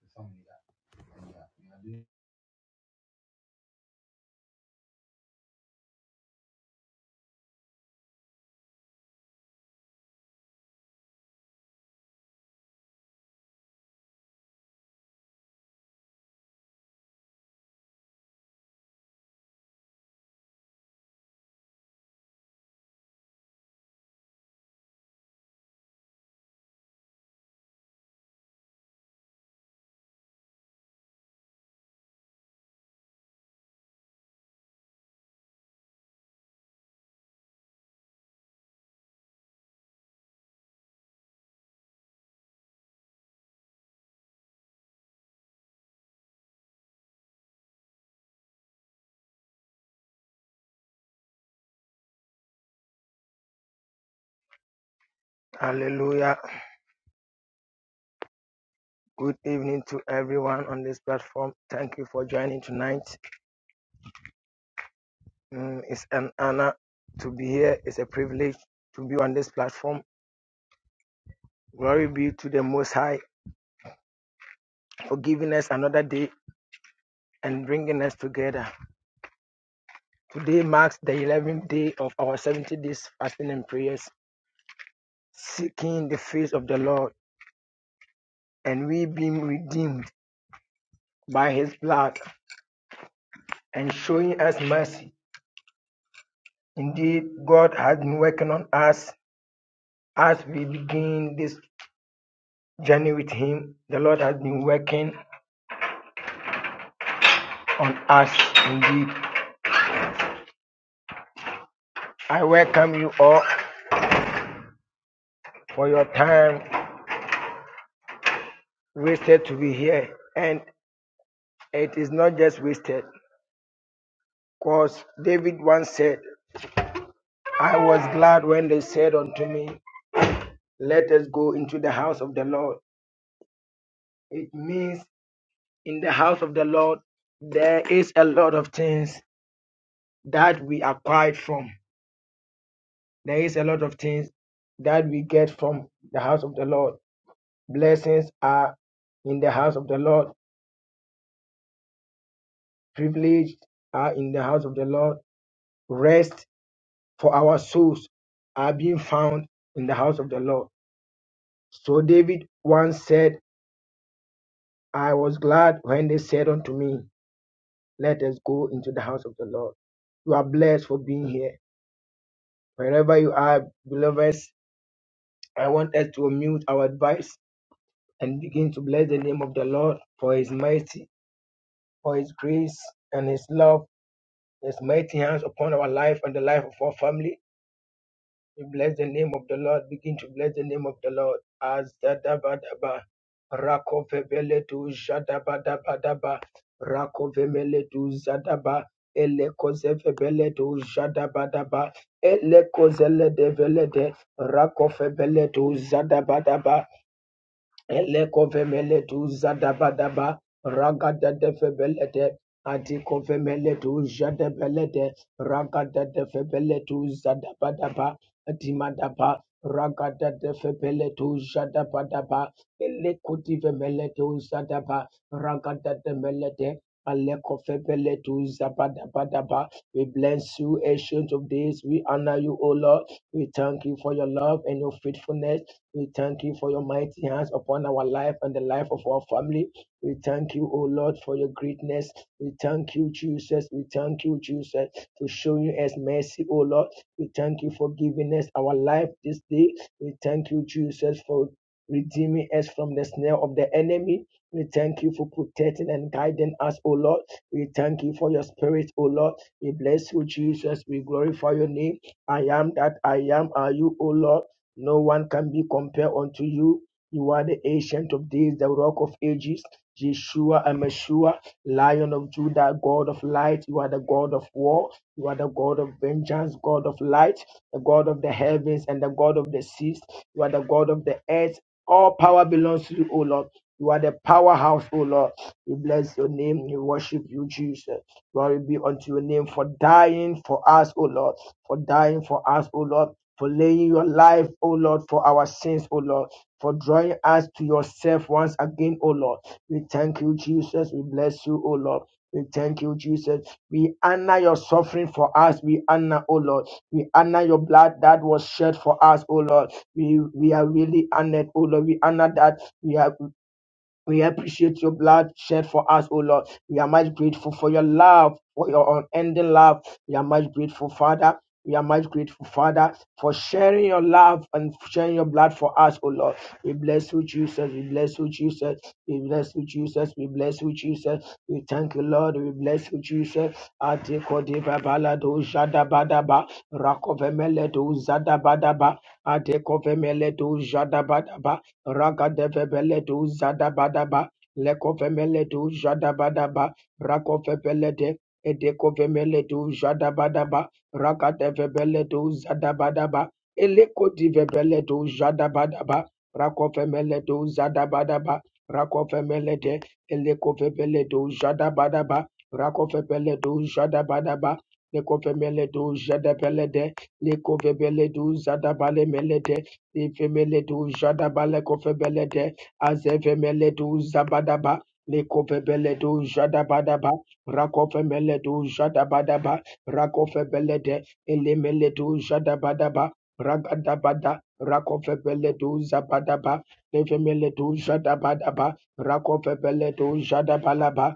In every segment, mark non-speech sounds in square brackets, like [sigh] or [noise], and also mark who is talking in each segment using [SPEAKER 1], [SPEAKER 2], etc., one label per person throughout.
[SPEAKER 1] He was the son of John
[SPEAKER 2] Hallelujah. Good evening to everyone on this platform. Thank you for joining tonight. Mm, it's an honor to be here. It's a privilege to be on this platform. Glory be to the Most High for giving us another day and bringing us together. Today marks the 11th day of our 70 days fasting and prayers, seeking the face of the Lord, and we being redeemed by His blood and showing us mercy. Indeed, God has been working on us As we begin this journey with Him, the Lord has been working on us indeed. I welcome you all for your time wasted to be here. And it is not just wasted, because David once said, I was glad when they said unto me, Let us go into the house of the Lord. It means in the house of the Lord, there is a lot of things that we acquired from. There is a lot of things that we get from the house of the Lord. Blessings are in the house of the Lord. Privileged are in the house of the Lord. Rest for our souls are being found in the house of the Lord. So David once said, I was glad when they said unto me, Let us go into the house of the Lord. You are blessed for being here. Wherever you are, believers, I want us to mute our advice and begin to bless the name of the Lord for his mercy, for his grace, and his love His mighty hands upon our life and the life of our family. We bless the name of the Lord. Begin to bless the name of the Lord. Azadabadaba. Rakovebeledu jadabadabadaba. Rakovemeledu zadaba. Elekozevebeledu jadabadaba. Elekozeledebelede. Rakovebeledu zadabadaba. Elekovemele tu zadabadaba ragada de febelete adikovemele tu jadebelete ragada de febele tu zadabadaba adimadaba ragada de febele tu jadabadaba elekotivemele tu zadaba ragada de melete Alekofebele tu zabadabadaba. We bless you, ancient of days. We honor you, O Lord. We thank you for your love and your faithfulness. We thank you for your mighty hands upon our life and the life of our family. We thank you, O Lord, for your greatness. We thank you, Jesus. We thank you, Jesus, for showing us mercy, O Lord. We thank you for giving us our life this day. We thank you, Jesus, for redeeming us from the snare of the enemy. We thank you for protecting and guiding us, O Lord. We thank you for your spirit, O Lord. We bless you, Jesus. We glorify your name. I am that I am. Are you, O Lord? No one can be compared unto you. You are the ancient of days, the rock of ages, Yeshua and Lion of Judah, God of light, you are the God of war, you are the God of vengeance, God of light, the God of the heavens and the God of the seas, you are the God of the earth. All power belongs to you, O Lord. You are the powerhouse, O Lord. We bless your name, we worship you, Jesus. Glory be unto your name for dying for us, O Lord, for dying for us, O Lord, for laying your life, O Lord, for our sins, O Lord, for drawing us to yourself once again, O Lord. We thank you, Jesus. We bless you, O Lord. We thank you, Jesus. We honor your suffering for us. We honor, O Lord. We honor your blood that was shed for us, O Lord. We we are really honored, O Lord. We honor that. We are. We appreciate your blood shed for us, O Lord. We are much grateful for your love, for your unending love. We are much grateful, Father. We are much grateful, Father, for sharing your love and sharing your blood for us, O Lord. We bless you, Jesus. We bless you, Jesus. We bless you, Jesus. We bless you, Jesus. We thank you, Lord. We bless you, Jesus. Ate kodi babala do jada badaba. Rakove mele do zada badaba. Ate kove mele do jada badaba. Rakadevebele du Zadabadaba, Lekovemele du Jadabadaba, Rakovebele de Edekovemele du Jadabadaba, Rakadevebele du Zadabadaba, Elekodivebele du Jadabadaba, Rakovemele du Zadabadaba, Rakovemele de Elekovebele du Jadabadaba, Rakovebele du Jadabadaba, Lekovemele du Jadabele de Lekovebele du Zadabale mele de Ifemeletu jadabale kofebelete azefemeletu zabadaba lekofebeletu jadabadaba rakofemeletu jadabadaba rakofebelete elemeletu jadabadaba ragadabada rakofebeletu zabadaba lefemeletu jadabadaba rakofebeletu jadabalaba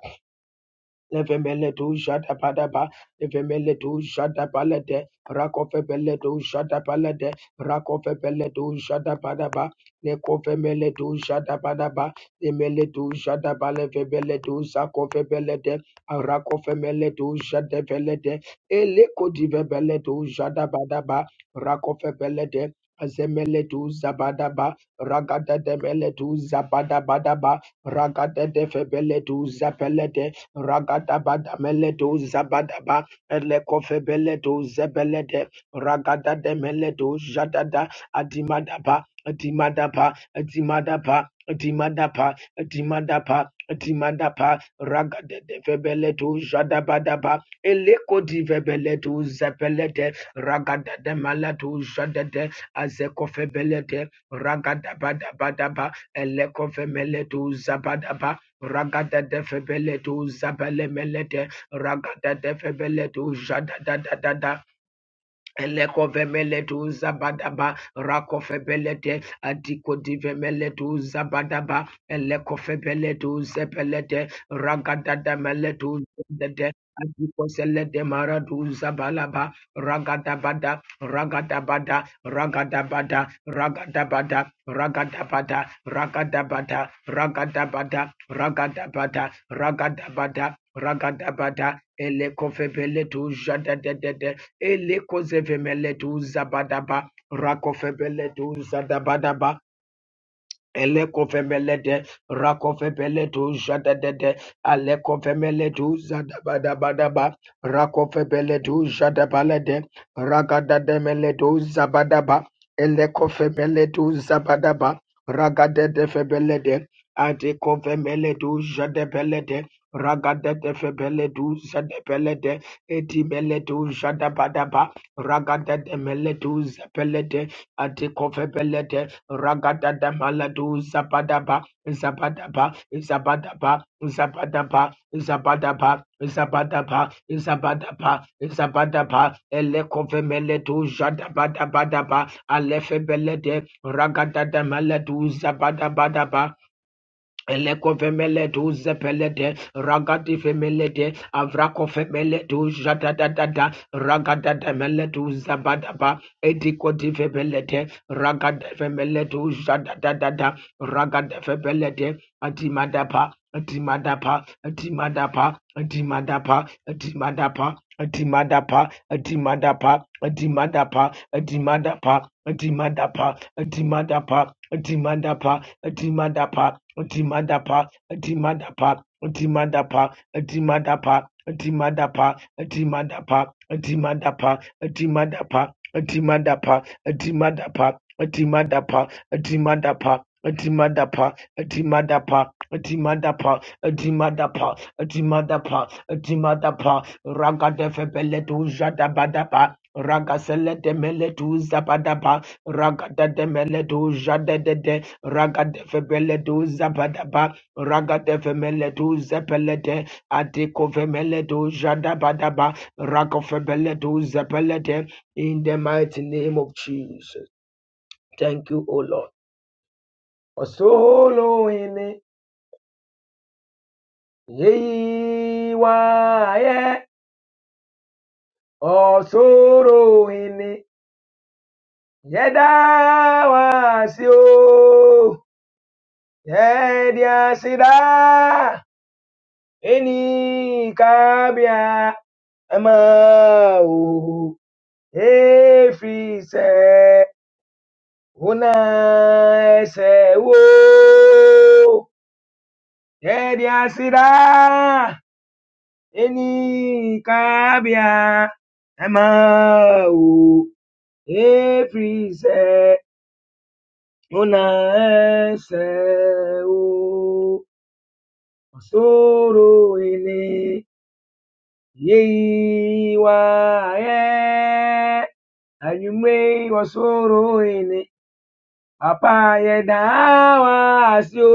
[SPEAKER 2] Levemele tu jada padaba, levemele tu jada palade, rakofe bele tu jada palade, rakofe bele tu jada padaba, lekofe mele tu jada padaba, lemele tu jada baleve bele tu zakofe bele de, rakofe mele tu jada bele de, ele kodive bele tu jada badaba, rakofe bele de, azemele tu zabadaba, ragada de mele tu zabadabadaba, ragada de febele tu zapelete, Ragada Ragadabada meledo zabadaba elekofebeledo zebelede ragada de meledo jadada adimadaba adimadaba adimadaba adimadaba adimadaba adimadaba ragada de febeledo jadabadaba eleko di febeledo zebelede ragada de meledo jadade azekofebelede ragadabadabadaba elekofemeledo zabadaba Ragada de Febeleto Zabelemelete, Ragada de Febeleto Jada da da da da, Elekovemele tu zabadaba rakofebele te adiko divemele tu zabadaba elekofebele tu zepele te ragadada mele tu zedede adiko selede mara tu zabalaba ragadabada ragadabada ragadabada ragadabada ragadabada ragadabada ragadabada ragadabada ragadabada ragadabada elekofebele tu jadadedede Elekozevemeledu Zabadaba. Rakofebeledu Zadabadaba. Elekofemelete, Rakofebeletu, Jadadede, Alekofemeletu, Zadabadabadaba, Rakofebeletu, Jadabalede, Ragadademeletu, Zabadaba, Elekofemeletu, Zabadaba, Ragadadefebelede, Adekofemeletu, Jadabelede, Ragadadefebeletu, Zadabelede, Etimeletu, Jadabadaba, Ragadademeletu, Zabelede, Atikofebelete ragada da maladu zabadaba zabadaba zabadaba zabadaba zabadaba zabadaba zabadaba zabadaba elekofemeletu jadabadabadaba alefebelete ragada da maladu zabadabadaba Eleko femele tu Elekovemeledu zepelede, ragadifemelede, avrakofemeledu jadadadada, ragadadameledu zabadaba, edikodifebelede, ragadefemeledu jadadadada, ragadefebelede, adimadapa, adimadapa, adimadapa, adimadapa, adimadapa, adimadapa, adimadapa, adimadapa, adimadapa, adimadapa, adimadapa, adimadapa, adimadapa, Timadapa, Timadapa, Timadapa, Timadapa, Timadapa, Timadapa, Timadapa, Timadapa, Timadapa, Timadapa, Timadapa, Timadapa. Timadapa, Timadapa, Timadapa, Timadapa, Timadapa, Timadapa, Raga de Febeletu Jadabadapa, Raga Selete Meletu Zabadapa, Raga de Meletu Jadede. Ragadevebeleduz Zabadaba, Ragadevemeleduza Pelede, Adekovemeledu Jadabadaba, Ragovebeleduz Zapelede, in the mighty name of Jesus. Thank you, O Lord. Osoloene, Yeiwaye, Osoroene, Yedawasio, Yediasida. Eni kabia ama o efi se una ese wo yedi asira eni kabia ama o efi se una ese wo osoro ele Yei wa ye anyumwe wasoro ene papa ye dawa asio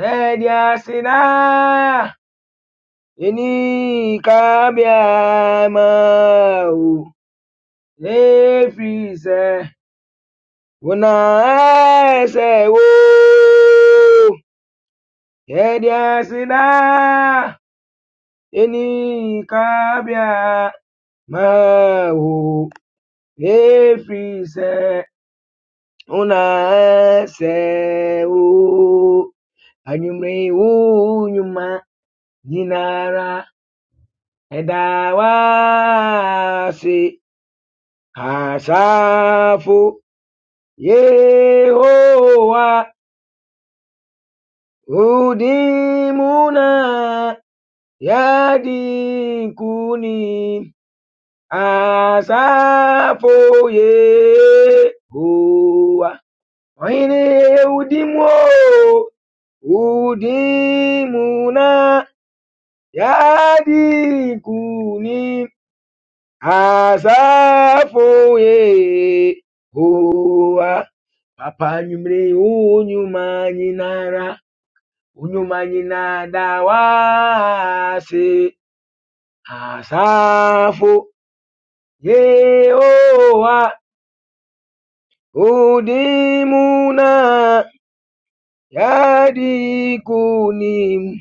[SPEAKER 2] edi asina eni kabia ma o efise una ese wo edi asina eni kabia ma o Every se una se u anyumre u nyuma nyinara edawasi hasafu yehowa udimuna yadikuni asafu yehowa وإن يهدموا هدمنا يهديكوني asafoye owa papa nyumire onyuma nyinara onyuma nyinada wase asafo ye owa udimuna yadikunim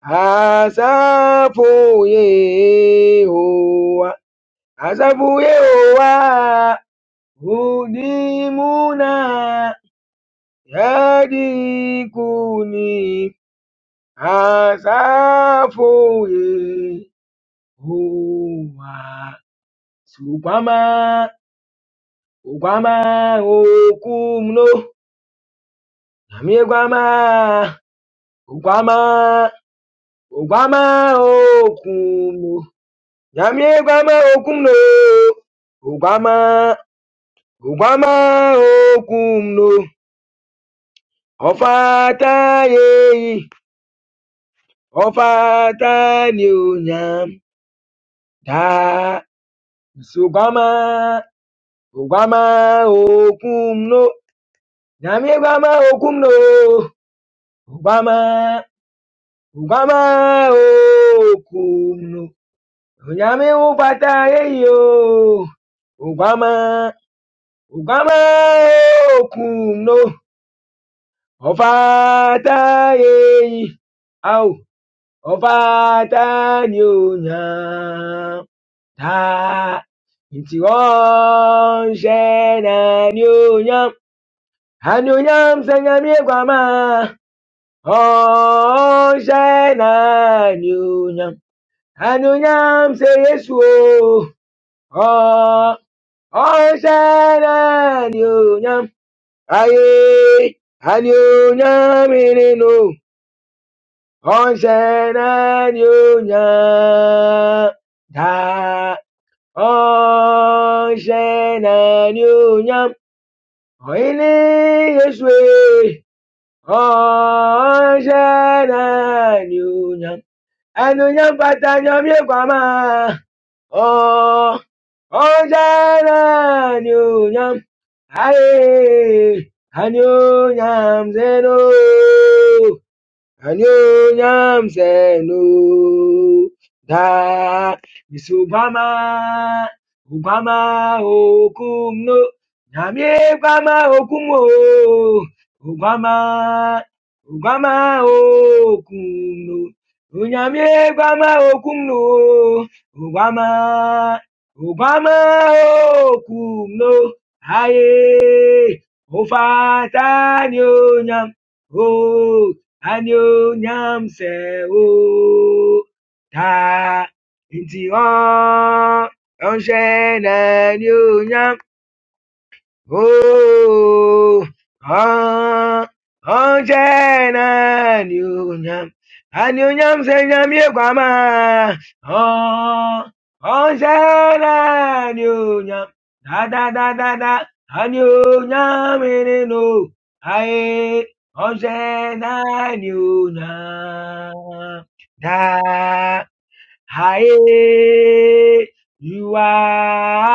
[SPEAKER 2] Asafu Yehowa, Asafu Yehowa, hudimuna yadi kuni. Asafu Yehowa, Sukwama, Ukwama okumno, Namie kwama, Ukwama, Ukwama okumno. Jamie gwama okum no, ugwama ugwama okum no, ọfata yeyi ọfata ni da nsogwama ugwama okum no, Jamie gwama okum no, ugwama ugwama okum no, onyame ufata yeyi o, ugwama ugwama okum no. ọ̀fàtà yẹ̀yìn a ò ọ̀fàtà ni ò yàn tá ntì ránṣẹ́ náà ni ò yàn á ni ò yàn sẹ́yìn mi gbà máa ránṣẹ́ náà ni ò yàn á ni ò yàn ṣe Jésù o Rán- ránṣẹ́ náà ni ò yàn ayé á ni ò ni o yan a o yan se yesu, o ran ranse naa ni o yan aye a o yan mi ninu onsenanyunya da onsenanyunya oini yesue onsenanyunya anunya patanya miekwama o onsenanyunya aye anyunya mzeno and nyam yam no da is Obama Obama okum no Yami Obama okum o Obama Obama okum no Unyami Obama okum no Obama Obama okum no Aye Ofatani onyam Anyo nyamse o ta nti ọ ọnshẹ na anyo nyam. Oh, oh, onje na nyunyam, anyunyam se nyamye kwama. Oh, oh, na nyunyam, da da da da da, anyunyam ene no. Aye, oh, na nyunyam, da higher. You are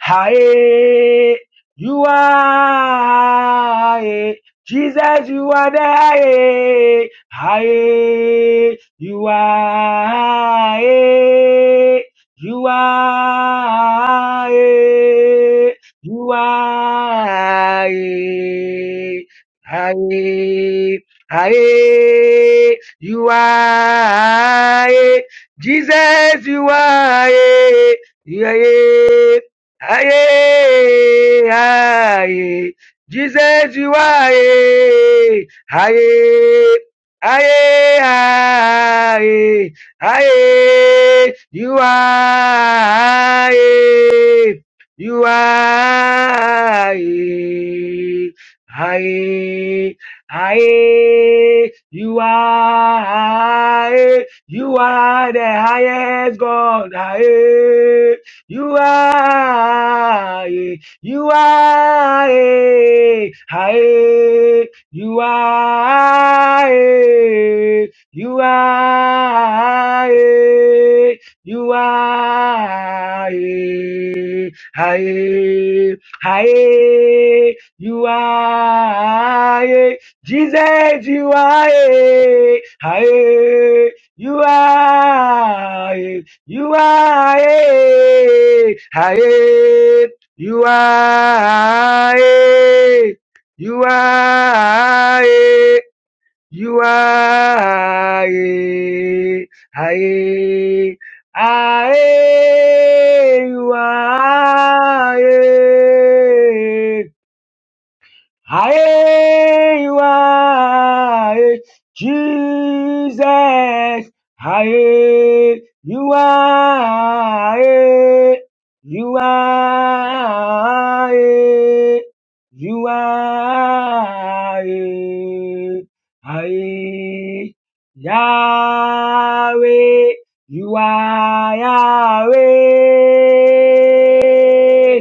[SPEAKER 2] High, you are high. Jesus, you are the high. High, you are high. You are high. You are high. High, high. You are high. Jesus, you are high. Yeah, yeah. Aye, aye, Jesus, you are. Aye, aye, aye, aye, you are. Aye, you are. Aye, aye, aye, you are. Aye, you are the highest God. Aye. You are, eh, you are, eh, ah, eh, you are, eh, you are, eh, you are, eh, ah, eh, ah, eh, you are, eh, Jesus, you are, eh, ah, eh, you are, you are a, a, you are a, you are a, you are a, a, a, you are a. Higher you are, Jesus. Higher you are, aye, you are, aye, you are, higher Yahweh. You are Yahweh.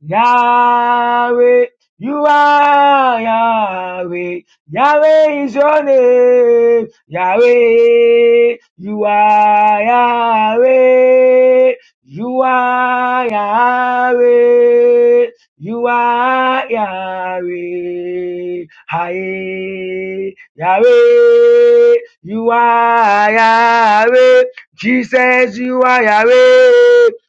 [SPEAKER 2] Yahweh, you are Yahweh. Yahweh is your name. Yahweh, you are Yahweh. You are Yahweh. You are Yahweh. Hi, Yahweh. You are Yahweh. Jesus, you are Yahweh.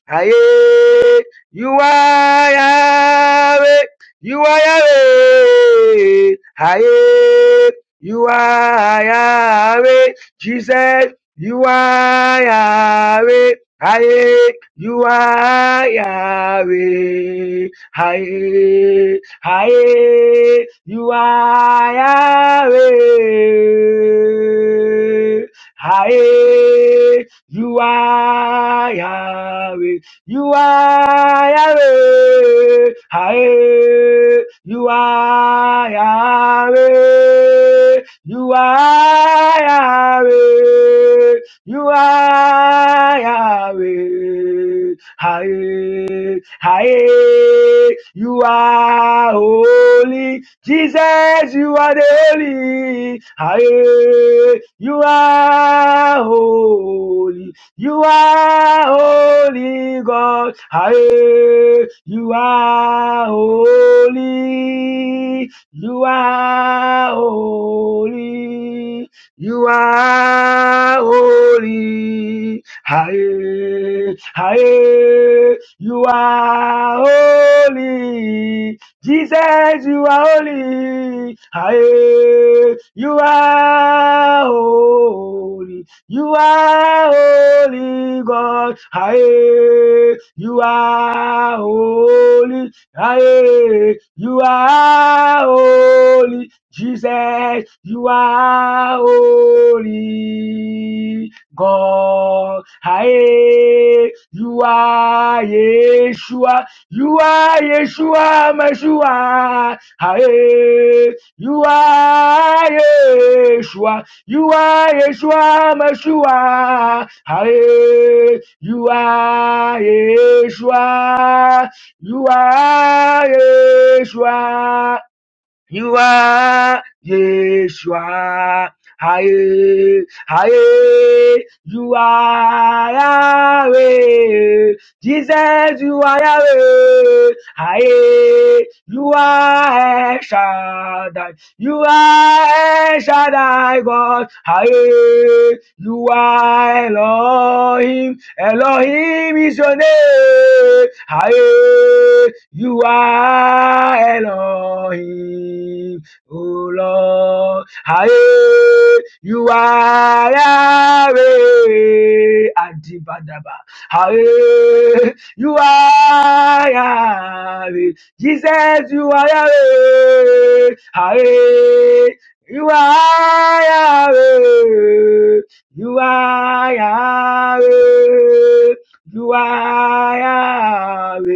[SPEAKER 2] Hi. You are Yahweh. You are Yahweh. Aye. You are Yahweh. Jesus, you are Yahweh. Aye. You are Yahweh. Aye. Aye. You are Yahweh. Aye. You are Yahweh. You are Yahweh. Aye. You are Yahweh. You are Yahweh. You are Yahweh. Aye. Aye. You are holy. Jesus, you are the holy. Aye. You are holy. You are holy God. Aye. You are holy. You are holy. You are holy. Aye. Aye. You are holy. Jesus, you are holy. Aye. You are holy. You are holy God. Aye. You are holy. Aye. You are holy. Jesus, you are holy God. Aye. You are Yeshua. You are Yeshua Meshua. Aye. You are Yeshua. You are Yeshua Meshua. Aye. You are Yeshua. You are Yeshua. You are Yeshua. Aye. Aye. You are Yahweh. Jesus, you are Yahweh. Aye. You are El Shaddai. You are El Shaddai God. Aye. You are Elohim. Elohim is your name. Aye. You are Elohim. Oh Lord. Aye. You are Yahweh. Adibadaba. Aye. You are Yahweh. Jesus, you are Yahweh. Yahweh. You are Yahweh. You are Yahweh. You are Yahweh.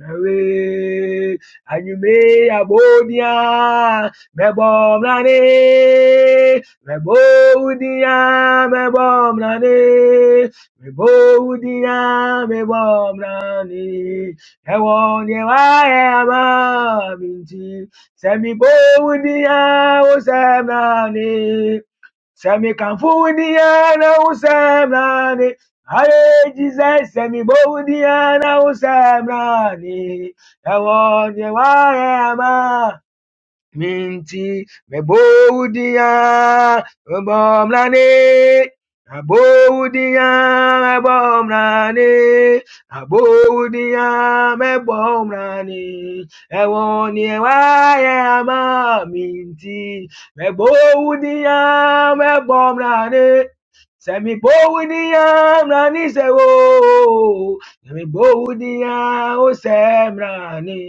[SPEAKER 2] Yahweh. And you may abodia. Me mlane. Me bodia, me bom Mebo Me Mebo Me bom mlane. Ẹ̀wọ̀n yẹn wá ẹ̀ àmọ́ mi ti. Sẹ̀mi bóun ni ẹ̀ ó sẹ̀m náà ni. Sẹ̀mi kànfù ni ẹ̀ náà ó sẹ̀m náà ni. Ayé jíjẹ́ sẹ̀mi bóun ni ẹ̀ náà ó sẹ̀m náà ni. Ẹ̀wọ̀n yẹn wá ẹ̀ àmọ́ minti meboudia bomlane aboudia bomlane aboudia mebomlane ewoni ewaye ma minti meboudia mebomlane Sẹ́mi bówú níyà mra ní sẹ́wó. Sẹ́mi bówú níyà ó sẹ́mra ní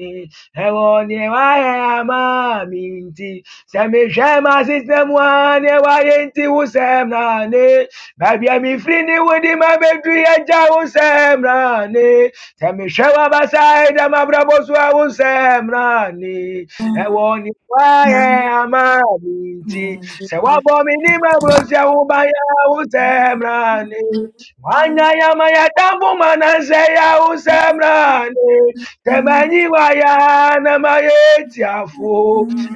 [SPEAKER 2] ewone wayama minti seme jema system wane wa yenti usem na ne baby mi free ni wodi ma bedu eja usem na ne semishema sisemwane wayenti usemnane babia mifrini wudi mabedu yeja usemnane semishewa basaida mabrabosu usemnane ewone wayama minti sewabomini mabrosi ubaya usemnane wanyayama yatambu manase ya tambu mana se ya usem na usemnane Temanyiwaya namayetiafo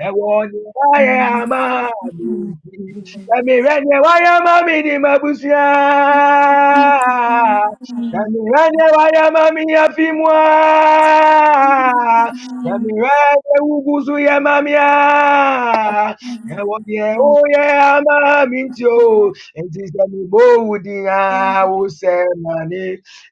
[SPEAKER 2] ewoniwaya amaminti tamiwanyewaya mamini mabusya tamiwanyewaya mami afimwa tamiwanye uguzu ya mamia ewonye oye amamintio enti samibowu diya usemani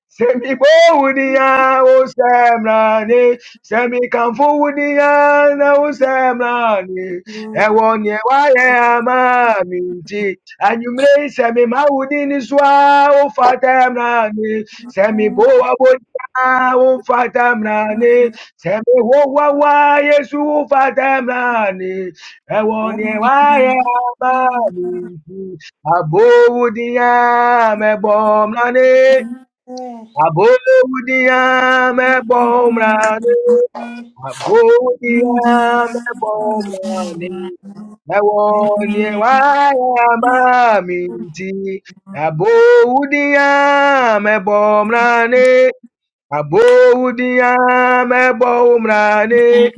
[SPEAKER 2] Semi bowudia o semrani, semi kamfudia na o semrani. Ewo nye waye amami nti, anyumre semi maudini swa o fatemrani, semi bowa bodia o fatemrani, semi wowa wa yesu o fatemrani. Ewo nye waye amami nti, abowudia mebomrani. Abodia me Abodiam ebomrani, abodiam ebomrani, ewonye waya maminti. Abodia me ebomrani, Abodiyam ebo umrani.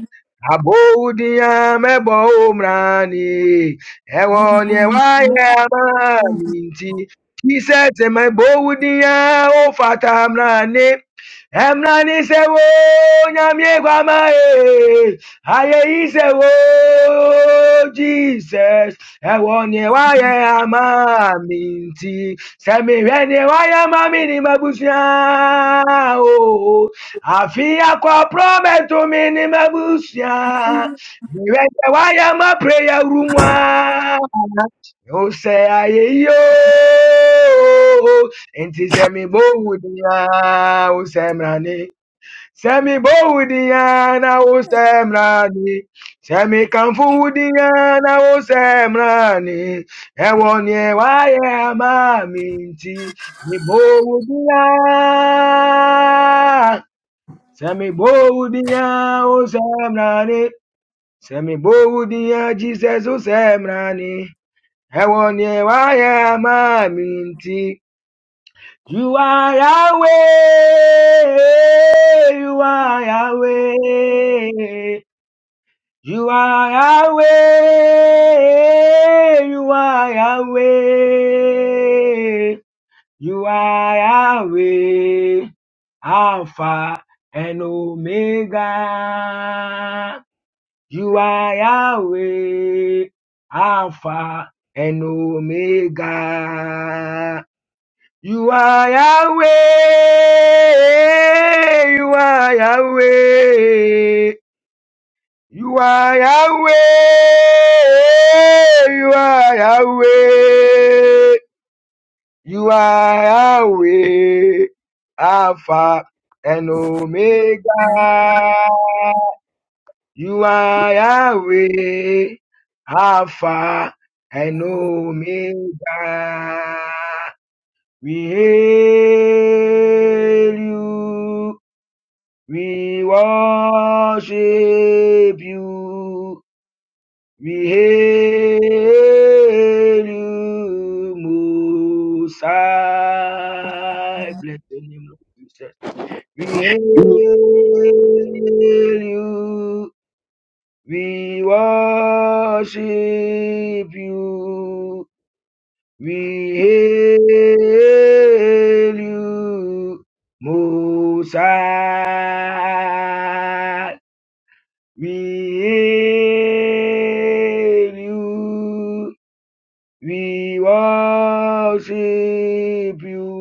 [SPEAKER 2] Abodiyam ebo umrani. Ewo ni wa ya ma minti. He said, "My bodiyam o fata umrani." Emrani se wo nyamye kwama e. Aye ise wo Jesus ɛwɔ why wayɛ ama me nti sɛ mehwɛ neɛ wayɛ ama me ne mabusua o afe akɔporɔ bɛto me ne mabusua mehwɛ neɛ wayɛ ama prayer rumwa a o sɛ ayɛyi o nti sɛ mebɔ wo o sɛ Semi boudiana o semrani. Semi kamfudiana o semrani. Ewonye waye amaminti. Ni boudia. Semi boudia o semrani. Semi boudia Jesus o semrani. Ewonye waye amaminti. You are Yahweh. You are Yahweh. You are Yahweh. You are Yahweh. You are Yahweh. Alpha and Omega. You are Yahweh. Alpha and Omega. You are Yahweh. You are Yahweh. You are Yahweh. You are Yahweh. You are Yahweh. Alpha and Omega. You are Yahweh. Alpha and Omega. We hail you. We worship you. We hail you, Musa. Bless the name of Jesus. We hail you. We worship you. We hail you, Musa. We hail you. We worship you.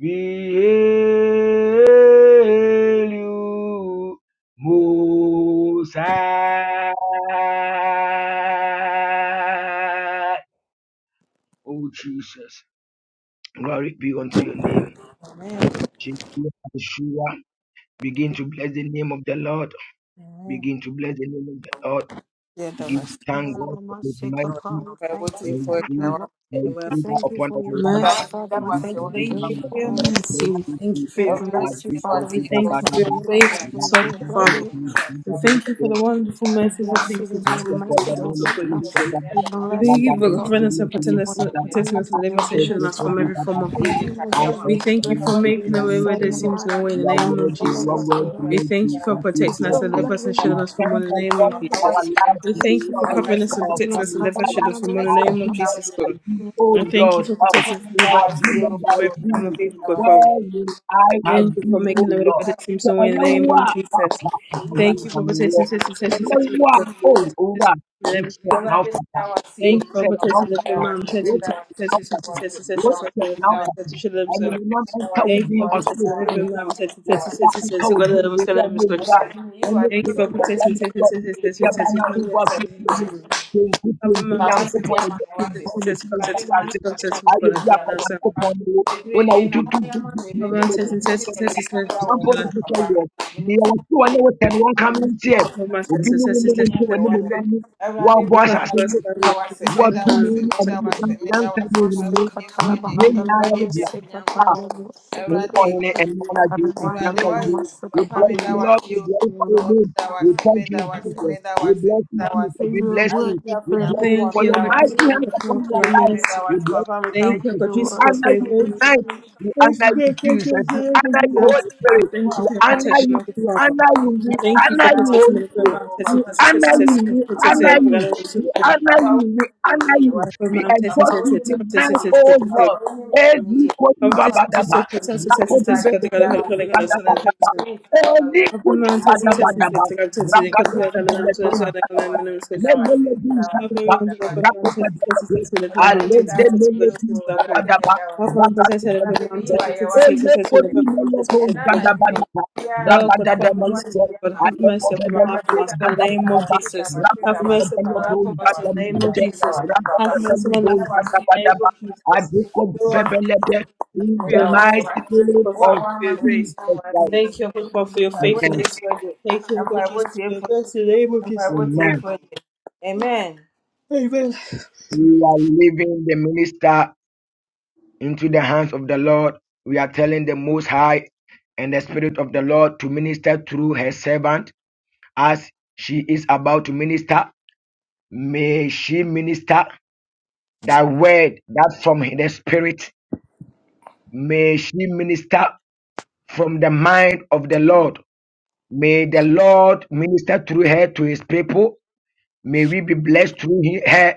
[SPEAKER 2] We hail you, Musa. Oh, Jesus. Glory be unto your name. Jesus, Yeshua. Begin to bless the name of the Lord. Begin to bless the name of the Lord. Begin to thank
[SPEAKER 3] Father,
[SPEAKER 2] God for his mighty
[SPEAKER 3] thank you,
[SPEAKER 4] Awurade
[SPEAKER 2] and
[SPEAKER 3] we
[SPEAKER 4] fo
[SPEAKER 2] his
[SPEAKER 3] thank you,
[SPEAKER 4] gyina hɔ
[SPEAKER 2] grace
[SPEAKER 4] ama
[SPEAKER 3] Lord.
[SPEAKER 2] and his
[SPEAKER 4] n'anim
[SPEAKER 3] We
[SPEAKER 4] ama.
[SPEAKER 2] favor
[SPEAKER 3] thank you
[SPEAKER 2] upon
[SPEAKER 3] for
[SPEAKER 2] our
[SPEAKER 3] your
[SPEAKER 4] Amen.
[SPEAKER 2] life.
[SPEAKER 3] grace,
[SPEAKER 4] Awurade
[SPEAKER 5] Merciful
[SPEAKER 4] meda
[SPEAKER 3] Father. We
[SPEAKER 4] wo
[SPEAKER 5] Father,
[SPEAKER 2] Begin
[SPEAKER 4] ase
[SPEAKER 2] to
[SPEAKER 5] we
[SPEAKER 3] thank
[SPEAKER 4] wɔ
[SPEAKER 3] you for the
[SPEAKER 2] bless the
[SPEAKER 5] thank
[SPEAKER 4] ntaban
[SPEAKER 3] grace
[SPEAKER 5] you
[SPEAKER 2] name
[SPEAKER 3] of
[SPEAKER 5] for
[SPEAKER 4] mu
[SPEAKER 2] of the
[SPEAKER 5] your
[SPEAKER 4] ne
[SPEAKER 3] our
[SPEAKER 2] Lord.
[SPEAKER 5] mercy.
[SPEAKER 2] Bless
[SPEAKER 5] We
[SPEAKER 2] you,
[SPEAKER 5] thank you for
[SPEAKER 3] We
[SPEAKER 2] Jesus.
[SPEAKER 5] your
[SPEAKER 2] I
[SPEAKER 5] grace.
[SPEAKER 3] bless you,
[SPEAKER 2] do for
[SPEAKER 3] Father.
[SPEAKER 5] We
[SPEAKER 3] We
[SPEAKER 2] you,
[SPEAKER 5] thank
[SPEAKER 2] Baba,
[SPEAKER 5] you
[SPEAKER 3] bless
[SPEAKER 5] for
[SPEAKER 3] you,
[SPEAKER 5] your
[SPEAKER 3] Lord. You're a
[SPEAKER 5] faithfulness, oh God,
[SPEAKER 3] good God.
[SPEAKER 5] Father.
[SPEAKER 3] Lord.
[SPEAKER 5] We thank you for
[SPEAKER 2] Baba.
[SPEAKER 5] the wonderful,
[SPEAKER 3] We
[SPEAKER 5] merciful
[SPEAKER 3] bless you
[SPEAKER 5] things you
[SPEAKER 3] because
[SPEAKER 2] You
[SPEAKER 3] you're
[SPEAKER 2] are
[SPEAKER 5] continue to do for
[SPEAKER 3] merciful,
[SPEAKER 5] us,
[SPEAKER 2] worthy,
[SPEAKER 5] oh
[SPEAKER 3] Father.
[SPEAKER 5] God,
[SPEAKER 2] you
[SPEAKER 5] Jesus.
[SPEAKER 3] We
[SPEAKER 5] We
[SPEAKER 3] bless
[SPEAKER 5] thank
[SPEAKER 3] you,
[SPEAKER 5] you for
[SPEAKER 3] Lord.
[SPEAKER 5] covering us
[SPEAKER 3] We
[SPEAKER 5] and
[SPEAKER 3] bless you
[SPEAKER 5] protecting
[SPEAKER 3] for
[SPEAKER 5] us,
[SPEAKER 3] your
[SPEAKER 5] protecting us
[SPEAKER 3] kindness,
[SPEAKER 5] and
[SPEAKER 3] for
[SPEAKER 5] delivering
[SPEAKER 3] your
[SPEAKER 5] us and shielding
[SPEAKER 3] goodness,
[SPEAKER 5] us from
[SPEAKER 3] Father.
[SPEAKER 5] every form of
[SPEAKER 3] And
[SPEAKER 5] evil.
[SPEAKER 3] to Lord Jesus, we
[SPEAKER 5] We thank you for
[SPEAKER 3] bless you that you
[SPEAKER 5] making a
[SPEAKER 3] can
[SPEAKER 5] way where
[SPEAKER 3] save
[SPEAKER 5] there
[SPEAKER 3] the
[SPEAKER 5] seems no
[SPEAKER 3] mind,
[SPEAKER 5] way in the name of
[SPEAKER 3] all of
[SPEAKER 2] are
[SPEAKER 5] Jesus.
[SPEAKER 3] us,
[SPEAKER 2] worthy,
[SPEAKER 3] Lord.
[SPEAKER 5] We
[SPEAKER 2] worthy,
[SPEAKER 5] thank you for
[SPEAKER 2] and we
[SPEAKER 3] We
[SPEAKER 5] protecting us
[SPEAKER 2] bless
[SPEAKER 3] so
[SPEAKER 5] and
[SPEAKER 2] you.
[SPEAKER 3] love
[SPEAKER 5] delivering us and
[SPEAKER 3] you.
[SPEAKER 2] We
[SPEAKER 5] shielding us from one
[SPEAKER 2] thank
[SPEAKER 5] in the
[SPEAKER 2] you
[SPEAKER 5] name
[SPEAKER 2] for
[SPEAKER 5] of Jesus.
[SPEAKER 2] our lives,
[SPEAKER 5] We
[SPEAKER 2] in
[SPEAKER 3] We
[SPEAKER 5] thank
[SPEAKER 2] the
[SPEAKER 5] you
[SPEAKER 3] see the
[SPEAKER 5] for
[SPEAKER 2] Lord, and
[SPEAKER 3] Lord
[SPEAKER 5] covering us
[SPEAKER 2] for
[SPEAKER 5] and
[SPEAKER 3] Jesus,
[SPEAKER 2] our
[SPEAKER 3] and
[SPEAKER 5] protecting
[SPEAKER 3] that's
[SPEAKER 5] us and
[SPEAKER 2] family,
[SPEAKER 3] how
[SPEAKER 5] delivering us and
[SPEAKER 3] one
[SPEAKER 2] Father.
[SPEAKER 5] shielding us from one
[SPEAKER 3] another
[SPEAKER 5] in the
[SPEAKER 2] I
[SPEAKER 3] is.
[SPEAKER 5] name
[SPEAKER 2] do
[SPEAKER 5] of
[SPEAKER 2] not
[SPEAKER 5] Jesus.
[SPEAKER 2] by
[SPEAKER 5] God.
[SPEAKER 2] thee, O
[SPEAKER 5] And thank you
[SPEAKER 2] Lord,
[SPEAKER 5] for
[SPEAKER 2] out.
[SPEAKER 5] protecting us
[SPEAKER 2] I
[SPEAKER 5] deliver us,
[SPEAKER 2] do
[SPEAKER 5] and
[SPEAKER 2] not by
[SPEAKER 5] deliver us from the evil from of
[SPEAKER 2] thee.
[SPEAKER 5] evil, good Father.
[SPEAKER 2] Where will I
[SPEAKER 5] Thank
[SPEAKER 2] have
[SPEAKER 5] you for
[SPEAKER 2] been, O
[SPEAKER 5] making the way where
[SPEAKER 2] Lord?
[SPEAKER 5] there seems no
[SPEAKER 2] Tell
[SPEAKER 5] way in the
[SPEAKER 2] me
[SPEAKER 5] name of
[SPEAKER 2] what,
[SPEAKER 5] Jesus. Thank you for
[SPEAKER 2] Papa,
[SPEAKER 5] protecting Sister Session Sister Session
[SPEAKER 2] you
[SPEAKER 5] in
[SPEAKER 2] are
[SPEAKER 5] the
[SPEAKER 2] Oh, Oga,
[SPEAKER 5] name
[SPEAKER 2] we
[SPEAKER 5] of
[SPEAKER 2] check
[SPEAKER 5] Jesus.
[SPEAKER 2] now,
[SPEAKER 4] Everybody
[SPEAKER 2] Papa.
[SPEAKER 4] was
[SPEAKER 2] We
[SPEAKER 4] you.
[SPEAKER 5] Thank you for
[SPEAKER 2] check now,
[SPEAKER 5] protecting the
[SPEAKER 2] Papa.
[SPEAKER 5] woman,
[SPEAKER 2] We
[SPEAKER 5] protecting Session
[SPEAKER 2] check now,
[SPEAKER 5] Session
[SPEAKER 2] Papa.
[SPEAKER 5] Sister Session Sister Session
[SPEAKER 2] We
[SPEAKER 5] Sister Session of
[SPEAKER 2] check
[SPEAKER 5] the
[SPEAKER 2] now,
[SPEAKER 5] man, that
[SPEAKER 2] Papa.
[SPEAKER 5] you should have
[SPEAKER 2] And
[SPEAKER 5] so.
[SPEAKER 2] you know, Anka will
[SPEAKER 5] Thank you
[SPEAKER 2] be
[SPEAKER 5] for
[SPEAKER 2] on school.
[SPEAKER 5] protecting every man, protecting Session Session Sister
[SPEAKER 2] Anka
[SPEAKER 5] Session,
[SPEAKER 2] will
[SPEAKER 5] God,
[SPEAKER 2] be in
[SPEAKER 5] that
[SPEAKER 2] the
[SPEAKER 5] was going to
[SPEAKER 2] real
[SPEAKER 5] miss
[SPEAKER 2] movie.
[SPEAKER 5] Christian.
[SPEAKER 2] When you
[SPEAKER 5] Thank you for
[SPEAKER 2] think that you are
[SPEAKER 5] protecting
[SPEAKER 2] not
[SPEAKER 5] Session Session
[SPEAKER 2] going to
[SPEAKER 5] Sister
[SPEAKER 2] be
[SPEAKER 5] Session
[SPEAKER 2] a man,
[SPEAKER 5] Sister Session, God, that
[SPEAKER 2] you
[SPEAKER 5] was
[SPEAKER 2] will
[SPEAKER 5] going
[SPEAKER 2] be
[SPEAKER 5] protecting, miss
[SPEAKER 2] able to do it.
[SPEAKER 5] Christian.
[SPEAKER 2] You will be
[SPEAKER 5] Have a man, protecting
[SPEAKER 2] able
[SPEAKER 5] Session
[SPEAKER 2] to do it. You will
[SPEAKER 5] Sister
[SPEAKER 2] be able to do
[SPEAKER 5] Session Sister
[SPEAKER 2] it.
[SPEAKER 5] Session,
[SPEAKER 2] I will
[SPEAKER 5] God,
[SPEAKER 2] be
[SPEAKER 5] that was going to
[SPEAKER 2] able
[SPEAKER 5] miss Christian.
[SPEAKER 2] to do it. When I would do it, you will be
[SPEAKER 5] Papa
[SPEAKER 2] able
[SPEAKER 5] says
[SPEAKER 2] to
[SPEAKER 5] and
[SPEAKER 2] do
[SPEAKER 5] says and
[SPEAKER 2] it.
[SPEAKER 5] says and
[SPEAKER 2] One point
[SPEAKER 5] says
[SPEAKER 2] is to say, you are two and you are ten, one coming here
[SPEAKER 5] Papa
[SPEAKER 2] obi
[SPEAKER 5] says and
[SPEAKER 2] ne wo
[SPEAKER 5] says
[SPEAKER 2] ne
[SPEAKER 5] and says
[SPEAKER 2] wo
[SPEAKER 5] and says
[SPEAKER 2] ntam
[SPEAKER 4] Thank
[SPEAKER 5] and
[SPEAKER 4] you.
[SPEAKER 5] says
[SPEAKER 2] animuonyam no
[SPEAKER 4] Awurade
[SPEAKER 2] woabɔ
[SPEAKER 4] meda
[SPEAKER 5] Pourquoi vous
[SPEAKER 2] ahyɛaseɛ no
[SPEAKER 5] passez la
[SPEAKER 2] so
[SPEAKER 5] voie de
[SPEAKER 4] wase
[SPEAKER 5] la
[SPEAKER 4] meda
[SPEAKER 2] woato mu
[SPEAKER 5] femme
[SPEAKER 4] wase
[SPEAKER 5] de
[SPEAKER 2] ne
[SPEAKER 5] la
[SPEAKER 4] meda
[SPEAKER 5] femme
[SPEAKER 2] animuonyam
[SPEAKER 4] wase meda wase meda
[SPEAKER 2] nyansa ne
[SPEAKER 4] wase mpaebɔ tiefo
[SPEAKER 3] Masikatala
[SPEAKER 4] agye ayɛ
[SPEAKER 3] Mahandala
[SPEAKER 2] nhunumu
[SPEAKER 4] bi a onyankopɔn
[SPEAKER 3] Sikatala
[SPEAKER 4] wo
[SPEAKER 2] we
[SPEAKER 4] awurade
[SPEAKER 2] honor
[SPEAKER 4] woayɛ
[SPEAKER 2] and
[SPEAKER 4] bi o
[SPEAKER 2] honor you and thank
[SPEAKER 3] Sikapanamandu
[SPEAKER 4] awurade woayɛ
[SPEAKER 2] you.
[SPEAKER 4] bi
[SPEAKER 2] We
[SPEAKER 4] papa
[SPEAKER 3] Masukapa
[SPEAKER 2] bless
[SPEAKER 3] we
[SPEAKER 4] meda
[SPEAKER 2] you, Lord. We
[SPEAKER 4] wase
[SPEAKER 3] watch
[SPEAKER 4] o
[SPEAKER 3] you
[SPEAKER 2] glorify your
[SPEAKER 3] Lord.
[SPEAKER 2] name.
[SPEAKER 4] meda wase
[SPEAKER 2] We thank
[SPEAKER 4] meda
[SPEAKER 2] you,
[SPEAKER 4] wase
[SPEAKER 2] Jesus.
[SPEAKER 3] In
[SPEAKER 4] meda
[SPEAKER 2] We
[SPEAKER 4] wase
[SPEAKER 2] bless you,
[SPEAKER 4] meda
[SPEAKER 2] Jesus.
[SPEAKER 4] wase
[SPEAKER 2] We
[SPEAKER 3] your
[SPEAKER 2] bless
[SPEAKER 4] ayɛ
[SPEAKER 3] word
[SPEAKER 2] you.
[SPEAKER 4] bi a
[SPEAKER 3] we
[SPEAKER 2] We
[SPEAKER 3] pray,
[SPEAKER 5] We
[SPEAKER 2] bless
[SPEAKER 3] in
[SPEAKER 2] you
[SPEAKER 3] your
[SPEAKER 4] onyankopɔn
[SPEAKER 5] thank
[SPEAKER 2] for
[SPEAKER 5] you,
[SPEAKER 2] your
[SPEAKER 4] meda
[SPEAKER 3] word
[SPEAKER 5] God
[SPEAKER 3] we
[SPEAKER 4] wase
[SPEAKER 2] mighty
[SPEAKER 5] Jesus,
[SPEAKER 3] pray.
[SPEAKER 4] o
[SPEAKER 2] hand
[SPEAKER 5] for
[SPEAKER 2] upon your
[SPEAKER 5] your
[SPEAKER 4] awurade
[SPEAKER 2] life.
[SPEAKER 4] meda
[SPEAKER 5] mercy.
[SPEAKER 2] We
[SPEAKER 4] wase
[SPEAKER 2] bless
[SPEAKER 4] papa
[SPEAKER 2] you,
[SPEAKER 4] meda
[SPEAKER 5] Thank
[SPEAKER 4] wase
[SPEAKER 5] you,
[SPEAKER 2] Jesus.
[SPEAKER 4] bi
[SPEAKER 5] God
[SPEAKER 3] your
[SPEAKER 2] We
[SPEAKER 4] nti
[SPEAKER 5] Jesus,
[SPEAKER 3] words
[SPEAKER 5] for
[SPEAKER 2] honor
[SPEAKER 3] for
[SPEAKER 5] your
[SPEAKER 2] you
[SPEAKER 4] sɛ
[SPEAKER 3] you.
[SPEAKER 5] grace.
[SPEAKER 2] tonight. We
[SPEAKER 5] Thank
[SPEAKER 2] honor
[SPEAKER 5] you,
[SPEAKER 2] you,
[SPEAKER 5] God, thank
[SPEAKER 2] Jesus.
[SPEAKER 5] you,
[SPEAKER 2] We
[SPEAKER 5] Lord, for
[SPEAKER 4] papa
[SPEAKER 2] honor you,
[SPEAKER 4] meda
[SPEAKER 5] Jesus.
[SPEAKER 2] Holy Spirit.
[SPEAKER 4] wase wo
[SPEAKER 5] Thank
[SPEAKER 4] a
[SPEAKER 5] you
[SPEAKER 2] We
[SPEAKER 5] for your
[SPEAKER 4] woama
[SPEAKER 2] honor
[SPEAKER 4] me
[SPEAKER 5] protection
[SPEAKER 2] you.
[SPEAKER 5] of the
[SPEAKER 2] We
[SPEAKER 5] Father.
[SPEAKER 2] honor you.
[SPEAKER 5] We
[SPEAKER 2] We
[SPEAKER 5] Thank you for
[SPEAKER 2] honor you,
[SPEAKER 5] protecting
[SPEAKER 2] Holy
[SPEAKER 5] me from the
[SPEAKER 2] Spirit.
[SPEAKER 5] mountain. Thank
[SPEAKER 2] We
[SPEAKER 5] you for
[SPEAKER 2] honor you, we honor
[SPEAKER 5] protecting me from
[SPEAKER 2] you,
[SPEAKER 5] the
[SPEAKER 2] we honor
[SPEAKER 5] mountain.
[SPEAKER 2] you, we honor you.
[SPEAKER 5] Upper
[SPEAKER 2] We
[SPEAKER 5] mountains and
[SPEAKER 2] exalt
[SPEAKER 5] testing
[SPEAKER 2] you
[SPEAKER 5] states, like I've
[SPEAKER 2] tonight,
[SPEAKER 5] tested, and could
[SPEAKER 2] oh Lord. Every Rakodi
[SPEAKER 5] be
[SPEAKER 2] velledo, ganda baba, oli kudi baba baba, raga
[SPEAKER 5] like
[SPEAKER 2] dende
[SPEAKER 5] an element to
[SPEAKER 2] maledo,
[SPEAKER 5] the side, like
[SPEAKER 2] baba baba, mende maledo,
[SPEAKER 5] have
[SPEAKER 2] ganda
[SPEAKER 5] one
[SPEAKER 2] baba,
[SPEAKER 5] friend that
[SPEAKER 4] Papa,
[SPEAKER 5] every mom
[SPEAKER 2] rakodi
[SPEAKER 5] touch you, touch
[SPEAKER 2] velledo,
[SPEAKER 5] every mom
[SPEAKER 4] Radimi
[SPEAKER 5] touch
[SPEAKER 2] alende
[SPEAKER 5] you,
[SPEAKER 2] mende
[SPEAKER 5] God
[SPEAKER 4] Dawasiyu,
[SPEAKER 2] maledo,
[SPEAKER 5] Jesus love God.
[SPEAKER 2] ganda
[SPEAKER 4] Radimi
[SPEAKER 2] baba,
[SPEAKER 5] Have
[SPEAKER 4] Dawasiyu.
[SPEAKER 5] one
[SPEAKER 2] raga
[SPEAKER 5] protect
[SPEAKER 2] dende
[SPEAKER 5] every
[SPEAKER 4] Radimi
[SPEAKER 5] mom
[SPEAKER 2] maledo,
[SPEAKER 4] Iwa
[SPEAKER 5] touch you, touch you,
[SPEAKER 4] Yawati.
[SPEAKER 2] oli
[SPEAKER 5] every
[SPEAKER 2] kudi
[SPEAKER 5] mom touch you,
[SPEAKER 2] maledo,
[SPEAKER 4] Ẹ̀nà
[SPEAKER 5] God
[SPEAKER 2] ganda
[SPEAKER 5] Jesus
[SPEAKER 4] Nàdìmí
[SPEAKER 5] love.
[SPEAKER 2] baba,
[SPEAKER 4] bíá
[SPEAKER 5] Oh
[SPEAKER 2] raga
[SPEAKER 5] God,
[SPEAKER 2] dende
[SPEAKER 5] Father
[SPEAKER 4] àpapọ̀ wá lè
[SPEAKER 5] Jesus,
[SPEAKER 2] maledo,
[SPEAKER 4] bí
[SPEAKER 5] oh God,
[SPEAKER 4] àmà.
[SPEAKER 5] have
[SPEAKER 2] alende
[SPEAKER 5] mercy upon my life, for
[SPEAKER 2] maledo,
[SPEAKER 4] Dàwàsí
[SPEAKER 5] my soul, in
[SPEAKER 2] ganda
[SPEAKER 5] the
[SPEAKER 4] dàwàsí
[SPEAKER 5] name of
[SPEAKER 2] baba,
[SPEAKER 4] dàwàsí
[SPEAKER 5] Jesus.
[SPEAKER 4] dàwàsí
[SPEAKER 2] raga
[SPEAKER 5] Have
[SPEAKER 4] dàwàsí
[SPEAKER 5] mercy
[SPEAKER 2] dende
[SPEAKER 5] upon my
[SPEAKER 4] dàwàsí
[SPEAKER 2] maledo,
[SPEAKER 5] life, for my soul,
[SPEAKER 2] ganda
[SPEAKER 4] dàwàsí
[SPEAKER 5] in the name of
[SPEAKER 2] mende,
[SPEAKER 4] dàwàsí
[SPEAKER 5] Jesus.
[SPEAKER 4] dàwàsí
[SPEAKER 2] raga
[SPEAKER 4] pàpà.
[SPEAKER 5] Have mercy
[SPEAKER 2] dende maledo, ganda baba, alende
[SPEAKER 5] upon
[SPEAKER 4] Bí
[SPEAKER 2] maledo,
[SPEAKER 5] my life, for my soul,
[SPEAKER 2] ganda
[SPEAKER 4] dàwàsí
[SPEAKER 5] in
[SPEAKER 2] baba,
[SPEAKER 5] the
[SPEAKER 4] wá
[SPEAKER 5] name of
[SPEAKER 2] raga dende maledo, ganda mende, raga dende
[SPEAKER 5] Jesus.
[SPEAKER 2] maledo,
[SPEAKER 5] Oh,
[SPEAKER 2] ganda
[SPEAKER 5] I
[SPEAKER 2] baba, alende
[SPEAKER 5] thank you
[SPEAKER 2] maledo. In
[SPEAKER 4] ní
[SPEAKER 5] for
[SPEAKER 2] the
[SPEAKER 5] your
[SPEAKER 4] dàwàsí
[SPEAKER 2] mighty
[SPEAKER 5] mercy,
[SPEAKER 4] wá.
[SPEAKER 5] thank you
[SPEAKER 2] name
[SPEAKER 4] Wọ́n
[SPEAKER 5] for
[SPEAKER 2] of
[SPEAKER 4] àwọn
[SPEAKER 5] for
[SPEAKER 4] àmà
[SPEAKER 5] your
[SPEAKER 4] mi
[SPEAKER 2] Jesus
[SPEAKER 5] grace.
[SPEAKER 4] náà wá sí
[SPEAKER 2] Christ,
[SPEAKER 3] And
[SPEAKER 4] ẹ̀.
[SPEAKER 5] Thank
[SPEAKER 3] think
[SPEAKER 5] you, Lord, for
[SPEAKER 3] About
[SPEAKER 5] for
[SPEAKER 3] the
[SPEAKER 5] your
[SPEAKER 4] Àbò
[SPEAKER 3] most
[SPEAKER 4] tí
[SPEAKER 2] amen.
[SPEAKER 4] é
[SPEAKER 5] faithfulness.
[SPEAKER 4] fún ẹ̀jẹ̀.
[SPEAKER 5] Thank you, Lord God
[SPEAKER 4] Àbò tí
[SPEAKER 5] Jesus,
[SPEAKER 4] é
[SPEAKER 5] for your
[SPEAKER 4] fún
[SPEAKER 5] mercy, in the name of
[SPEAKER 4] ẹ̀jẹ̀.
[SPEAKER 5] Jesus.
[SPEAKER 4] Àbò tí é
[SPEAKER 2] Amen.
[SPEAKER 4] fún ẹ̀jẹ̀. Amen.
[SPEAKER 5] Amen.
[SPEAKER 2] We are leaving the minister into the hands of the Lord. We are telling the Most High and the Spirit of the Lord to minister through her servant as she is about to minister. May she minister that word that from the Spirit. May she minister from the mind of the
[SPEAKER 3] and
[SPEAKER 2] Lord. May the Lord minister through her to his people. May we be blessed through he- her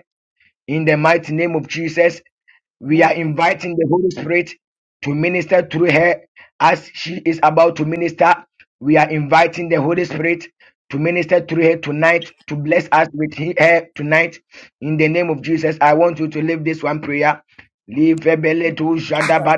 [SPEAKER 2] In the mighty name of Jesus, we are inviting the Holy Spirit to minister through her as she is about to minister. We are inviting the Holy Spirit to minister through her tonight, to bless us with he- her tonight. In the name of Jesus, I want you to leave this one prayer. Leave Ebele
[SPEAKER 3] you
[SPEAKER 2] to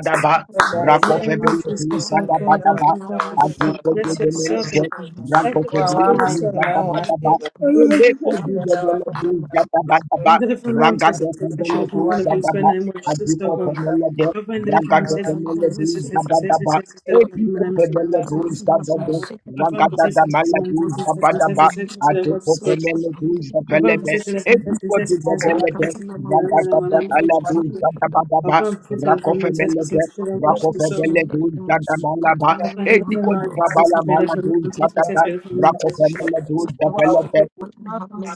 [SPEAKER 3] speak of the
[SPEAKER 5] In the
[SPEAKER 3] most
[SPEAKER 2] Brako
[SPEAKER 3] in
[SPEAKER 5] name
[SPEAKER 2] Febele
[SPEAKER 5] of
[SPEAKER 3] this
[SPEAKER 2] to
[SPEAKER 5] Jesus,
[SPEAKER 3] world.
[SPEAKER 5] our God, our
[SPEAKER 2] Shadabadaba,
[SPEAKER 5] good
[SPEAKER 3] And I
[SPEAKER 5] Father,
[SPEAKER 3] will
[SPEAKER 5] our Father,
[SPEAKER 3] shake up
[SPEAKER 2] Agrikoje
[SPEAKER 5] bless
[SPEAKER 3] at the
[SPEAKER 2] de
[SPEAKER 5] your
[SPEAKER 3] most.
[SPEAKER 5] servant.
[SPEAKER 2] Melete,
[SPEAKER 3] and
[SPEAKER 5] Thank
[SPEAKER 2] Brako
[SPEAKER 5] you, blessed be
[SPEAKER 3] Sukatali.
[SPEAKER 2] Febele to
[SPEAKER 5] yourself.
[SPEAKER 2] Shadabadaba,
[SPEAKER 5] In
[SPEAKER 2] Eleko de Melete, Shadabadaba,
[SPEAKER 5] the little mom test
[SPEAKER 2] Ragado
[SPEAKER 5] test test should
[SPEAKER 2] Fabella
[SPEAKER 5] have been
[SPEAKER 2] do
[SPEAKER 5] one of his when
[SPEAKER 2] Zababa,
[SPEAKER 5] I'm watching this dog
[SPEAKER 2] Adiko
[SPEAKER 5] on.
[SPEAKER 2] Fabella de
[SPEAKER 5] Papa in the little mom
[SPEAKER 2] Ragado
[SPEAKER 5] test
[SPEAKER 2] Fabella
[SPEAKER 5] test test
[SPEAKER 2] do
[SPEAKER 5] test test test test test
[SPEAKER 2] Zabadaba,
[SPEAKER 5] test test test my
[SPEAKER 2] Adiko
[SPEAKER 5] name is
[SPEAKER 3] Thank
[SPEAKER 5] Gilman
[SPEAKER 2] Fabella do
[SPEAKER 5] Sims.
[SPEAKER 2] Zabada,
[SPEAKER 5] Papa in the
[SPEAKER 2] Ragada
[SPEAKER 4] Wow.
[SPEAKER 2] da
[SPEAKER 5] test and the
[SPEAKER 2] Mala
[SPEAKER 5] mom
[SPEAKER 2] do
[SPEAKER 5] test test test test
[SPEAKER 2] Zabadaba,
[SPEAKER 5] test test should have watched
[SPEAKER 2] Adiko
[SPEAKER 5] school.
[SPEAKER 2] Fabella do
[SPEAKER 5] Papa
[SPEAKER 2] Zabella
[SPEAKER 5] in the
[SPEAKER 2] de
[SPEAKER 5] test elephant test test
[SPEAKER 2] Adiko
[SPEAKER 5] test
[SPEAKER 2] do
[SPEAKER 5] test test
[SPEAKER 2] Zabella
[SPEAKER 5] test
[SPEAKER 2] de
[SPEAKER 5] test test my name
[SPEAKER 2] Ragada
[SPEAKER 5] my
[SPEAKER 2] da
[SPEAKER 5] name is
[SPEAKER 2] Mala do
[SPEAKER 5] Sims. Papa
[SPEAKER 2] Zabadaba,
[SPEAKER 5] in the test
[SPEAKER 2] Rako
[SPEAKER 5] elephant test test
[SPEAKER 2] Fabella
[SPEAKER 5] test
[SPEAKER 2] de
[SPEAKER 5] test should have watched
[SPEAKER 2] Rako
[SPEAKER 5] this dog
[SPEAKER 2] Fabella
[SPEAKER 5] on.
[SPEAKER 2] do Zabadaba,
[SPEAKER 5] the name
[SPEAKER 2] Adiko do
[SPEAKER 5] of
[SPEAKER 2] Zabala Mala do Zabada, Rako
[SPEAKER 5] Jesus.
[SPEAKER 2] Fabella do Zabella Ragada bada, ragada,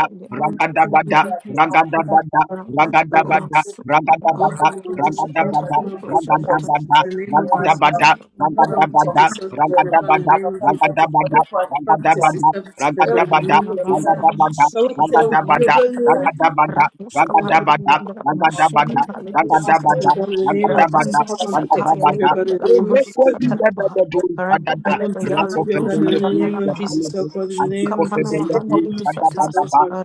[SPEAKER 3] you. Rabba
[SPEAKER 5] Father, and protect the service of your blood in the name of Jesus. Father, protect the service of your blood in the name of Jesus. Father,
[SPEAKER 3] Masuka panda
[SPEAKER 5] protect the service of your blood in the name
[SPEAKER 3] labaha,
[SPEAKER 5] of Jesus.
[SPEAKER 3] lebo sekata,
[SPEAKER 2] bada, ragada, bada,
[SPEAKER 5] Protect
[SPEAKER 2] ragada,
[SPEAKER 5] us with
[SPEAKER 2] bada,
[SPEAKER 5] your blood in the name of
[SPEAKER 2] Ragababada,
[SPEAKER 5] Jesus. Come on, protect us with your
[SPEAKER 2] ragababada.
[SPEAKER 5] blood in the name of Jesus.
[SPEAKER 2] Ezekwedidadadadu, badada.
[SPEAKER 5] Come on, protect us with your blood in the
[SPEAKER 2] Rakofedeledu,
[SPEAKER 5] name of Jesus.
[SPEAKER 2] zekeledu.
[SPEAKER 5] Help God in the name of Jesus. In
[SPEAKER 2] Adikofedeledu,
[SPEAKER 5] the name of Jesus. Help
[SPEAKER 2] badabadaba.
[SPEAKER 5] God.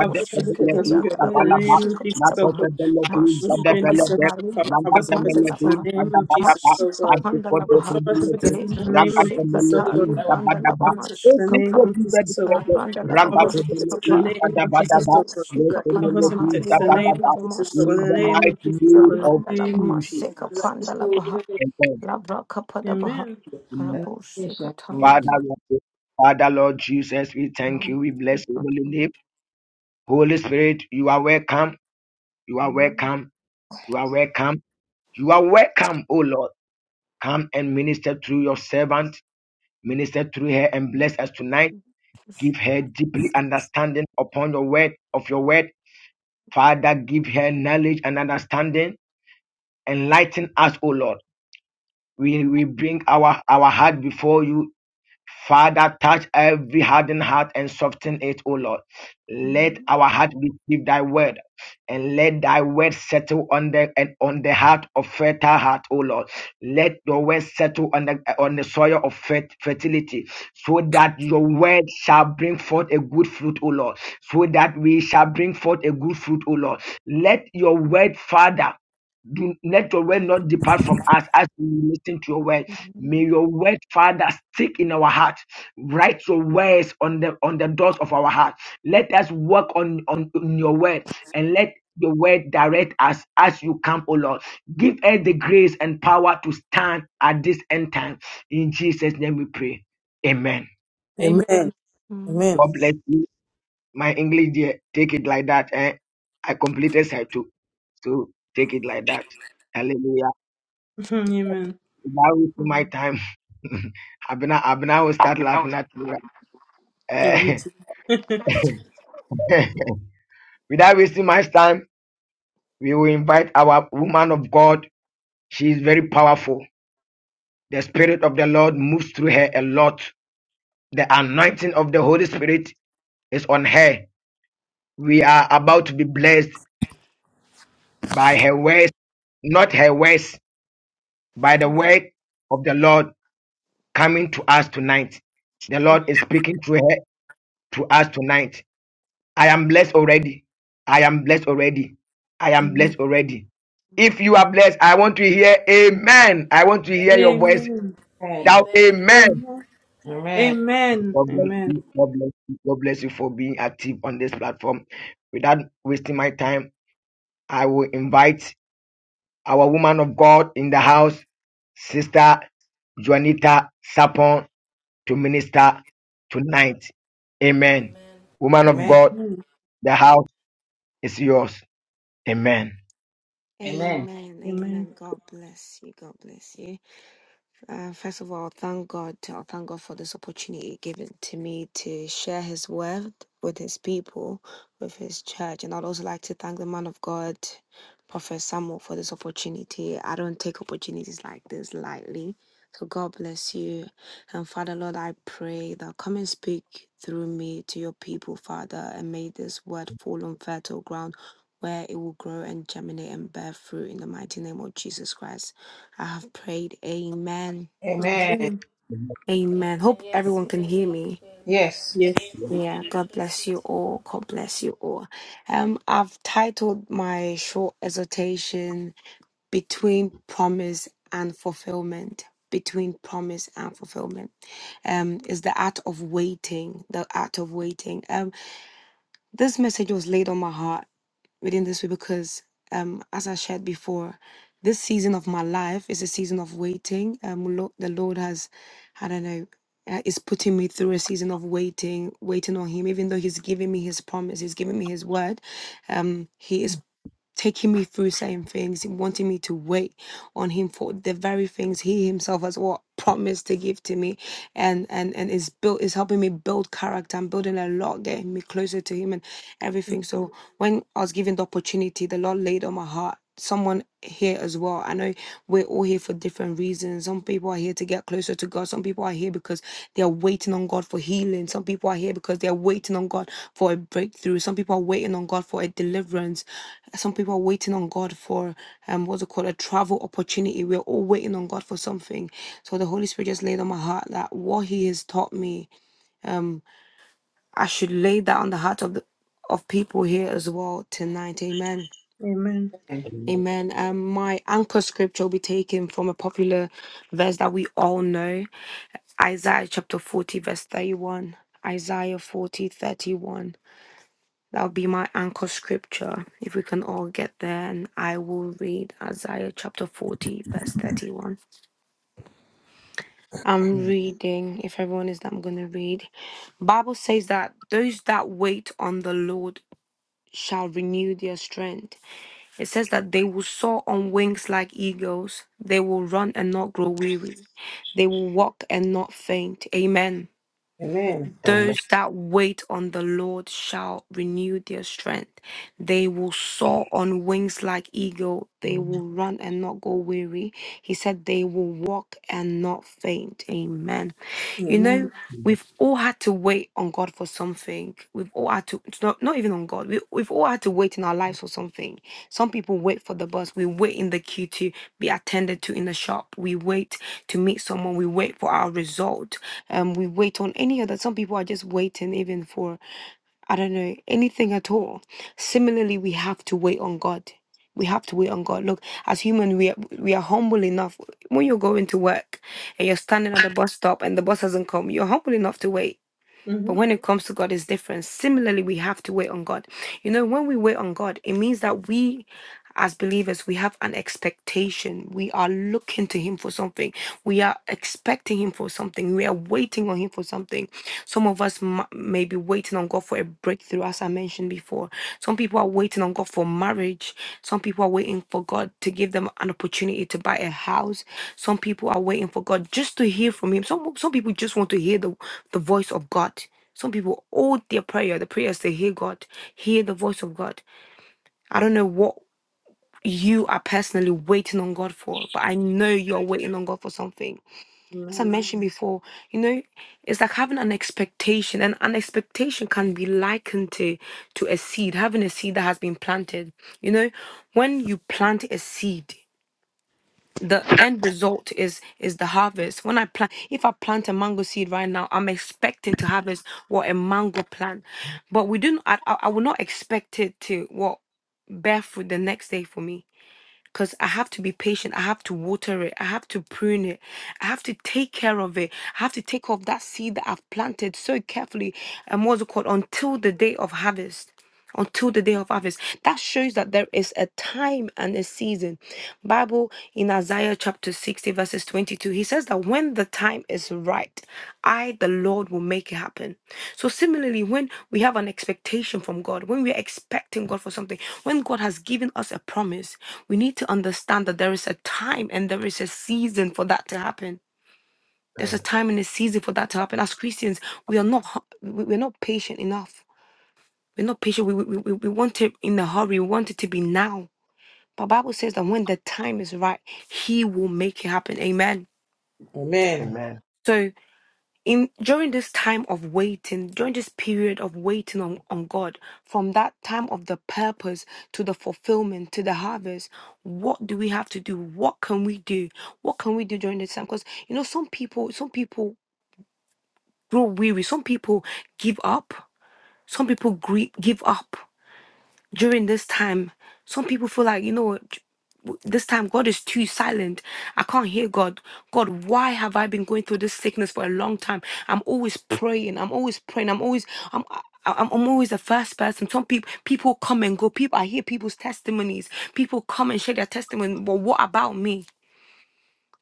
[SPEAKER 5] Come on, protect us with your blood in the
[SPEAKER 2] zabalaba.
[SPEAKER 5] name of Jesus. Help God.
[SPEAKER 2] Rakofedeledu,
[SPEAKER 5] Once you join this
[SPEAKER 2] zedebelede.
[SPEAKER 5] service, Father, cover us and protect us
[SPEAKER 2] Ragademeledu,
[SPEAKER 5] in the name of
[SPEAKER 2] badabadaba.
[SPEAKER 5] Jesus, oh God. Cover us and
[SPEAKER 2] Adikofedeledu,
[SPEAKER 5] protect us in the name of Jesus, oh
[SPEAKER 2] ragademeledu,
[SPEAKER 5] God.
[SPEAKER 3] lebranda
[SPEAKER 5] Cover
[SPEAKER 3] laba
[SPEAKER 2] zabadaba.
[SPEAKER 5] and protect us in the
[SPEAKER 3] masuka
[SPEAKER 5] name
[SPEAKER 3] pa,
[SPEAKER 5] of Jesus, oh God.
[SPEAKER 2] Ezekwedidadadadu,
[SPEAKER 3] Rabanda
[SPEAKER 5] Cover us and
[SPEAKER 3] Lavamasu
[SPEAKER 5] protect us
[SPEAKER 2] ragademeledu,
[SPEAKER 5] in the
[SPEAKER 3] Papa,
[SPEAKER 5] name of Jesus,
[SPEAKER 2] badabadaba.
[SPEAKER 3] Lebo
[SPEAKER 5] oh God.
[SPEAKER 3] Sukapana
[SPEAKER 5] Cover us and
[SPEAKER 2] Lekomeledu,
[SPEAKER 3] Maha,
[SPEAKER 5] protect us in the
[SPEAKER 3] Libanda
[SPEAKER 5] name
[SPEAKER 2] zabadaba.
[SPEAKER 5] of Jesus, oh
[SPEAKER 3] Lavamasu
[SPEAKER 5] God. In
[SPEAKER 2] In
[SPEAKER 5] the
[SPEAKER 2] the
[SPEAKER 3] Kapa,
[SPEAKER 5] name of
[SPEAKER 2] mighty
[SPEAKER 5] Jesus, oh
[SPEAKER 2] name
[SPEAKER 5] God.
[SPEAKER 2] of
[SPEAKER 5] In the
[SPEAKER 3] Rabanda
[SPEAKER 5] name of
[SPEAKER 2] Mm.
[SPEAKER 3] Lavamasu
[SPEAKER 5] Jesus.
[SPEAKER 3] Kapanda Lavaha,
[SPEAKER 2] And then,
[SPEAKER 3] Labra Kapada Baha,
[SPEAKER 5] Amen.
[SPEAKER 2] you
[SPEAKER 3] Rabo
[SPEAKER 2] Father,
[SPEAKER 3] Sikatama,
[SPEAKER 2] Lord, Father, Lord Jesus, we thank you.
[SPEAKER 3] Mama
[SPEAKER 2] We bless your holy name. Holy Spirit, you are welcome. You are welcome. You are welcome. You are welcome, O Lord. Come and minister through your servant. Minister through her and bless us tonight. Give her deeply understanding upon your word of your word. Father, give her knowledge and understanding. Enlighten us, O Lord. We, we bring our, our heart before you Father, touch every hardened heart and soften it, O Lord. Let our heart receive thy word and let thy word settle on the and on the heart of fertile heart, O Lord. Let your word settle on the on the soil of fer- fertility, so that your word shall bring forth a good fruit, O Lord. So that we shall bring forth a good fruit, O Lord. Let your word, Father, do let your word not depart from us as we listen to your word. May your word, Father, stick in our heart. Write your words on the on the doors of our heart. Let us work on, on, on your word and let your word direct us as you come, O Lord. Give us the grace and power to stand at this end time. In Jesus' name we pray. Amen.
[SPEAKER 4] Amen.
[SPEAKER 5] Amen.
[SPEAKER 4] Amen.
[SPEAKER 2] God bless you. My English dear, take it like that. Eh? I completed side two. So take it like that. Hallelujah.
[SPEAKER 5] [laughs] Amen.
[SPEAKER 2] That was my time. [laughs] Abena, Abena will start laughing at you.
[SPEAKER 5] Oh,
[SPEAKER 2] right?
[SPEAKER 5] auntie. [laughs]
[SPEAKER 2] Eh, [laughs] without wasting my time, we will invite our woman of God. She is very powerful. The Spirit of the Lord moves through her a lot. The anointing of the Holy Spirit is on her. We are about to be blessed by her words, not her words, by the word of the Lord coming to us tonight. The Lord is speaking through her to us tonight I am blessed already. I am blessed already. I am
[SPEAKER 5] Amen.
[SPEAKER 2] blessed already. If you are blessed, I want to hear amen. I want to hear your voice.
[SPEAKER 5] Amen.
[SPEAKER 2] Shout
[SPEAKER 6] Amen.
[SPEAKER 2] amen.
[SPEAKER 5] Amen.
[SPEAKER 4] Amen.
[SPEAKER 5] Amen.
[SPEAKER 2] God bless
[SPEAKER 5] Amen.
[SPEAKER 2] you. God bless you. God bless you for being active on this platform. Without wasting my time, I will invite our woman of God in the house, Sister Juanita Sapon, to minister tonight. Amen.
[SPEAKER 6] Amen.
[SPEAKER 2] Woman of
[SPEAKER 4] Amen.
[SPEAKER 2] God, the house is yours. Amen.
[SPEAKER 4] Amen.
[SPEAKER 3] Amen,
[SPEAKER 5] Amen.
[SPEAKER 3] amen. God bless you, God bless you. Uh, first of all, thank God. I thank God for this opportunity given to me to share His word with His people, with His church. And I'd also like to thank the man of God, Prophet Samuel, for this opportunity. I don't take opportunities like this lightly. So God bless you. And Father, Lord, I pray that come and speak through me to your people, Father, and may this word fall on fertile ground where it will grow and germinate and bear fruit in the mighty name of Jesus Christ. I have prayed. Amen.
[SPEAKER 4] Amen.
[SPEAKER 5] Amen.
[SPEAKER 3] Amen.
[SPEAKER 6] Amen.
[SPEAKER 3] Hope
[SPEAKER 6] Yes,
[SPEAKER 3] everyone
[SPEAKER 6] we
[SPEAKER 3] can
[SPEAKER 6] can
[SPEAKER 3] hear
[SPEAKER 6] hear you
[SPEAKER 3] me.
[SPEAKER 6] clearly.
[SPEAKER 4] Yes.
[SPEAKER 5] Yes.
[SPEAKER 3] Yeah,
[SPEAKER 6] God
[SPEAKER 3] God
[SPEAKER 6] bless you
[SPEAKER 3] bless you
[SPEAKER 6] too.
[SPEAKER 3] all. God bless you all. Um, I've titled my short exhortation Between Promise and Fulfillment. Between promise and fulfillment. Um, is the art of waiting. The art of waiting. Um, this message was laid on my heart within this week, because, um, as I shared before, this season of my life is a season of waiting. Um, Lo- the Lord has, I don't know, uh, is putting me through a season of waiting, waiting on Him. Even though He's giving me His promise, He's giving me His word. Um, He is taking me through certain things and wanting me to wait on him for the very things he himself has what promised to give to me and and and is built is helping me build character and building a lot getting me closer to him and everything so when i was given the opportunity the lord laid on my heart someone here as well i know we're all here for different reasons some people are here to get closer to god some people are here because they're waiting on god for healing some people are here because they're waiting on god for a breakthrough some people are waiting on god for a deliverance some people are waiting on God for um what's it called a travel opportunity. We're all waiting on God for something. So the Holy Spirit just laid on my heart that what He has taught me, um, I should lay that on the heart of the of people here as well tonight. Amen.
[SPEAKER 5] Amen.
[SPEAKER 4] Amen.
[SPEAKER 2] Amen.
[SPEAKER 3] Amen. Um, my anchor scripture will be taken from a popular verse that we all know. Isaiah chapter 40, verse 31. Isaiah 40 31. That will be my anchor scripture. If we can all get there, and I will read Isaiah chapter 40, verse 31. I'm reading, if everyone is, I'm going to read. Bible says that those that wait on the Lord shall renew their strength. It says that they will soar on wings like eagles. They will run and not grow weary. They will walk and not faint. Amen.
[SPEAKER 4] Amen.
[SPEAKER 2] Amen.
[SPEAKER 3] Those that wait on the Lord shall renew their strength. They will soar on wings like eagle. They will run and not go weary. He said they will walk and not faint. Amen. You
[SPEAKER 5] Amen.
[SPEAKER 3] know, we've all had to wait on God for something. We've all had to it's not, not even on God. We, we've all had to wait in our lives for something. Some people wait for the bus. We wait in the queue to be attended to in the shop. We wait to meet someone. We wait for our result. Um, we wait on any other. Some people are just waiting even for, I don't know, anything at all. Similarly, we have to wait on God. We have to wait on God. Look, as human, we are, we are humble enough. When you're going to work and you're standing at the bus stop and the bus hasn't come, you're humble enough to wait. But
[SPEAKER 5] Mm-hmm.
[SPEAKER 3] when it comes to God, it's different. Similarly, we have to wait on God. You know, when we wait on God, it means that we, as believers, we have an expectation. We are looking to Him for something. We are expecting Him for something. We are waiting on Him for something. Some of us m- may be waiting on God for a breakthrough, as I mentioned before. Some people are waiting on God for marriage. Some people are waiting for God to give them an opportunity to buy a house. Some people are waiting for God just to hear from Him. Some some people just want to hear the, the voice of God. Some people all their prayer, the prayers to hear God, hear the voice of God. I don't know what you are personally waiting on God for, but I know you are waiting on God for something as I
[SPEAKER 5] Amen.
[SPEAKER 3] mentioned before, you know, it's like having an expectation, and an expectation can be likened to to a seed, having a seed that has been planted. You know, when you plant a seed, the end result is is the harvest. When I plant, if I plant a mango seed right now, I'm expecting to harvest what a mango plant, but we do. not I, I I will not expect it to what bear fruit the next day for me because I have to be patient. I have to water it. I have to prune it. I have to take care of it. I have to take off that seed that I've planted so carefully and what's it called until the day of harvest until the day of harvest that shows that there is a time and a season bible in isaiah chapter 60 verses 22 he says that when the time is right i the lord will make it happen so similarly when we have an expectation from god when we're expecting god for something when god has given us a promise we need to understand that there is a time and there is a season for that to happen there's a time and a season for that to happen as christians we are not hu- we- we're not patient enough we're not patient. We, we, we, we want it in a hurry. We want it to be now. But Bible says that when the time is right, He will make it happen. Amen. So in during this time of waiting, during this period of waiting on, on God, from that time of the purpose to the fulfillment to the harvest, what do we have to do? What can we do? What can we do during this time? Because you know, some people, some people grow weary, some people give up, some people gre- give up during this time, some people feel like, you know what, w- this time God is too silent. I can't hear God. God, why have I been going through this sickness for a long time? I'm always praying. I'm always praying. I'm always I'm I- I'm, I'm always the first person. Some people people come and go. People I hear people's testimonies. People come and share their testimony. But what about me?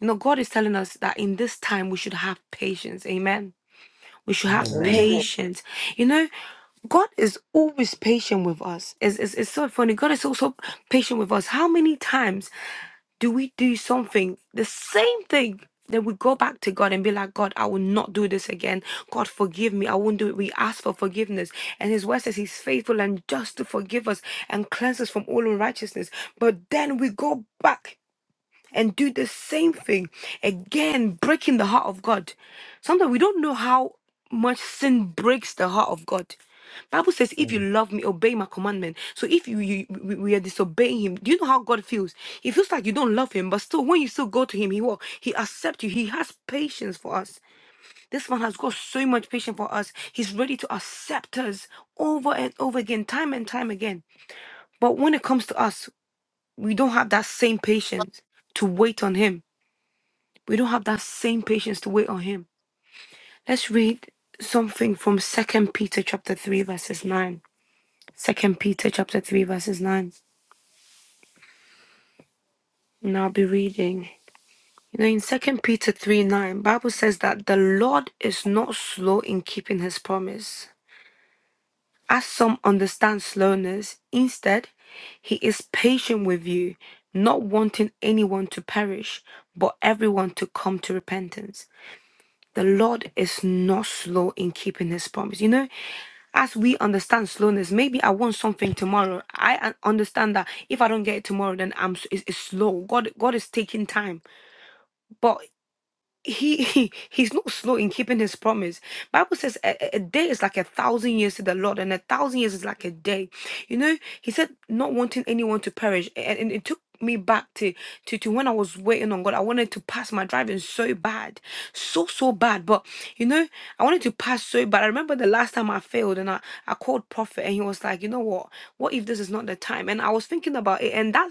[SPEAKER 3] You know, God is telling us that in this time we should have patience. Amen we should have
[SPEAKER 2] Amen.
[SPEAKER 4] Amen.
[SPEAKER 3] patience. You know, God is always patient with us. It's, it's, it's so funny. God is also patient with us. How many times do we do something, the same thing, then we go back to God and be like, God, I will not do this again. God, forgive me. I won't do it. We ask for forgiveness. And His word says He's faithful and just to forgive us and cleanse us from all unrighteousness. But then we go back and do the same thing again, breaking the heart of God. Sometimes we don't know how much sin breaks the heart of God. Bible says, "If you
[SPEAKER 2] Mm,
[SPEAKER 3] love me, obey my commandment." So if you, you we we are disobeying Him, do you know how God feels? He feels like you don't love Him, but still, when you still go to Him, He will. He accept you. He has patience for us. This man has got so much patience for us. He's ready to accept us over and over again, time and time again. But when it comes to us, we don't have that same patience to wait on Him we don't have that same patience to wait on him. Let's read something from Second Peter chapter 3 verses 9. Second Peter chapter 3 verses 9. And I'll be reading. You know, in Second Peter 3 9, Bible says that the Lord is not slow in keeping his promise. As some understand slowness, instead, he is patient with you, not wanting anyone to perish, but everyone to come to repentance. The Lord is not slow in keeping his promise. You know, as we understand slowness, maybe I want something tomorrow. I un- understand that if I don't get it tomorrow, then I'm s- it's, it's slow. God, God is taking time. But he, he he's not slow in keeping his promise bible says a, a a day is like a thousand years to the lord and a thousand years is like a day you know he said not wanting anyone to perish a- and, it took me back to, to to when i was waiting on god i wanted to pass my driving so bad so so bad but you know i wanted to pass so bad i remember the last time i failed and i i called prophet and he was like you know what what if this is not the time and i was thinking about it and that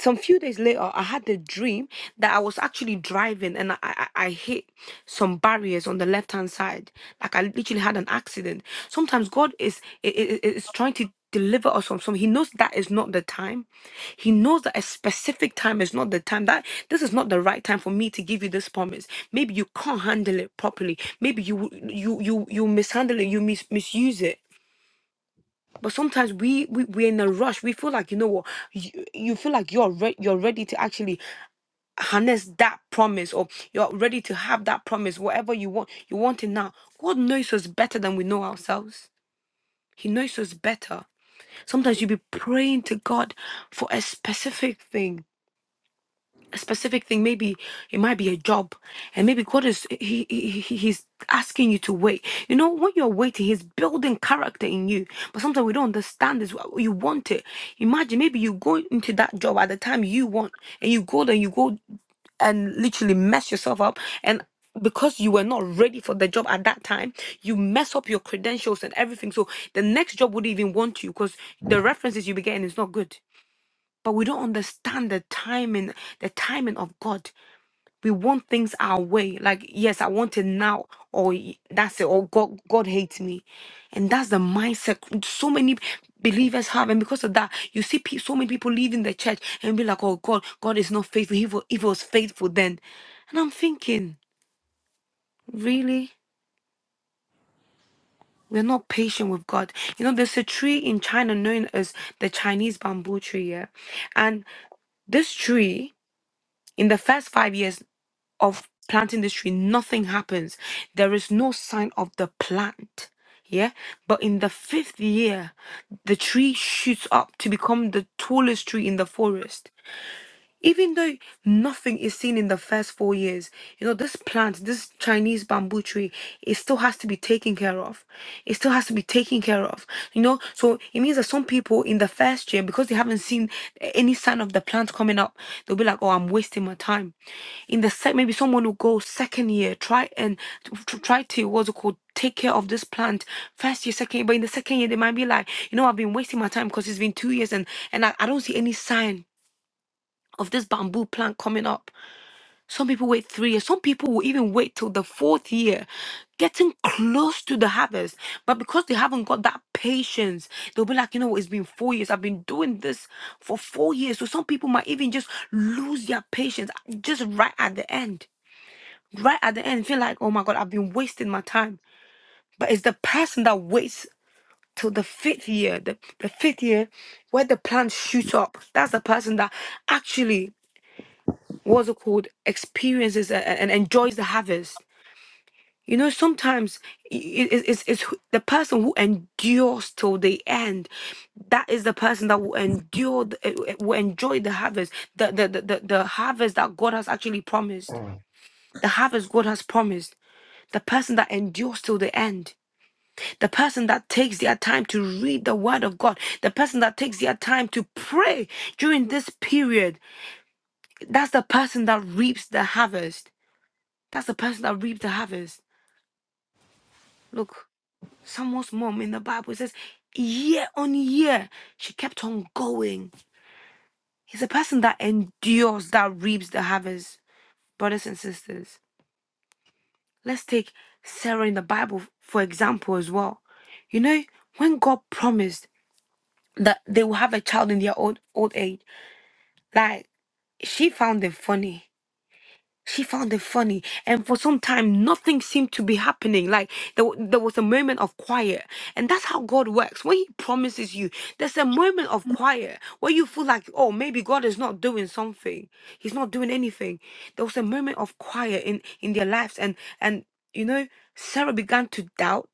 [SPEAKER 3] some few days later, I had the dream that I was actually driving and I, I, I hit some barriers on the left hand side. Like I literally had an accident. Sometimes God is i- i- i- is trying to deliver us from something. He knows that is not the time. He knows that a specific time is not the time. That this is not the right time for me to give you this promise. Maybe you can't handle it properly. Maybe you you you you mishandle it. You mis- misuse it. But sometimes we, we we're in a rush. We feel like you know what you, you feel like you're re- you're ready to actually harness that promise, or you're ready to have that promise. Whatever you want, you want it now. God knows us better than we know ourselves. He knows us better. Sometimes you be praying to God for a specific thing a specific thing maybe it might be a job and maybe god is he, he he- he's asking you to wait you know when you're waiting he's building character in you but sometimes we don't understand this you want it imagine maybe you go into that job at the time you want and you go there you go and literally mess yourself up and because you were not ready for the job at that time you mess up your credentials and everything so the next job would even want you because the references you be getting is not good but we don't understand the timing the timing of god we want things our way like yes i want it now or y- that's it or god god hates me and that's the mindset so many believers have and because of that you see pe- so many people leaving the church and be like oh god god is not faithful he wa- if he was faithful then and i'm thinking really we're not patient with God. You know, there's a tree in China known as the Chinese bamboo tree, yeah? And this tree, in the first five years, of planting this tree, nothing happens. There is no sign of the plant. Yeah. But in the fifth year, the tree shoots up to become the tallest tree in the forest even though nothing is seen in the first four years, you know, this plant, this Chinese bamboo tree, it still has to be taken care of. It still has to be taken care of, you know. So it means that some people in the first year, because they haven't seen any sign of the plant coming up, they'll be like, oh, I'm wasting my time. In the sec, maybe someone will go second year, try and t- t- try to, what's it called? take care of this plant first year second year but in the second year they might be like you know i've been wasting my time because it's been two years and and I, I don't see any sign of this bamboo plant coming up. Some people wait three years. Some people will even wait till the fourth year, getting close to the harvest. But because they haven't got that patience, they'll be like, you know, what, it's been four years. I've been doing this for four years. So some people might even just lose their patience just right at the end. Right at the end, feel like, oh my God, I've been wasting my time. But it's the person that waits till the fifth year, the, the fifth year where the plant shoots up. That's the person that actually what's it called experiences a- a- and enjoys the harvest you know sometimes i- i- it's, it's, it's who- the person who endures till the end that is the person that will endure the, eh, eh, will enjoy the harvest the, the the the the harvest that god has actually promised the harvest god has promised the person that endures till the end the person that takes their time to read the word of god the person that takes their time to pray during this period that's the person that reaps the harvest That's the person that reaped the harvest. Look, someone's mom in the Bible says, year on year, she kept on going. He's a person that endures, that reaps the harvest. Brothers and sisters, let's take Sarah in the Bible for example as well. You know, when God promised that they will have a child in their old old age, like she found it funny. she found it funny and for some time nothing seemed to be happening like there, wa- there was a moment of quiet and that's how god works when he promises you there's a moment of quiet where you feel like oh maybe god is not doing something he's not doing anything there was a moment of quiet in in their lives and and you know sarah began to doubt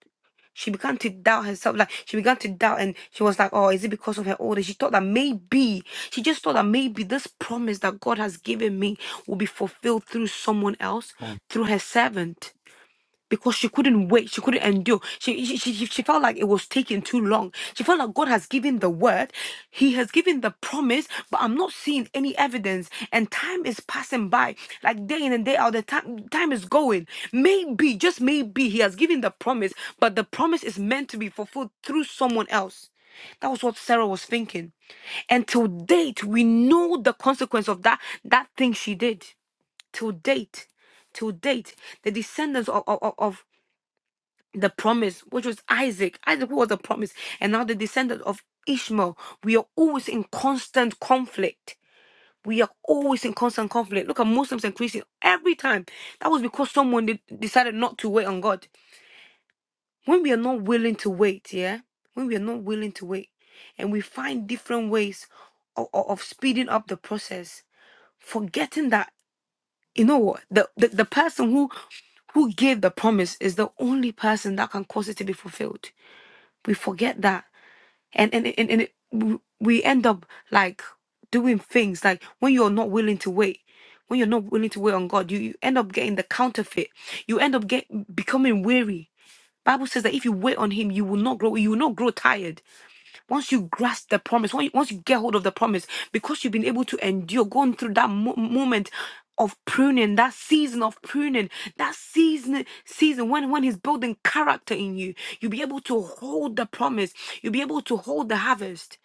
[SPEAKER 3] she began to doubt herself like she began to doubt and she was like oh is it because of her old? order she thought that maybe she just thought that maybe this promise that God has given me will be fulfilled through someone else,
[SPEAKER 2] mm,
[SPEAKER 3] through her servant because she couldn't wait. She couldn't endure. She, she, she, she felt like it was taking too long. She felt like God has given the word, He has given the promise, but I'm not seeing any evidence. And time is passing by, like day in and day out. The time, time is going. Maybe, just maybe, He has given the promise, but the promise is meant to be fulfilled through someone else. That was what Sarah was thinking. And till date, we know the consequence of that that thing she did. Till date, till date, the descendants of, of, of the promise, which was Isaac. Isaac was the promise, and now the descendant of Ishmael. We are always in constant conflict. We are always in constant conflict. Look at Muslims and Christians every time. That was because someone de- decided not to wait on God. When we are not willing to wait, yeah, when we are not willing to wait, and we find different ways of, of speeding up the process, forgetting that you know what the, the the person who who gave the promise is the only person that can cause it to be fulfilled we forget that and and and, and it, we we end up like doing things like when you're not willing to wait when you're not willing to wait on god you, you end up getting the counterfeit you end up get becoming weary bible says that if you wait on him you will not grow you will not grow tired once you grasp the promise, when you- once you get hold of the promise, because you've been able to endure going through that mo- moment of pruning, that season of pruning, that season season when when he's building character in you, you'll be able to hold the promise. You'll be able to hold the harvest.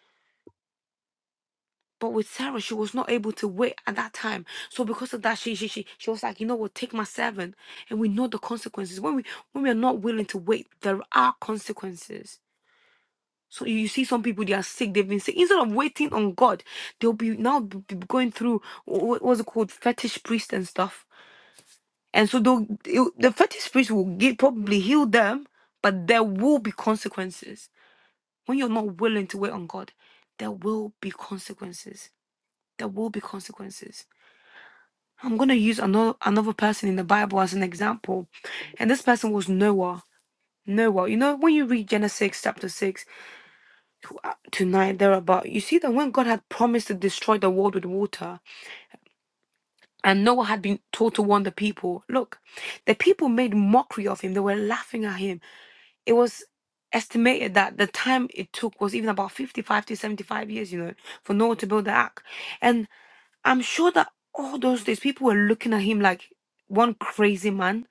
[SPEAKER 3] But with Sarah, she was not able to wait at that time. So because of that, she she she, she was like, you know what, take my servant. And we know the consequences. When we when we are not willing to wait, there are consequences. So you see some people, they are sick, they've been sick. Instead of waiting on God, they'll be now b- b- going through wh- what was it called? Fetish priest and stuff. And so they'll, it'll- the fetish priest will get, probably heal them, but there will be consequences. When you're not willing to wait on God, there will be consequences. There will be consequences. I'm going to use another, another person in the Bible as an example. And this person was Noah. Noah. You know, when you read Genesis chapter 6, tonight thereabout you see that when god had promised to destroy the world with water and noah had been told to warn the people look the people made mockery of him they were laughing at him it was estimated that the time it took was even about 55 to 75 years you know for noah to build the ark and i'm sure that all those days people were looking at him like one crazy man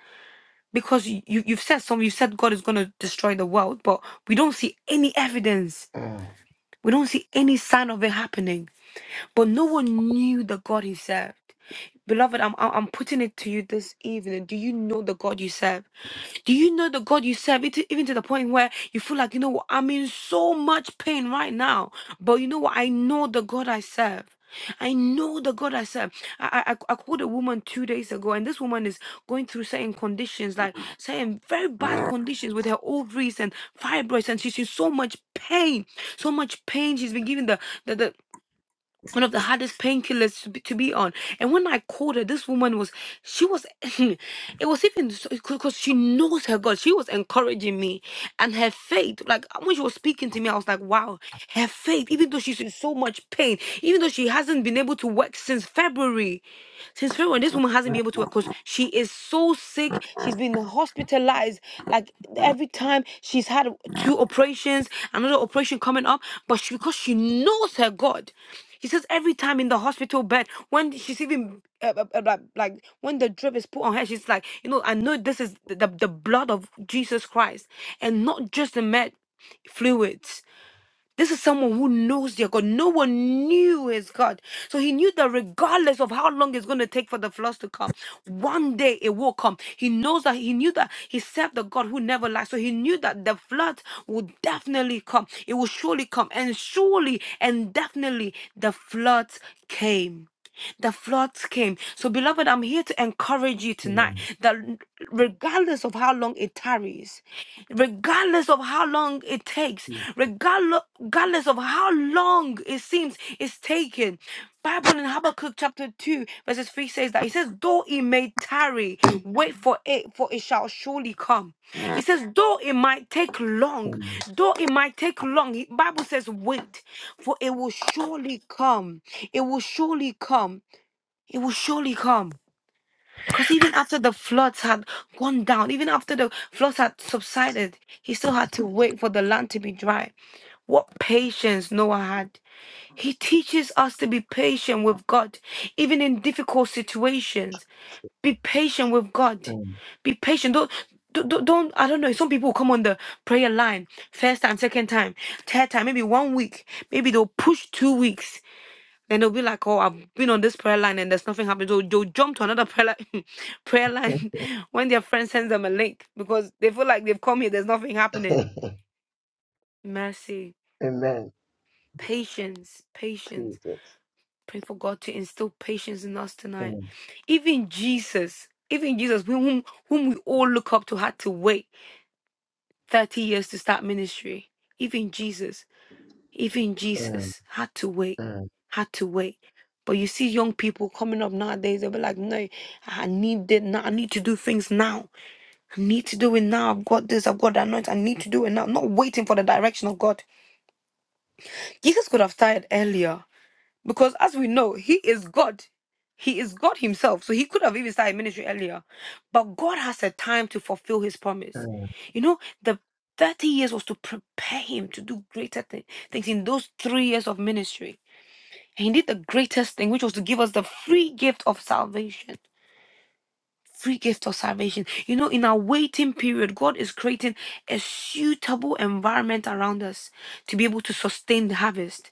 [SPEAKER 3] because you, you- you've said some you said god is going to destroy the world but we don't see any evidence we don't see any sign of it happening But no one knew the God he served. Beloved, I'm I'm I'm putting it to you this evening. Do you know the God you serve? Do you know the God you serve? It, even to the point where you feel like, you know what, I'm in so much pain right now. But you know what? I know the God I serve. I know the God I serve. I, I I I called a woman two days ago, and this woman is going through certain conditions, like certain very bad conditions with her ovaries and fibroids, and she's in so much pain, so much pain. She's been given the the, the one of the hardest painkillers to be, to be on. And when I called her, this woman was, she was, [laughs] [clears throat] it was even because she knows her God. She was encouraging me and her faith. Like when she was speaking to me, I was like, wow, her faith, even though she's in so much pain, even though she hasn't been able to work since February, since February, this woman hasn't been able to work because she is so sick. She's been hospitalized. Like every time she's had two operations, another operation coming up, but she, because she knows her God. He says every time in the hospital bed, when she's even uh, uh, uh, like, like when the drip is put on her, she's like, you know, I know this is the, the the blood of Jesus Christ, and not just the med fluids. This is someone who knows their God. No one knew his God. So he knew that regardless of how long it's going to take for the floods to come, one day it will come. He knows that he knew that he served the God who never lies. So he knew that the flood would definitely come. It will surely come. And surely and definitely the floods came. The floods came. So, beloved, I'm here to encourage you tonight
[SPEAKER 2] mm,
[SPEAKER 3] that regardless of how long it tarries, regardless of how long it takes,
[SPEAKER 2] mm,
[SPEAKER 3] regardless, regardless of how long it seems it's taken, Bible in Habakkuk chapter 2 verses 3 says that he says though it may tarry wait for it for it shall surely come he says though it might take long though it might take long he- bible says wait for it will surely come it will surely come it will surely come because even after the floods had gone down, even after the floods had subsided, he still had to wait for the land to be dry. What patience Noah had. He teaches us to be patient with God, even in difficult situations. Be patient with God.
[SPEAKER 2] mm,
[SPEAKER 3] Be patient. Don't, don't, don't I don't know. Some people come on the prayer line first time, second time, third time, maybe one week. Maybe they'll push two weeks. Then they'll be like, "Oh, I've been on this prayer line and there's nothing happening." So they'll jump to another prayer line, [laughs] prayer
[SPEAKER 2] mm.
[SPEAKER 3] line [laughs] when their friend sends them a link because they feel like they've come here. There's nothing happening.
[SPEAKER 2] [laughs]
[SPEAKER 3] Mercy,
[SPEAKER 2] Amen.
[SPEAKER 3] patience, patience.
[SPEAKER 2] Jesus.
[SPEAKER 3] Pray for God to instill patience in us tonight.
[SPEAKER 2] Mm,
[SPEAKER 3] Even Jesus, even Jesus, whom whom we all look up to, had to wait thirty years to start ministry. Even Jesus. Even
[SPEAKER 2] mm,
[SPEAKER 3] Jesus had to wait,
[SPEAKER 2] mm,
[SPEAKER 3] had to wait. But you see young people coming up nowadays, they'll be like, no, I need it now. I need to do things now. I need to do it now. I've got this, I've got that anointing. I need to do it now. Not waiting for the direction of God. Jesus could have started earlier because, as we know, He is God. He is God Himself. So He could have even started ministry earlier. But God has a time to fulfill His promise.
[SPEAKER 2] mm.
[SPEAKER 3] You know, the 30 years was to prepare Him to do greater thi- things in those three years of ministry. And he did the greatest thing, which was to give us the free gift of salvation. Free gift of salvation. You know, in our waiting period, God is creating a suitable environment around us to be able to sustain the harvest.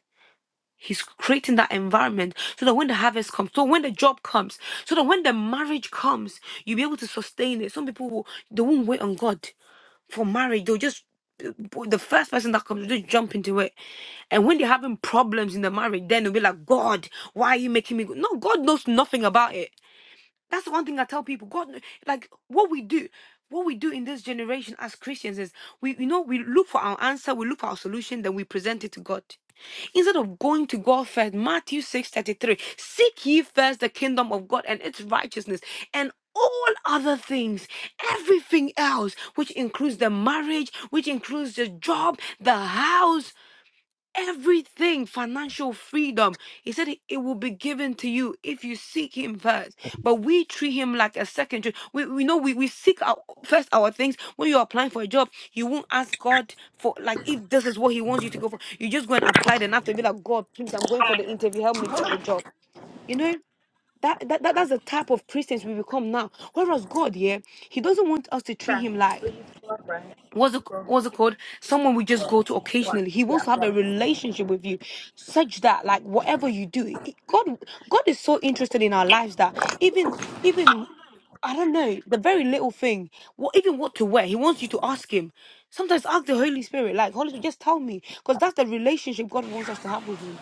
[SPEAKER 3] He's creating that environment so that when the harvest comes, so when the job comes, so that when the marriage comes, you'll be able to sustain it. Some people will, they won't wait on God for marriage, they'll just the first person that comes will just jump into it. And when they're having problems in the marriage, then they'll be like, God, why are you making me go? No, God knows nothing about it. That's the one thing I tell people. God, like what we do, what we do in this generation as Christians is we, you know, we look for our answer, we look for our solution, then we present it to God. Instead of going to God first, Matthew six thirty three, seek ye first the kingdom of God and its righteousness, and all other things, everything else, which includes the marriage, which includes the job, the house, everything financial freedom he said it it will be given to you if you seek him first but we treat him like a secondary we, we know we, we seek our first our things when you're applying for a job you won't ask god for like if this is what he wants you to go for you just go and apply then after be like god please i'm going for the interview help me get the job you know that, that, that that's the type of christians we become now whereas god yeah he doesn't want us to treat him like
[SPEAKER 7] Please, Lord, right?
[SPEAKER 3] what's it,
[SPEAKER 7] From
[SPEAKER 3] what's it called? Someone we just go to
[SPEAKER 7] one.
[SPEAKER 3] occasionally. He
[SPEAKER 7] Yeah,
[SPEAKER 3] wants to have a
[SPEAKER 7] from
[SPEAKER 3] relationship with you, such that like whatever you do, it- God, God is so interested in our lives that even, even I don't know the very little thing, what even what to wear. He wants you to ask him. Sometimes ask the Holy Spirit, like Holy Spirit, just tell me, because that's the relationship God wants us to have with Him.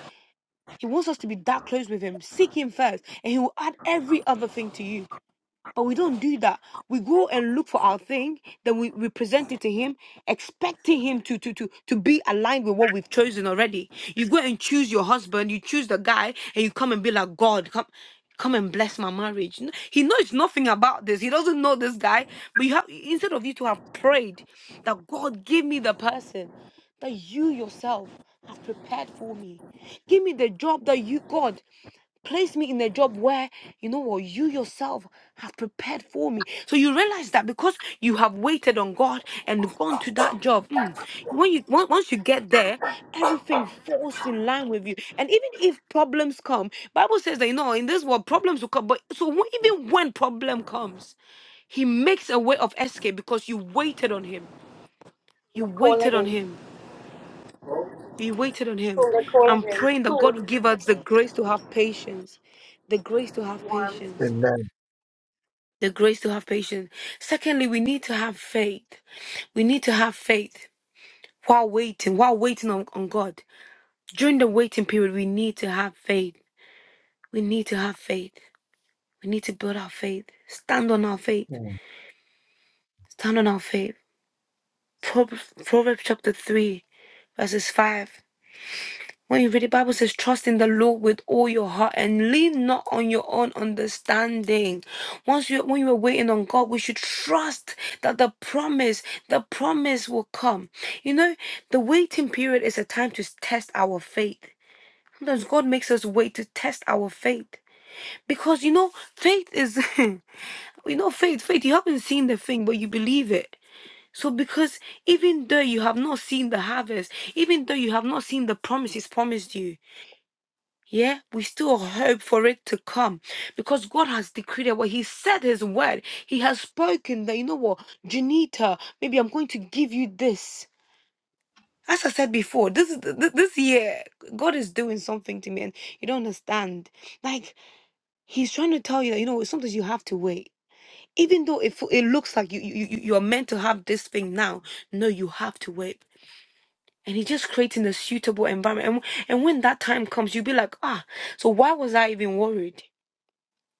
[SPEAKER 3] He wants us to be that close with Him. Seek Him first, and He will add every other thing to you. But we don't do that. We go and look for our thing, then we, we present it to him, expecting him to, to to to be aligned with what we've chosen already. You go and choose your husband, you choose the guy, and you come and be like, God, come come and bless my marriage. N- He knows nothing about this. He doesn't know this guy. But you have instead of you to have prayed that God give me the person that you yourself have prepared for me. Give me the job that you God. Place me in a job where you know what you yourself have prepared for me. So you realize that because you have waited on God and gone to that job, mm, when you on- once you get there, everything falls in line with you. And even if problems come, Bible says that you know in this world problems will come. But so when- even when problem comes, He makes a way of escape because you waited on Him. You
[SPEAKER 7] the
[SPEAKER 3] waited on
[SPEAKER 7] again.
[SPEAKER 3] Him. We waited on him.
[SPEAKER 7] From the
[SPEAKER 3] I'm
[SPEAKER 7] again.
[SPEAKER 3] praying that
[SPEAKER 7] Cool.
[SPEAKER 3] God will give us the grace to have patience, the grace to have
[SPEAKER 7] Warm.
[SPEAKER 3] patience,
[SPEAKER 2] Amen.
[SPEAKER 3] the grace to have patience. Secondly, we need to have faith. We need to have faith while waiting, while waiting on, on God. During the waiting period, we need to have faith. We need to have faith. We need to build our faith. Stand on our faith.
[SPEAKER 2] Mm,
[SPEAKER 3] Stand on our faith. Proverbs, Proverbs chapter 3, verses 5. When you read the Bible it says, trust in the Lord with all your heart and lean not on your own understanding. Once you when you are waiting on God, we should trust that the promise, the promise will come. You know, the waiting period is a time to test our faith. Sometimes God makes us wait to test our faith. Because you know, faith is [laughs] you know, faith, faith, you haven't seen the thing, but you believe it. So, because even though you have not seen the harvest, even though you have not seen the promise He's promised you, yeah, we still hope for it to come because God has decreed it. Well, He said His word. He has spoken that, you know what, Janita, maybe I'm going to give you this. As I said before, this is th- th- this year, God is doing something to me, and you don't understand. Like He's trying to tell you that you know sometimes you have to wait, even though it f- it looks like you you you you are meant to have this thing now. No, you have to wait, and He's just creating a suitable environment. And and when that time comes, you'll be like, ah, so why was I even worried?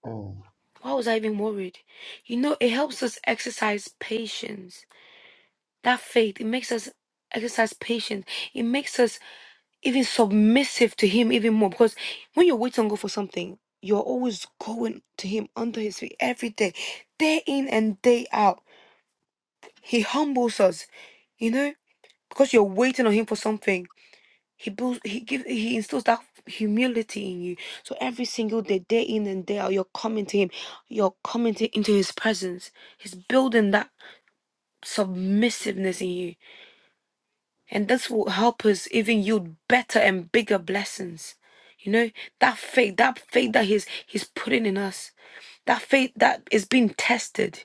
[SPEAKER 2] mm,
[SPEAKER 3] Why was I even worried? You know, it helps us exercise patience. That faith, it makes us exercise patience. It makes us even submissive to Him even more. Because when you wait on God for something, you're always going to Him under His feet every day, day in and day out. He humbles us, you know, because you're waiting on Him for something. He builds. he gives, he instills that humility in you. So every single day, day in and day out, you're coming to him, you're coming to, into his presence. He's building that submissiveness in you, and this will help us even yield better and bigger blessings. You know that faith, that faith that he's he's putting in us, that faith that is being tested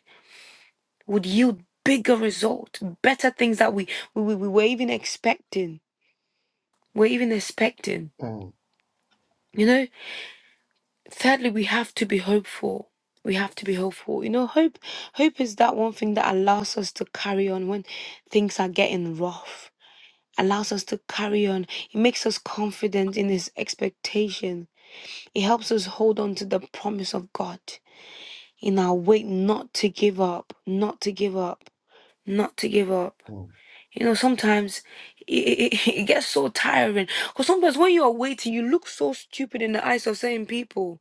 [SPEAKER 3] would yield bigger result, better things that we we, we we were even expecting. We're even expecting.
[SPEAKER 2] mm, mm, mm,
[SPEAKER 3] You know. Thirdly, we have to be hopeful. We have to be hopeful. You know, hope hope is that one thing that allows us to carry on when things are getting rough. Allows us to carry on. It makes us confident in his expectation. It helps us hold on to the promise of God in our way not to give up, not to give up, not to give up. You know, sometimes it, it, [laughs] it gets so tiring. Because sometimes when you are waiting, you look so stupid in the eyes of certain people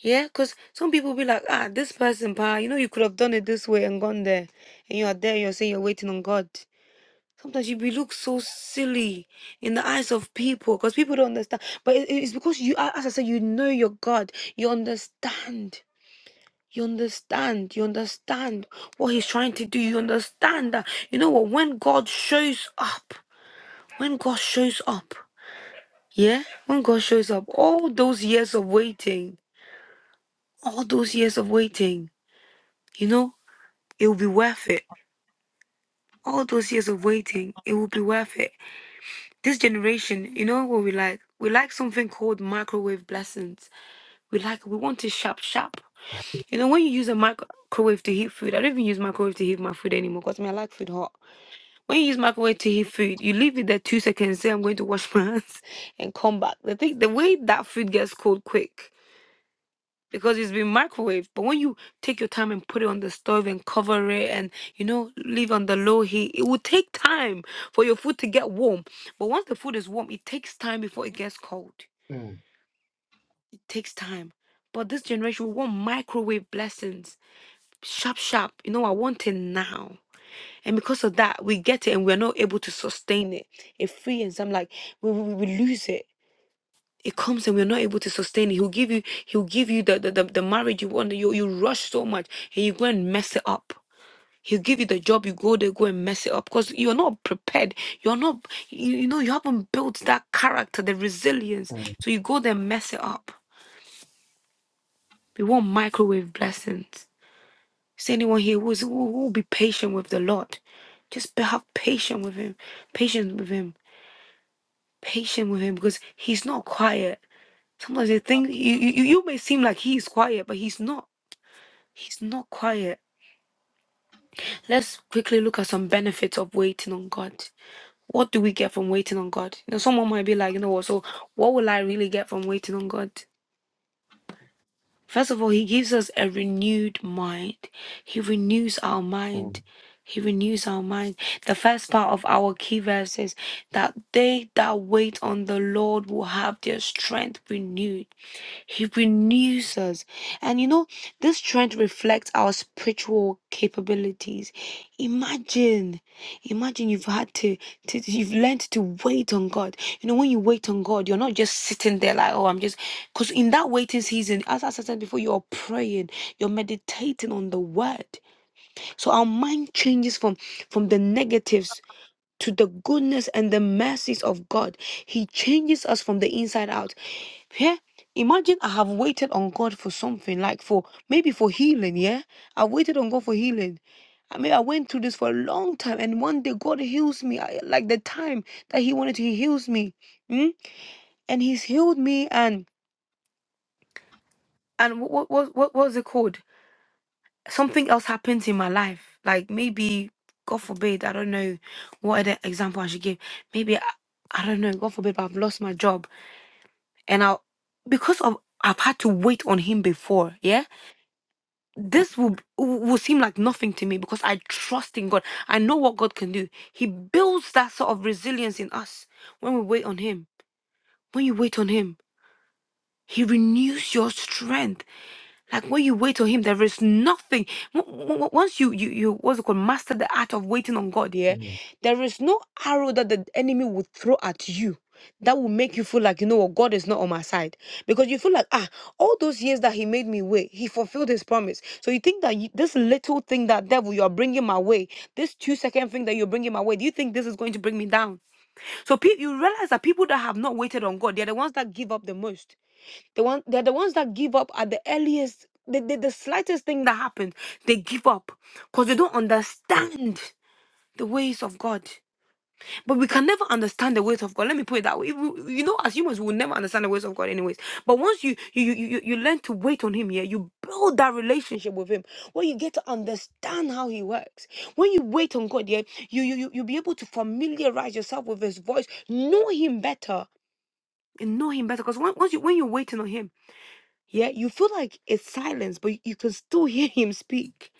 [SPEAKER 3] yeah, because some people be like, ah, this person, pa, you know, you could have done it this way and gone there. And you are there, you're saying you're waiting on God. Sometimes you be look so silly in the eyes of people because people don't understand. But it- it's because you, a- as I said, you know your God. You understand. You understand. You understand what He's trying to do. You understand that. You know what? When God shows up, when God shows up, yeah, when God shows up, all those years of waiting, all those years of waiting, you know. It will be worth it. All those years of waiting, it will be worth it. This generation, you know what we like? We like something called microwave blessings. We like, we want to sharp, sharp. You know, when you use a microwave to heat food, I don't even use microwave to heat my food anymore because I, mean, I like food hot. When you use microwave to heat food, you leave it there two seconds, say, I'm going to wash my hands [laughs] and come back. The, thing, the way that food gets cold quick, because it's been microwaved. But when you take your time and put it on the stove and cover it and you know leave on the low heat, it will take time for your food to get warm. But once the food is warm, it takes time before it gets cold.
[SPEAKER 2] mm,
[SPEAKER 3] It takes time. But this generation we want microwave blessings. Sharp, sharp. You know, I want it now. And because of that, we get it and we're not able to sustain it. It free and some like we, we, we lose it. it comes and we're not able to sustain it. He'll give you, he'll give you the the, the, the marriage you want. You you rush so much and you go and mess it up. He'll give you the job, you go there, go and mess it up. Because you're not prepared. You're not you, you know, you haven't built that character, the resilience.
[SPEAKER 2] mm, mm,
[SPEAKER 3] So you go there and mess it up. We want microwave blessings. Is there anyone here who's, who who will be patient with the Lord? Just be, have patience with him. Patience with him. Patient with him because he's not quiet. Sometimes they think you, you, you may seem like he is quiet, but he's not. He's not quiet. Let's quickly look at some benefits of waiting on God. What do we get from waiting on God? You know, someone might be like, you know what, so what will I really get from waiting on God? First of all, He gives us a renewed mind. He renews our
[SPEAKER 2] mm,
[SPEAKER 3] mind.
[SPEAKER 2] mm,
[SPEAKER 3] He renews our mind. The first part of our key verse is that they that wait on the Lord will have their strength renewed. He renews us. And you know, this strength and reflect our spiritual capabilities. Imagine, imagine you've had to, to, you've learned to wait on God. You know, when you wait on God, you're not just sitting there like, oh, I'm just, because in that waiting season, as, as I said before, you're praying, you're meditating on the word. So our mind changes from, from the negatives to the goodness and the mercies of God. He changes us from the inside out. Yeah. Imagine I have waited on God for something, like for maybe for healing, yeah? I waited on God for healing. I mean, I went through this for a long time, and one day God heals me. I, like the time that He wanted to, He heals me, mm? and He's healed me. And and what what what what was it called? something else happens in my life, like maybe, God forbid, I don't know what other example I should give. Maybe, I, I don't know, God forbid, but I've lost my job. And I'll, because of, I've had to wait on Him before, yeah? This will, will seem like nothing to me because I trust in God. I know what God can do. He builds that sort of resilience in us when we wait on Him. When you wait on Him, He renews your strength. Like when you wait on Him, there is nothing. w- w- w- Once you you you what's it called master the art of waiting on God, yeah, there is no arrow that the enemy would throw at you that will make you feel like you know what God is not on my side because you feel like ah all those years that He made me wait, He fulfilled His promise. So you think that you, this little thing that devil you are bringing my way, this two second thing that you're bringing my way, do you think this is going to bring me down? So pe- you realize that people that have not waited on God, they're the ones that give up the most. The one they're the ones that give up at the earliest, the, the, the slightest thing that happens, they give up because they don't understand the ways of God. But we can never understand the ways of God. Let me put it that way. You you know, as humans, we will never understand the ways of God, anyways. But once you you you you you learn to wait on Him, yeah, you build that relationship with Him. When you get to understand how He works, when you wait on God, yeah, you you you you'll be able to familiarize yourself with His voice, know Him better, and know Him better. Because once you when you're waiting on Him. Yeah, you feel like it's silence, but you can still hear him speak.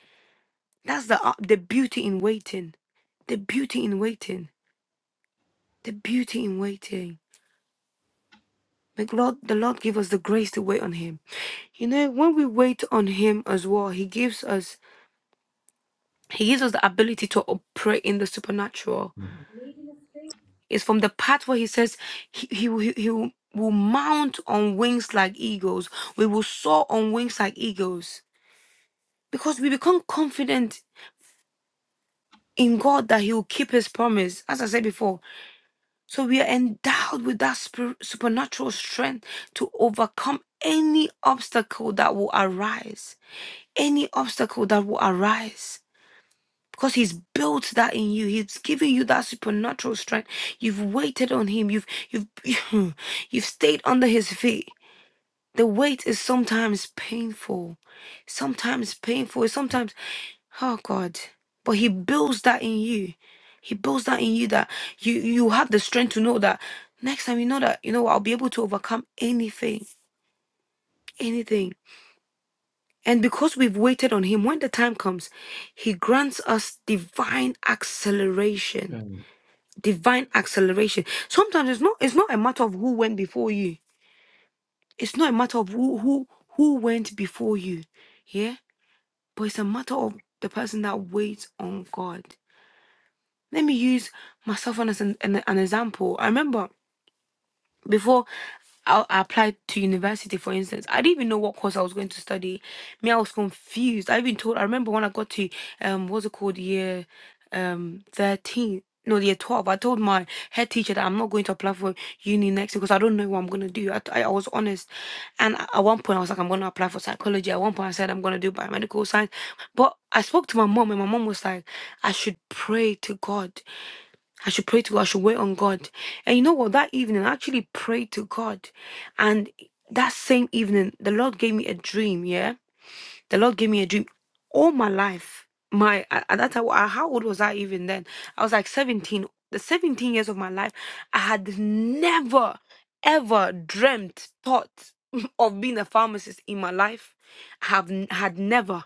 [SPEAKER 3] That's the uh, the beauty in waiting, the beauty in waiting, the beauty in waiting. May Lord, the Lord give us the grace to wait on Him. You know, when we wait on Him as well, He gives us He gives us the ability to operate in the supernatural.
[SPEAKER 8] Employed
[SPEAKER 3] It's from the part where He says He He will- He, he will will mount on wings like eagles. We will soar on wings like eagles because we become confident in God that He will keep His promise, as I said before. So we are endowed with that spir- supernatural strength to overcome any obstacle that will arise, any obstacle that will arise. Because he's built that in you, he's given you that supernatural strength. You've waited on him. You've you've [laughs] you've stayed under his feet. The wait is sometimes painful, sometimes painful. Sometimes Oh God. But he builds that in you. He builds that in you that you you have the strength to know that next time you know that, you know, what, I'll be able to overcome anything, anything. And because we've waited on him, when the time comes, he grants us divine acceleration. Divine acceleration. Sometimes it's not it's not a matter of who went before you. It's not a matter of who who who went before you. Yeah? But it's a matter of the person that waits on God. Let me use myself on as an, an, an example. I remember before I, I applied to university, for instance, I didn't even know what course I was going to study. Me, I was confused. I even told. I remember when I got to um, what's it called, year um thirteen. No, year 12. I told my head teacher that I'm not going to apply for uni next year because I don't know what I'm going to do. I, I, I was honest. And a- at one point, I was like, I'm going to apply for psychology. At one point, I said, I'm going to do biomedical science. But I spoke to my mom, and my mom was like, I should pray to God I should pray to God. I should wait on God. And you know what? That evening, I actually prayed to God. And that same evening, the Lord gave me a dream. Yeah. The Lord gave me a dream all my life. My, at at that time, I- how old was I even then? I was like 17. The 17 years of my life, I had never, ever dreamt, thought [laughs] of being a pharmacist in my life. I have n- had never.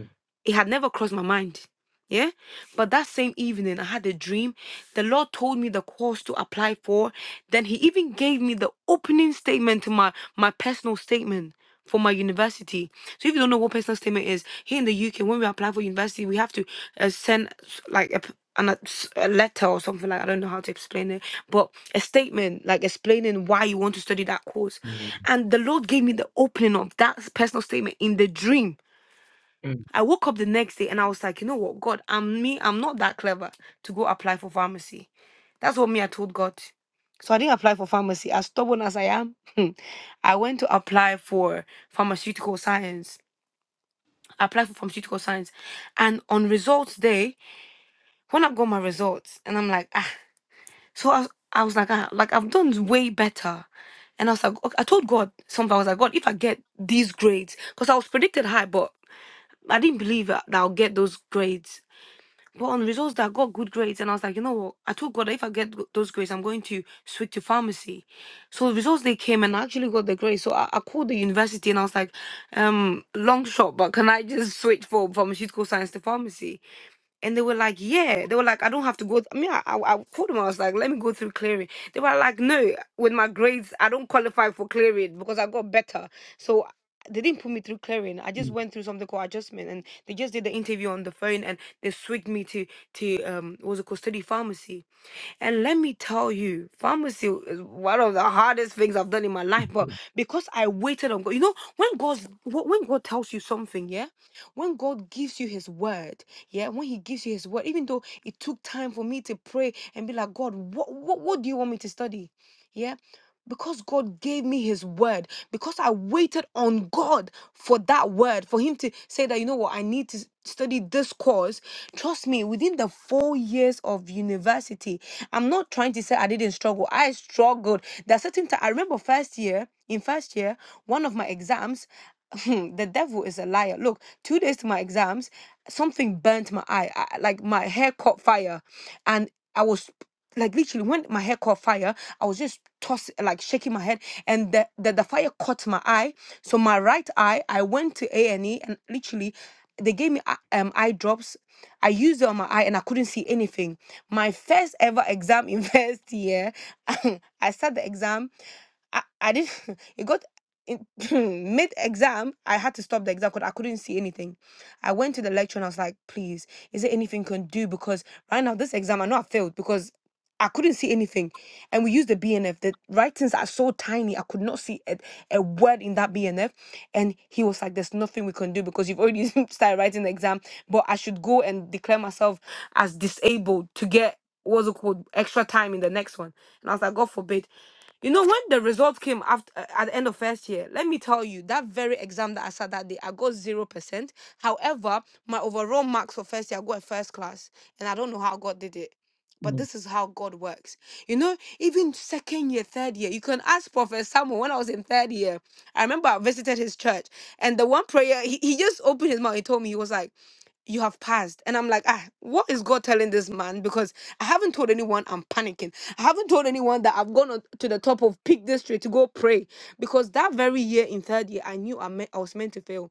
[SPEAKER 2] mm, mm,
[SPEAKER 3] It had never crossed my mind. Yeah. But that same evening, I had a dream. The Lord told me the course to apply for. Then He even gave me the opening statement to my, my personal statement for my university. So if you don't know what personal statement is, here in the UK, when we apply for university, we have to uh, send s- like a, p- an, a, s- a letter or something like I don't know how to explain it, but a statement like explaining why you want to study that course. And the Lord gave me the opening of that personal statement in the dream I woke up the next day and I was like, you know what, God, I'm me, I'm not that clever to go apply for pharmacy. That's what me I told God. So I didn't apply for pharmacy. As stubborn as I am, [laughs] I went to apply for pharmaceutical science. I applied for pharmaceutical science. And on results day, when I got my results, and I'm like, ah. So I, was- I was like, ah, like I've done way better. And I was like, okay, I told God something. I was like, God, if I get these grades, because I was predicted high, but I didn't believe that I'll get those grades. But on results that I got good grades, and I was like, you know what? I told God, if I get go- those grades, I'm going to switch to pharmacy. So the results they came, and I actually got the grades. So I, I called the university, and I was like, um, long shot, but can I just switch from pharmaceutical science to pharmacy? And they were like, yeah. They were like, I don't have to go. I mean, I, I, I called them. I was like, let me go through clearing. They were like, no, with my grades, I don't qualify for clearing because I got better. So they didn't put me through clearing. I just went through something called adjustment, and they just did the interview on the phone, and they switched me to to um what was it called study pharmacy. And let me tell you, pharmacy is one of the hardest things I've done in my life. But because I waited on God, you know, when God's wh- when God tells you something, yeah, when God gives you His word, yeah, when He gives you His word, even though it took time for me to pray and be like, God, what what, what do you want me to study? Yeah. Because God gave me his word, because I waited on God for that word, for him to say that, you know what, I need to s- study this course. Trust me, within the four years of university, I'm not trying to say I didn't struggle. I struggled. There are certain times, I remember first year, in first year, one of my exams, [laughs] the devil is a liar. Look, two days to my exams, something burnt my eye, I, like my hair caught fire. And I was like literally when my hair caught fire i was just toss like shaking my head and the, the the fire caught my eye so my right eye i went to a&e and E, and literally they gave me eye- um, eye drops i used it on my eye and i couldn't see anything my first ever exam in [laughs] first year [laughs] i sat the exam I, I didn't [laughs] it got in [laughs] mid exam I had to stop the exam because I couldn't see anything. I went to the lecturer and I was like, please, is there anything you can do? Because right now this exam I know I failed because I couldn't see anything. And we used the BNF. The writings are so tiny, I could not see a, a word in that BNF. And he was like, There's nothing we can do because you've already [laughs] started writing the exam, but I should go and declare myself as disabled to get what's it called extra time in the next one. And I was like, God forbid. You know, when the result came after uh, at the end of first year, let me tell you, that very exam that I sat that day, I got zero percent. However, my overall marks for first year, I got a first class, and I don't know how God did it. But
[SPEAKER 2] mm, mm, mm,
[SPEAKER 3] this
[SPEAKER 2] mm, mm,
[SPEAKER 3] is how God works. You know, even second year, third year, you can ask Prophet Samuel. When I was in third year, I remember I visited his church, and the one prayer, he, he just opened his mouth. He told me, he was like, you have passed. And I'm like, ah, what is God telling this man? Because I haven't told anyone I'm panicking. I haven't told anyone that I've gone on to the top of Peak District to go pray. Because that very year in third year, I knew I, me- I was meant to fail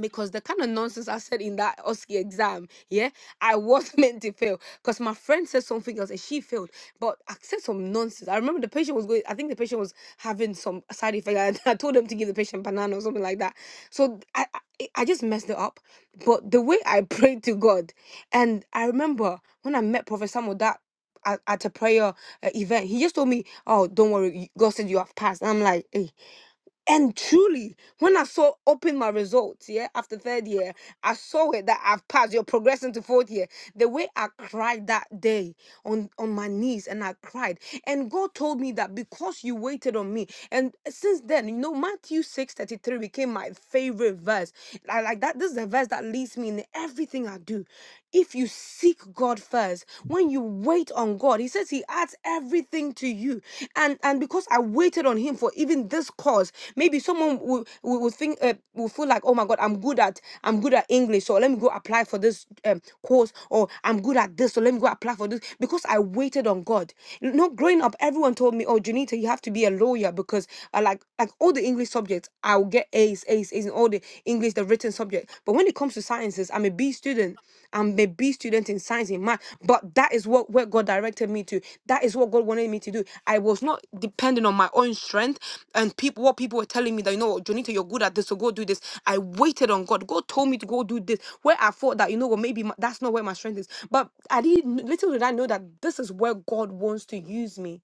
[SPEAKER 3] because the kind of nonsense I said in that OSCE exam, yeah, I was [laughs] meant to fail because my friend said something else and she failed. But I said some nonsense. I remember the patient was going, I think the patient was having some side effect. And [laughs] I told them to give the patient banana or something like that. So I, I, I just messed it up. But the way I [laughs] prayed to God, and I remember when I met Prophet Samuel, that at, at a prayer uh, event, he just told me, "Oh, don't worry, you- God said you have passed." And I'm like, "Hey." And truly, when I saw open my results, yeah, after third year, I saw it that I've passed. You're progressing to fourth year. The way I cried that day on on my knees, and I cried, and God told me that because you waited on me, and since then, you know, Matthew six thirty three became my favorite verse. I like that. This is the verse that leads me in everything I do. If you seek God first, when you wait on God, He says He adds everything to you. And and because I waited on Him for even this cause, maybe someone will, will, will think uh, will feel like, oh my God, I'm good at I'm good at English, so let me go apply for this um, course, or I'm good at this, so let me go apply for this because I waited on God. You know, growing up, everyone told me, oh Janita, you have to be a lawyer because I like like all the English subjects, I will get get A's, A's, A's in all the English, the written subject. But when it comes to sciences, I'm a B student. I'm a B student in science in math. But that is what where God directed me to. That is what God wanted me to do. I was not dependent on my own strength and people what people were telling me that you know what, Jonita, you're good at this, so go do this. I waited on God. God told me to go do this. Where I thought that you know what, maybe my, that's not where my strength is. But I didn't little did I know that this is where God wants to use me.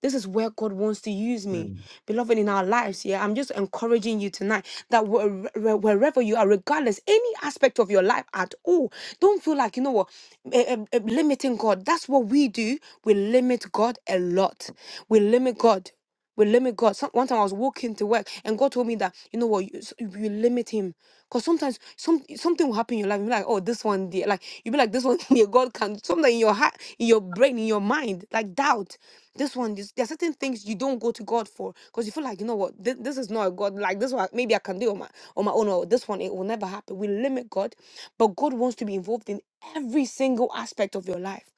[SPEAKER 3] This is where God wants to use me. Beloved, in our lives, yeah, I'm just encouraging you tonight that where- where- wherever you are, regardless, any aspect of your life at all, don't feel like, you know what, eh, eh, eh, limiting God. That's what we do. We limit God a lot. We limit God. We limit God. Some, one time I was walking to work and God told me that, you know what, you, s- you limit him. Because sometimes some something will happen in your life. You'll be like, oh, this one dear. Like, you'll be like, this one [laughs] dear. God can. Something in your heart, in your brain, in your mind, like doubt. This one, this, there are certain things you don't go to God for because you feel like, you know what, this, this is not a God. Like, this one, maybe I can do on my, on my own. Or this one, it will never happen. We limit God. But God wants to be involved in every single aspect of your life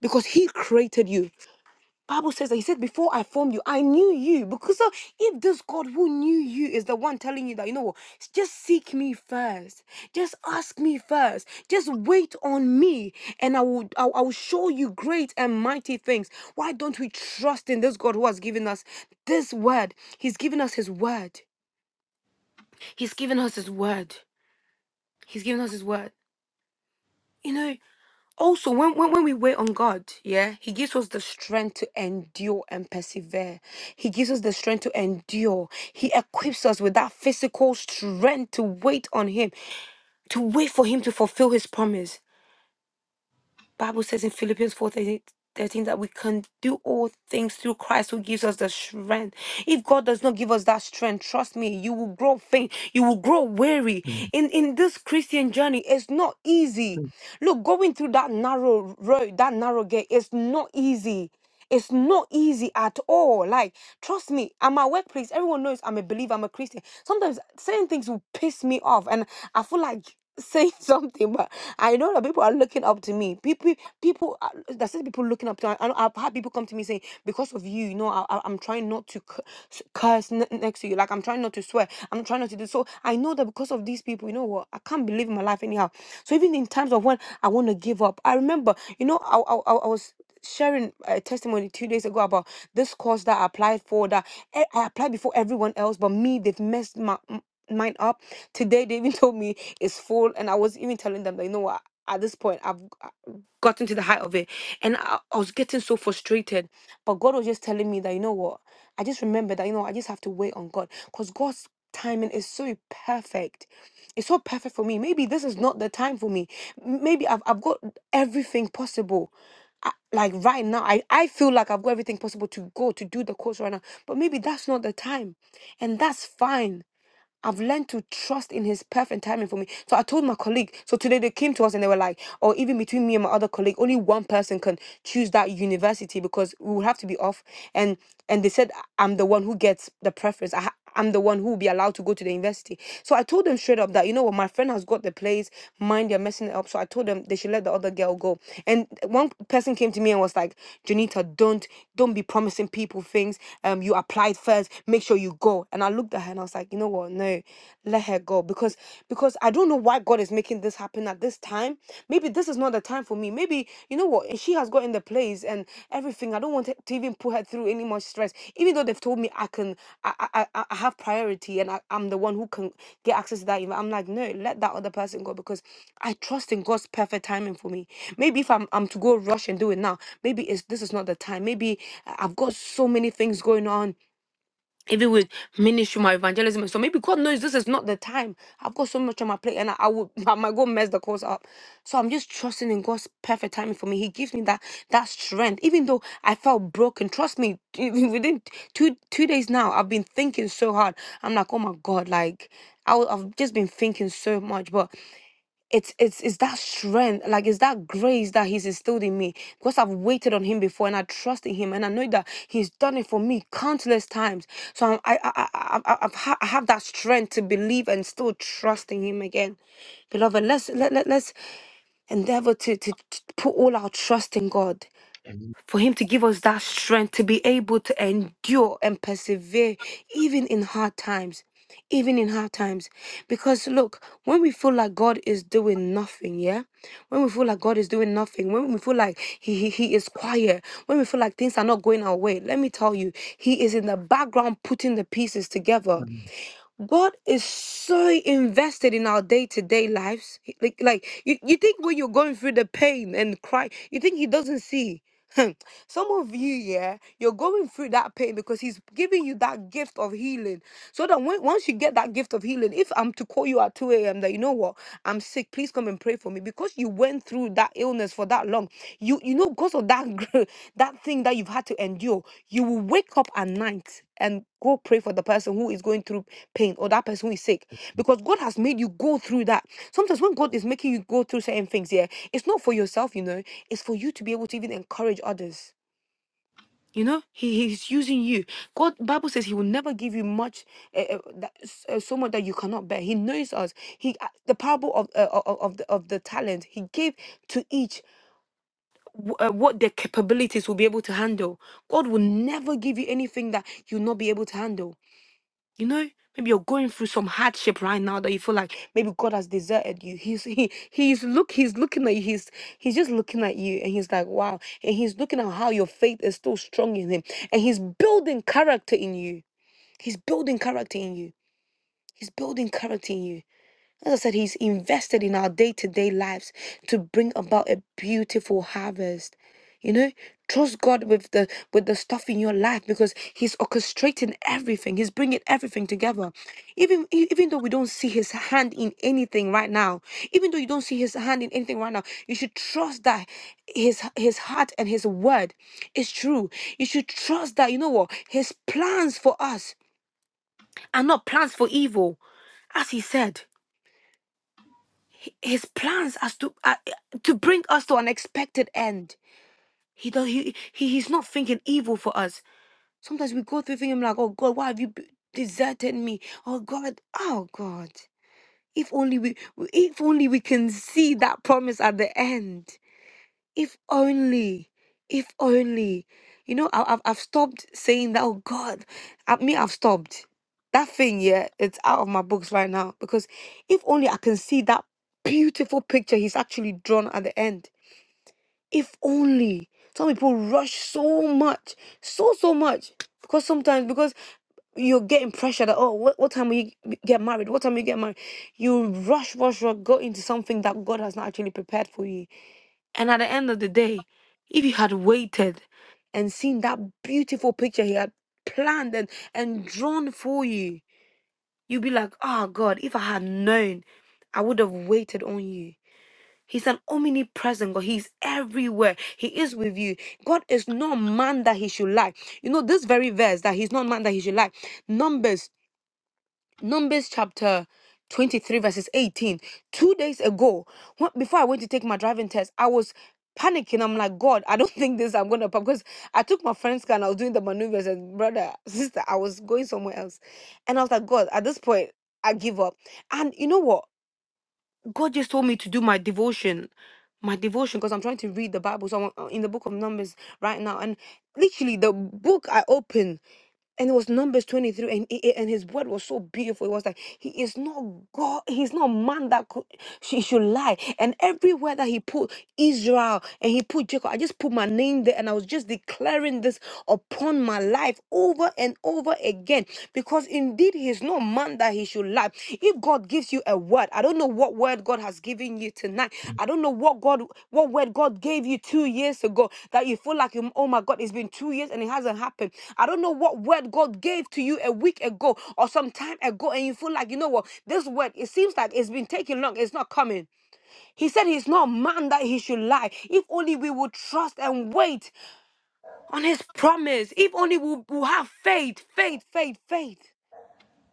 [SPEAKER 3] because He created you. Bible says that he said, Before I formed you, I knew you. Because so if this God who knew you is the one telling you that, you know what, just seek me first. Just ask me first. Just wait on me. And I will I, I will show you great and mighty things. Why don't we trust in this God who has given us this word? He's given us his word. He's given us his word. He's given us his word. You know, also when, when when we wait on god yeah he gives us the strength to endure and persevere he gives us the strength to endure he equips us with that physical strength to wait on him to wait for him to fulfill his promise Bible says in Philippians 4 13 that we can do all things through Christ who gives us the strength. If God does not give us that strength, trust me, you will grow faint, you will grow weary.
[SPEAKER 2] mm.
[SPEAKER 3] In in this Christian journey, it's not easy. Look, going through that narrow road, that narrow gate, it's not easy. It's not easy at all. Like, trust me, at my workplace, everyone knows I'm a believer, I'm a Christian. Sometimes certain things will piss me off, and I feel like [laughs] saying something, but I know that people are looking up to me. People, people, are- there's certain people looking up to me. I, I- I've had people come to me saying, because of you, you know, I, I, I'm trying not to cu- s- curse n- next to you. Like, I'm trying not to swear. I'm trying not to do so. I know that because of these people, you know what? I can't believe in my life anyhow. So even in times of when I want to give up, I remember, you know, I, I, I I was sharing a testimony two days ago about this course that I applied for that e- I applied before everyone else, but me, they've messed my m- mine up. Today they even [laughs] told me it's full, and I was even telling them that you know what at this point I've g- I- gotten to the height of it, and I, I was getting so frustrated. But God was just telling me that you know what I just remember that you know I just have to wait on God, cause God's timing is so perfect. It's so perfect for me. Maybe this is not the time for me. M- Maybe I've, I've got everything possible. I, like right now, I, I feel like I've got everything possible to go to do the course right now. But maybe that's not the time. And that's fine. I've learned to trust in his perfect timing for me. So I told my colleague, so today they came to us and they were like, or even between me and my other colleague, only one person can choose that university because we will have to be off. And and they said I'm the one who gets the preference. I ha- I'm the one who will be allowed to go to the university. So I told them straight up that, you know what, my friend has got the place, mind they're messing it up. So I told them they should let the other girl go. And one person came to me and was like, Janita, don't don't be promising people things. Um, you applied first, make sure you go go. And I looked at her and I was like, you know what? No, let her go. Because because I don't know why God is making this happen at this time. Maybe this is not the time for me. Maybe, you know what, she has got in the place and everything. I don't want to even put her through any more stress. Even though they've told me I can I I, I I have priority and I, I'm the one who can get access to that event. I'm like, no, let that other person go because I trust in God's perfect timing for me. Maybe if I'm I'm to go rush and do it now, maybe it's this is not the time. Maybe I- I've got so many things going on even with ministry, my evangelism. So maybe God knows this is not the time. I've got so much on my plate and I, I would [laughs] I might go mess the course up. So I'm just trusting in God's perfect timing for me. He gives me that that strength. Even though I felt broken, trust me, [laughs] within two two days now, I've been thinking so hard. I'm like, oh my God, like I, w- I've just been thinking so much. But it's it's it's that strength like it's that grace that he's instilled in me because i've waited on him before and i trust in him and i know that he's done it for me countless times so I'm, i i i, I, I, I've ha- I have that strength to believe and still trust in him again beloved let's let, let, let's endeavor to, to to put all our trust in god for Him to give us that strength to be able to endure and persevere even in hard times. Even in hard times. Because look, when we feel like God is doing nothing, yeah? When we feel like God is doing nothing, when we feel like He, he, he is quiet, when we feel like things are not going our way, let me tell you, He is in the background putting the pieces together.
[SPEAKER 2] Amen.
[SPEAKER 3] God is so invested in our day-to-day lives. He- Like, like you, you think when you're going through the pain and cry, you think he doesn't see. Hmm. Some of you, yeah, you're going through that pain because he's giving you that gift of healing. So that when, once you get that gift of healing, if I'm to call you at 2 a.m. that you know what, I'm sick, please come and pray for me. Because you went through that illness for that long, you you know, because of that [laughs] gr- that thing that you've had to endure, you will wake up at night and go pray for the person who is going through pain or that person who is sick because God has made you go through that. Sometimes when God is making you go through certain things, yeah, it's not for yourself, you know, it's for you to be able to even encourage others. You know, he, he's using you. God, Bible says he will never give you much, uh, uh, that, s- uh, so much that you cannot bear. He knows us. He, uh, the parable of, uh, of, of the, of the talent, he gave to each w- uh, what their capabilities will be able to handle. God will never give you anything that you'll not be able to handle. You know, maybe you're going through some hardship right now that you feel like maybe God has deserted you. He's he he's look he's looking at you. He's he's just looking at you and he's like, wow. And he's looking at how your faith is still strong in him. And he's building character in you. He's building character in you. He's building character in you. As I said, He's invested in our day to day lives to bring about a beautiful harvest. You know, trust God with the with the stuff in your life because He's orchestrating everything. He's bringing everything together. Even e- even though we don't see His hand in anything right now, even though you don't see His hand in anything right now, you should trust that His His heart and His word is true. You should trust that you know what His plans for us are not plans for evil, as He said. He- His plans as to uh, to bring us to an expected end. He don't. He, he he's not thinking evil for us. Sometimes we go through thinking like, oh God, why have you be- deserted me? Oh God, oh God. If only we, we- if only we can see that promise at the end. If only, if only, you know, I, I've I've stopped saying that. Oh God, I me I've stopped that thing. Yeah, it's out of my books right now because if only I can see that beautiful picture he's actually drawn at the end. If only. Some people rush so much, so so much because sometimes because you're getting pressure that oh what, what time will you g- get married what time will you get married you rush rush rush go into something that god has not actually prepared for you and at the end of the day, if he had waited and seen that beautiful picture he had planned and, and drawn for you, you'd be like, oh God, if I had known, I would have waited on you. He's an omnipresent God. He's everywhere. He is with you. God is not man that he should lie. You know, this very verse that he's not man that he should lie. Numbers Numbers chapter 23, verses 18. Two days ago, when, before I went to take my driving test, I was panicking. I'm like, God, I don't [laughs] think this I'm gonna because I took my friend's car and I was doing the maneuvers and brother, [laughs] sister, I was going somewhere else. And I was like, God, at this point, I give up. And you know what? God just told me to do my devotion, my devotion, because I'm trying to read the Bible. So I'm uh, in the book of Numbers right now, and literally the book I opened, and it was Numbers 23, and it, it- and his word was so beautiful. It was like he is not God, he's not man that could, she should lie. And everywhere that he put Israel and he put Jacob, I just put my name there, and I was just declaring this upon my life over and over again because indeed he is not man that he should lie if god gives you a word i don't know what word god has given you tonight i don't know what god what word god gave you two years ago that you feel like oh my god it's been two years and it hasn't happened i don't know what word god gave to you a week ago or some time ago and you feel like you know what this word it seems like it's been taking long it's not coming he said he's not man that he should lie if only we would trust and wait on his promise. If only we will have faith, faith, faith, faith.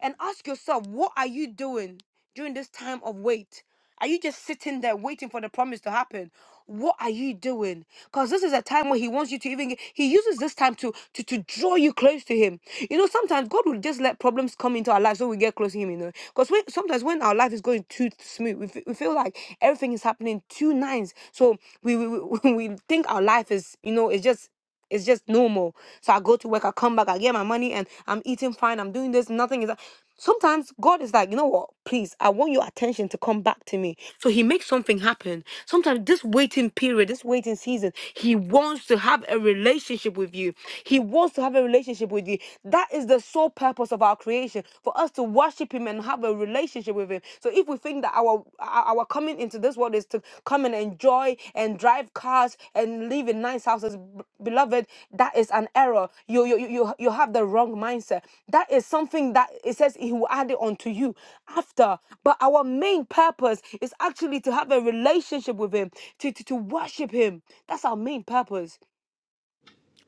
[SPEAKER 3] And ask yourself, what are you doing during this time of wait? Are you just sitting there waiting for the promise to happen? What are you doing? Because this is a time where he wants you to even get- he uses this time to, to to draw you close to him. You know, sometimes God will just let problems come into our life so we get close to him, you know. Because when, sometimes when our life is going too smooth, we, fe- we feel like everything is happening too nice. So we, we, we [laughs] we think our life is, you know, it's just it's just normal. So I go to work, I come back, I get my money, and I'm eating fine. I'm doing this. Nothing is. Sometimes God is like, you know what? Please, I want your attention to come back to me. So He makes something happen. Sometimes this waiting period, this waiting season, He wants to have a relationship with you. He wants to have a relationship with you. That is the sole purpose of our creation for us to worship Him and have a relationship relationship with him. So if we think that our our our coming into this world is to come and enjoy and drive cars and live in nice houses, b- beloved, that is an error. You you you you you have the wrong mindset. That is something that it says he will add it onto you after. But our main purpose is actually to have a relationship with him, to to, to worship him. That's our main purpose.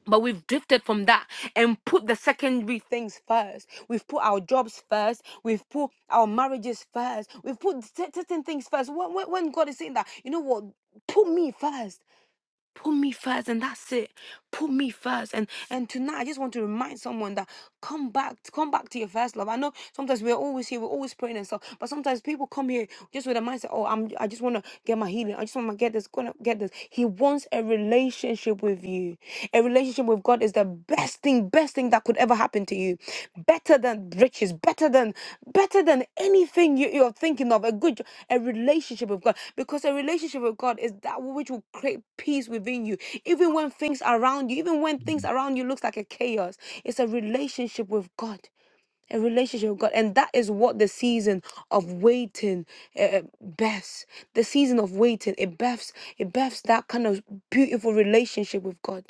[SPEAKER 3] But we've drifted from that and put the secondary things first. We've put our jobs first. We've put our marriages first. We've put cer- certain things first. When, when, when God is saying that, you know what? Put me first put me first and that's it put me first and and tonight i just want to remind someone that come back come back to your first love i know sometimes we're always here we're always praying and stuff but sometimes people come here just with a mindset oh i'm i just want to get my healing i just want to get this gonna get this he wants a relationship with you a relationship with god is the the best thing, best thing that could ever happen to you. Better than riches, better than better than anything you, you're thinking of. A good jo- a relationship with God. Because a relationship with God is that which will create peace within you. Even when things around you, even when things around you looks like a chaos. It's a relationship with God a relationship with God. And that is what the season of waiting uh, births. The season of waiting, it births, it births that kind of beautiful relationship with God,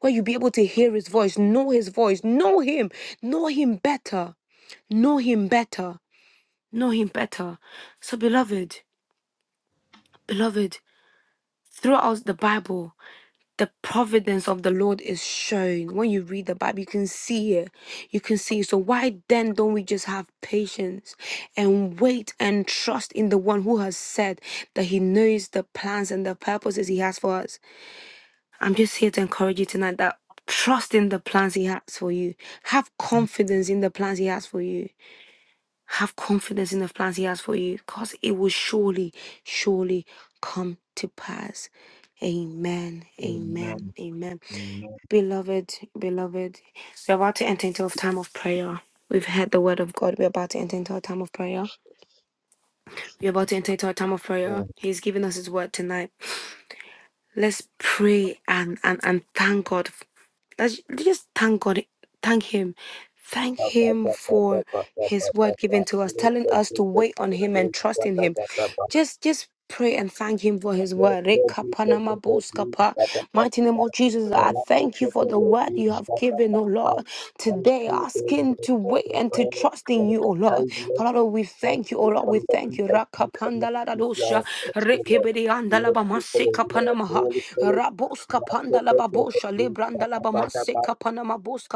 [SPEAKER 3] where you be able to hear His voice, know His voice, know Him, know Him better, know Him better, know Him better. So, beloved, beloved, throughout the Bible the providence of the Lord is shown. When you read the Bible, you can see it. You can see. it. So why then don't we just have patience and wait and trust in the one who has said that he knows the plans and the purposes he has for us? I'm just here to encourage you tonight that trust in the plans he has for you. Have confidence in the plans he has for you. Have confidence in the plans He has for you because it will surely, surely come to pass. Amen.
[SPEAKER 2] Amen.
[SPEAKER 3] Amen. Amen.
[SPEAKER 2] Amen.
[SPEAKER 3] Beloved, beloved, we're about to enter into a time of prayer. We've heard the word of God. We're about to enter into a time of prayer. We're about to enter into a time of
[SPEAKER 2] Yeah.
[SPEAKER 3] prayer. He's given us His word tonight. Let's pray and and and thank God. Let's just thank God. Thank Him. Thank
[SPEAKER 2] Ba, ba,
[SPEAKER 3] Him
[SPEAKER 2] ba, ba, ba,
[SPEAKER 3] for
[SPEAKER 2] ba, ba, ba,
[SPEAKER 3] His word
[SPEAKER 2] ba, ba.
[SPEAKER 3] given to us,
[SPEAKER 2] Look
[SPEAKER 3] telling
[SPEAKER 2] at
[SPEAKER 3] us
[SPEAKER 2] this,
[SPEAKER 3] to
[SPEAKER 2] look
[SPEAKER 3] wait on
[SPEAKER 2] at
[SPEAKER 3] Him and
[SPEAKER 2] this.
[SPEAKER 3] trust
[SPEAKER 2] Ba,
[SPEAKER 3] in
[SPEAKER 2] ba,
[SPEAKER 3] Him.
[SPEAKER 2] ba, ba, ba.
[SPEAKER 3] Just just pray and thank Him for His
[SPEAKER 2] Thank
[SPEAKER 3] word. Rekapanamaboskapa. Mighty name of Jesus, I thank you for the word you have given, O Lord. Today, asking to wait and to trust in you, O Lord. Father, we thank you, O Lord. We thank you. Rakapandaladadosha. Rekebediandalabamasekapandaladadosha kapanamaha. Rabos kapanda la babosha lebranda la bamase
[SPEAKER 2] you.
[SPEAKER 3] kapanama bos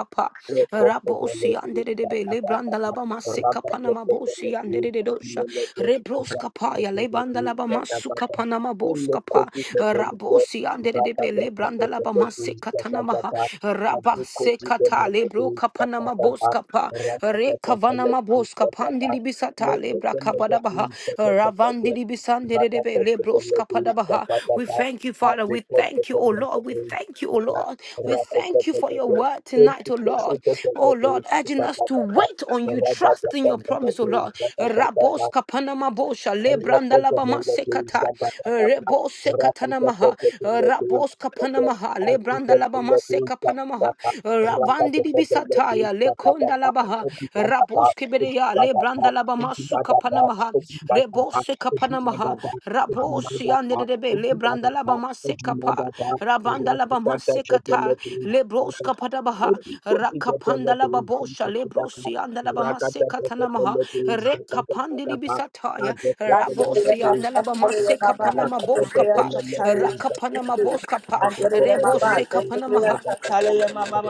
[SPEAKER 2] Thank
[SPEAKER 3] Rabosi andere de be lebranda la bamase kapanama bosi andere de dosha. Rebros kapa ya lebanda la bamasu kapanama bos Rabosi andere de be lebranda la bamase katanamaha. Rabase kata lebro kapanama bos kapa. Re kavanama bos kapandili bisata lebra kabadabaha. Padabaha, Ravandiri Bisanderebe, Lebros Kapadabaha. We thank you, Father. We thank you, O Lord. We thank you, O Lord. We thank you for your
[SPEAKER 2] you.
[SPEAKER 3] word
[SPEAKER 2] Thank
[SPEAKER 3] tonight, O Lord. O Lord, urging us to wait on you, trust in your promise, O Lord.
[SPEAKER 2] you.
[SPEAKER 3] Rabos Kapanama Bosha, Lebrandalabama Sekata, Rebos Sekatanamaha, Rabos Kapanamaha, Lebrandalabama Sekapanamaha, Ravandiri Bisataya, Lekondalabaha. Panamaha, Rabos Kiberia, Lebranda Labamasu Kapanamaha, Rebose Kapanamaha, Rabosi and the Debe, Lebranda Labamase Kapa, Rabanda Labamase Kata, Lebros Kapadabaha, Rakapanda Lababosha, Lebrosi and the Labamase Katanamaha,
[SPEAKER 2] Rada
[SPEAKER 3] Rekapandilibisataya,
[SPEAKER 2] Thank
[SPEAKER 9] Mama,
[SPEAKER 3] Rabosi and the Labamase Kapanama Boskapa, Rakapanama Boskapa, Rebose Kapanamaha.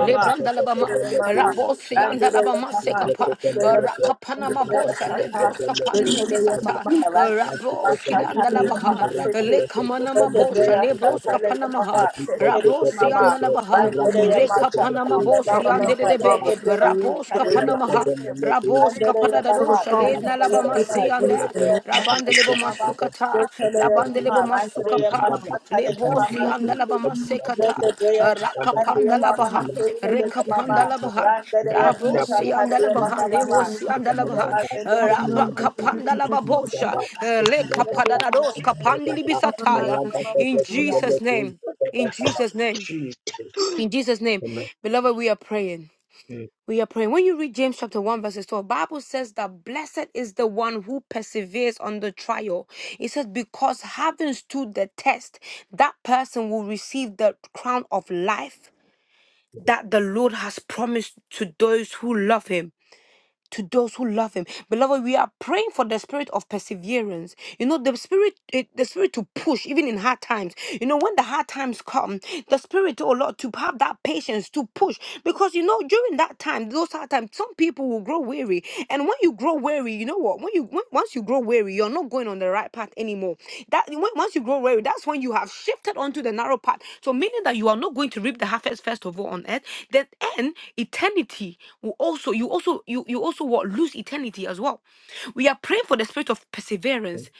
[SPEAKER 3] Lebrandalabama, Rabosi and Alabama Sekapa, Rakapana Mabosa, Lebros Kapani Libisata, Rabroski and Alabaha, Lekamana Mabosha, Lebros
[SPEAKER 9] Mama,
[SPEAKER 3] Kapanamaha, Rabosi and Alabaha,
[SPEAKER 5] Thank you, Lord,
[SPEAKER 3] Rekapana
[SPEAKER 5] Father. Help
[SPEAKER 3] Mabosi
[SPEAKER 5] me,
[SPEAKER 3] and
[SPEAKER 5] Uncle
[SPEAKER 3] Debe,
[SPEAKER 2] you.
[SPEAKER 5] Father, to be able
[SPEAKER 3] Rabos
[SPEAKER 5] to wait.
[SPEAKER 3] kapana Kapanamaha, Rabos
[SPEAKER 5] Uncle
[SPEAKER 3] Kapadadosha,
[SPEAKER 5] Father, to
[SPEAKER 3] Led
[SPEAKER 5] have that
[SPEAKER 3] Nalabama
[SPEAKER 5] faith of waiting
[SPEAKER 3] Seanda,
[SPEAKER 5] and let my
[SPEAKER 3] Rabandelebo Masukata,
[SPEAKER 5] children wait
[SPEAKER 3] Labandelebo
[SPEAKER 5] for you, Uncle
[SPEAKER 3] Masukapa,
[SPEAKER 5] Father.
[SPEAKER 3] Lebo,
[SPEAKER 5] Help me,
[SPEAKER 3] Lebosi
[SPEAKER 5] only
[SPEAKER 3] andalabama
[SPEAKER 5] one of
[SPEAKER 3] sekata,
[SPEAKER 5] Jesus. Help me, Uncle
[SPEAKER 3] rakapandalabaha,
[SPEAKER 5] Father, only one of Jesus.
[SPEAKER 3] rekapandalabaha,
[SPEAKER 5] Help me, only
[SPEAKER 3] rabosi
[SPEAKER 5] one of
[SPEAKER 3] andalabaha,
[SPEAKER 5] Jesus. Help me,
[SPEAKER 3] lebosi andalabaha,
[SPEAKER 5] help me, Lord, just in such and such, such and
[SPEAKER 3] rabakapandalababosha,
[SPEAKER 5] such, such and such, such and such,
[SPEAKER 9] Yete
[SPEAKER 5] such
[SPEAKER 9] hana
[SPEAKER 5] and
[SPEAKER 3] lekapadadados
[SPEAKER 5] such.
[SPEAKER 9] zende zende
[SPEAKER 5] Help me,
[SPEAKER 9] kaya
[SPEAKER 5] Lord,
[SPEAKER 3] kapandilibisataya.
[SPEAKER 9] yama
[SPEAKER 5] just in such
[SPEAKER 3] In
[SPEAKER 5] and
[SPEAKER 9] masukia.
[SPEAKER 5] such.
[SPEAKER 3] Jesus' name, in Jesus' name,
[SPEAKER 2] Jesus.
[SPEAKER 3] in Jesus' name,
[SPEAKER 2] Amen.
[SPEAKER 3] beloved, we are praying. We are praying. When you read James chapter 1, verses 12, Bible says that blessed is the one who perseveres on the trial. It says, because having stood the test, that person will receive the crown of life that the Lord has promised to those who love him to those who love him beloved we are praying for the spirit of perseverance you know the spirit eh, the spirit to push even in hard times you know when the hard times come the spirit oh lord to have that patience to push because you know during that time those hard times some people will grow weary and when you grow weary you know what when you when, once you grow weary you're not going on the right path anymore that when, once you grow weary that's when you have shifted onto the narrow path so meaning that you are not going to reap the harvest first of all on earth then and eternity will also you also you you also what lose eternity as well. We are praying for the spirit of perseverance,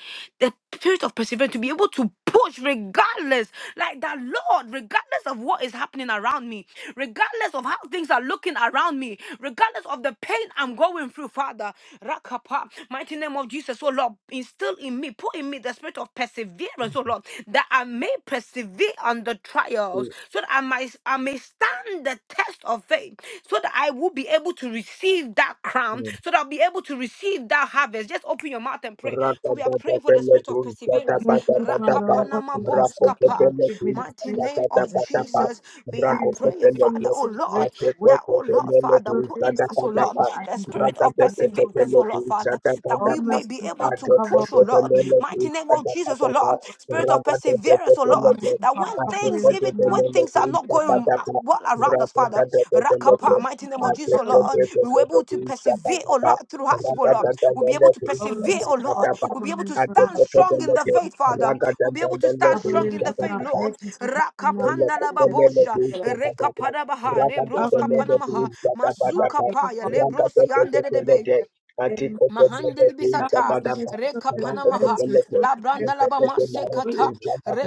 [SPEAKER 3] the spirit of perseverance to be able to push regardless, like that Lord, regardless of what is happening around me, regardless of how things are looking around me, regardless of the pain I'm going through, Father. Rakapa, mighty name of Jesus, oh Lord, instill in me, put in me the spirit of perseverance, oh Lord, that I may persevere prevail on the trials, so that I might I may stand the test of faith, so that I will be able to receive that crown,
[SPEAKER 2] Amen.
[SPEAKER 3] so that I'll be able to receive that harvest. Just open your mouth and pray, for we are praying for the spirit of perseverance.
[SPEAKER 5] Thank you, Father, oh God, please, us, oh
[SPEAKER 3] Rakapanamaboskapa.
[SPEAKER 5] God, give me the
[SPEAKER 3] Mighty
[SPEAKER 5] spirit
[SPEAKER 3] name
[SPEAKER 5] of
[SPEAKER 3] of
[SPEAKER 5] perseverance,
[SPEAKER 3] Jesus, we are
[SPEAKER 5] really to
[SPEAKER 3] praying,
[SPEAKER 5] change,
[SPEAKER 3] Father, oh Lord,
[SPEAKER 5] saturate away,
[SPEAKER 3] that oh
[SPEAKER 5] and
[SPEAKER 3] Lord,
[SPEAKER 5] to
[SPEAKER 3] Father,
[SPEAKER 5] fulfill
[SPEAKER 3] put
[SPEAKER 5] every
[SPEAKER 3] in us, oh Lord,
[SPEAKER 5] situation I
[SPEAKER 3] the
[SPEAKER 5] am going
[SPEAKER 3] spirit
[SPEAKER 5] through
[SPEAKER 3] of
[SPEAKER 5] in the name of
[SPEAKER 3] perseverance, oh
[SPEAKER 5] Jesus.
[SPEAKER 3] Lord, Father, that
[SPEAKER 5] All
[SPEAKER 3] we may be
[SPEAKER 5] merciful
[SPEAKER 3] able
[SPEAKER 5] Father,
[SPEAKER 3] to
[SPEAKER 5] cover
[SPEAKER 3] push,
[SPEAKER 5] up
[SPEAKER 3] oh
[SPEAKER 5] with
[SPEAKER 3] Lord,
[SPEAKER 5] me with my
[SPEAKER 3] Mighty name of Jesus, oh Lord.
[SPEAKER 5] word,
[SPEAKER 3] Spirit of
[SPEAKER 5] oh God.
[SPEAKER 3] perseverance, oh
[SPEAKER 5] All
[SPEAKER 3] Lord.
[SPEAKER 5] merciful
[SPEAKER 3] That
[SPEAKER 5] Father,
[SPEAKER 3] when
[SPEAKER 5] cover me
[SPEAKER 3] things,
[SPEAKER 5] with the
[SPEAKER 3] even
[SPEAKER 5] name
[SPEAKER 3] when
[SPEAKER 5] Jesus,
[SPEAKER 3] things are
[SPEAKER 5] the
[SPEAKER 3] not
[SPEAKER 5] name
[SPEAKER 3] going
[SPEAKER 5] of
[SPEAKER 3] uh,
[SPEAKER 5] Jesus,
[SPEAKER 3] well
[SPEAKER 5] oh
[SPEAKER 3] around us, Father,
[SPEAKER 5] All
[SPEAKER 3] Rakapa, mighty
[SPEAKER 5] merciful
[SPEAKER 3] name of
[SPEAKER 5] Father,
[SPEAKER 3] Jesus, oh
[SPEAKER 5] cover me with
[SPEAKER 3] Lord.
[SPEAKER 5] the name
[SPEAKER 3] We were able to
[SPEAKER 5] Jesus,
[SPEAKER 3] persevere, oh
[SPEAKER 2] Rakata
[SPEAKER 3] Lord, through hardship, oh
[SPEAKER 2] at
[SPEAKER 5] oh God.
[SPEAKER 3] Lord. We'll be able to
[SPEAKER 5] All
[SPEAKER 3] persevere, oh
[SPEAKER 5] merciful
[SPEAKER 3] Lord.
[SPEAKER 5] Father,
[SPEAKER 3] We'll
[SPEAKER 5] cover
[SPEAKER 3] be able
[SPEAKER 5] me
[SPEAKER 3] to
[SPEAKER 5] with the
[SPEAKER 3] stand
[SPEAKER 5] name Jesus,
[SPEAKER 3] strong in the
[SPEAKER 5] oh
[SPEAKER 3] faith,
[SPEAKER 5] God.
[SPEAKER 3] Father. We'll be able to
[SPEAKER 5] I
[SPEAKER 3] stand
[SPEAKER 5] pray that
[SPEAKER 3] strong in the
[SPEAKER 5] you will be
[SPEAKER 3] faith,
[SPEAKER 2] the
[SPEAKER 3] Lord.
[SPEAKER 5] filled with the
[SPEAKER 3] Rakapanda la
[SPEAKER 5] Holy
[SPEAKER 3] babosha,
[SPEAKER 5] Spirit.
[SPEAKER 3] rekapada baha,
[SPEAKER 5] I
[SPEAKER 3] lebros
[SPEAKER 5] pray that you will be filled with
[SPEAKER 3] kapanamaha,
[SPEAKER 5] the Holy
[SPEAKER 3] masuka
[SPEAKER 5] Spirit.
[SPEAKER 3] paya,
[SPEAKER 5] I
[SPEAKER 3] lebros
[SPEAKER 5] pray that
[SPEAKER 3] yandere
[SPEAKER 5] you will be
[SPEAKER 3] Mahandili bisata
[SPEAKER 5] filled
[SPEAKER 3] reka
[SPEAKER 5] with the Holy Spirit. I pray that you will be filled with the Holy
[SPEAKER 3] panamaha
[SPEAKER 5] Spirit.
[SPEAKER 3] la
[SPEAKER 5] I
[SPEAKER 3] branda la bama sekata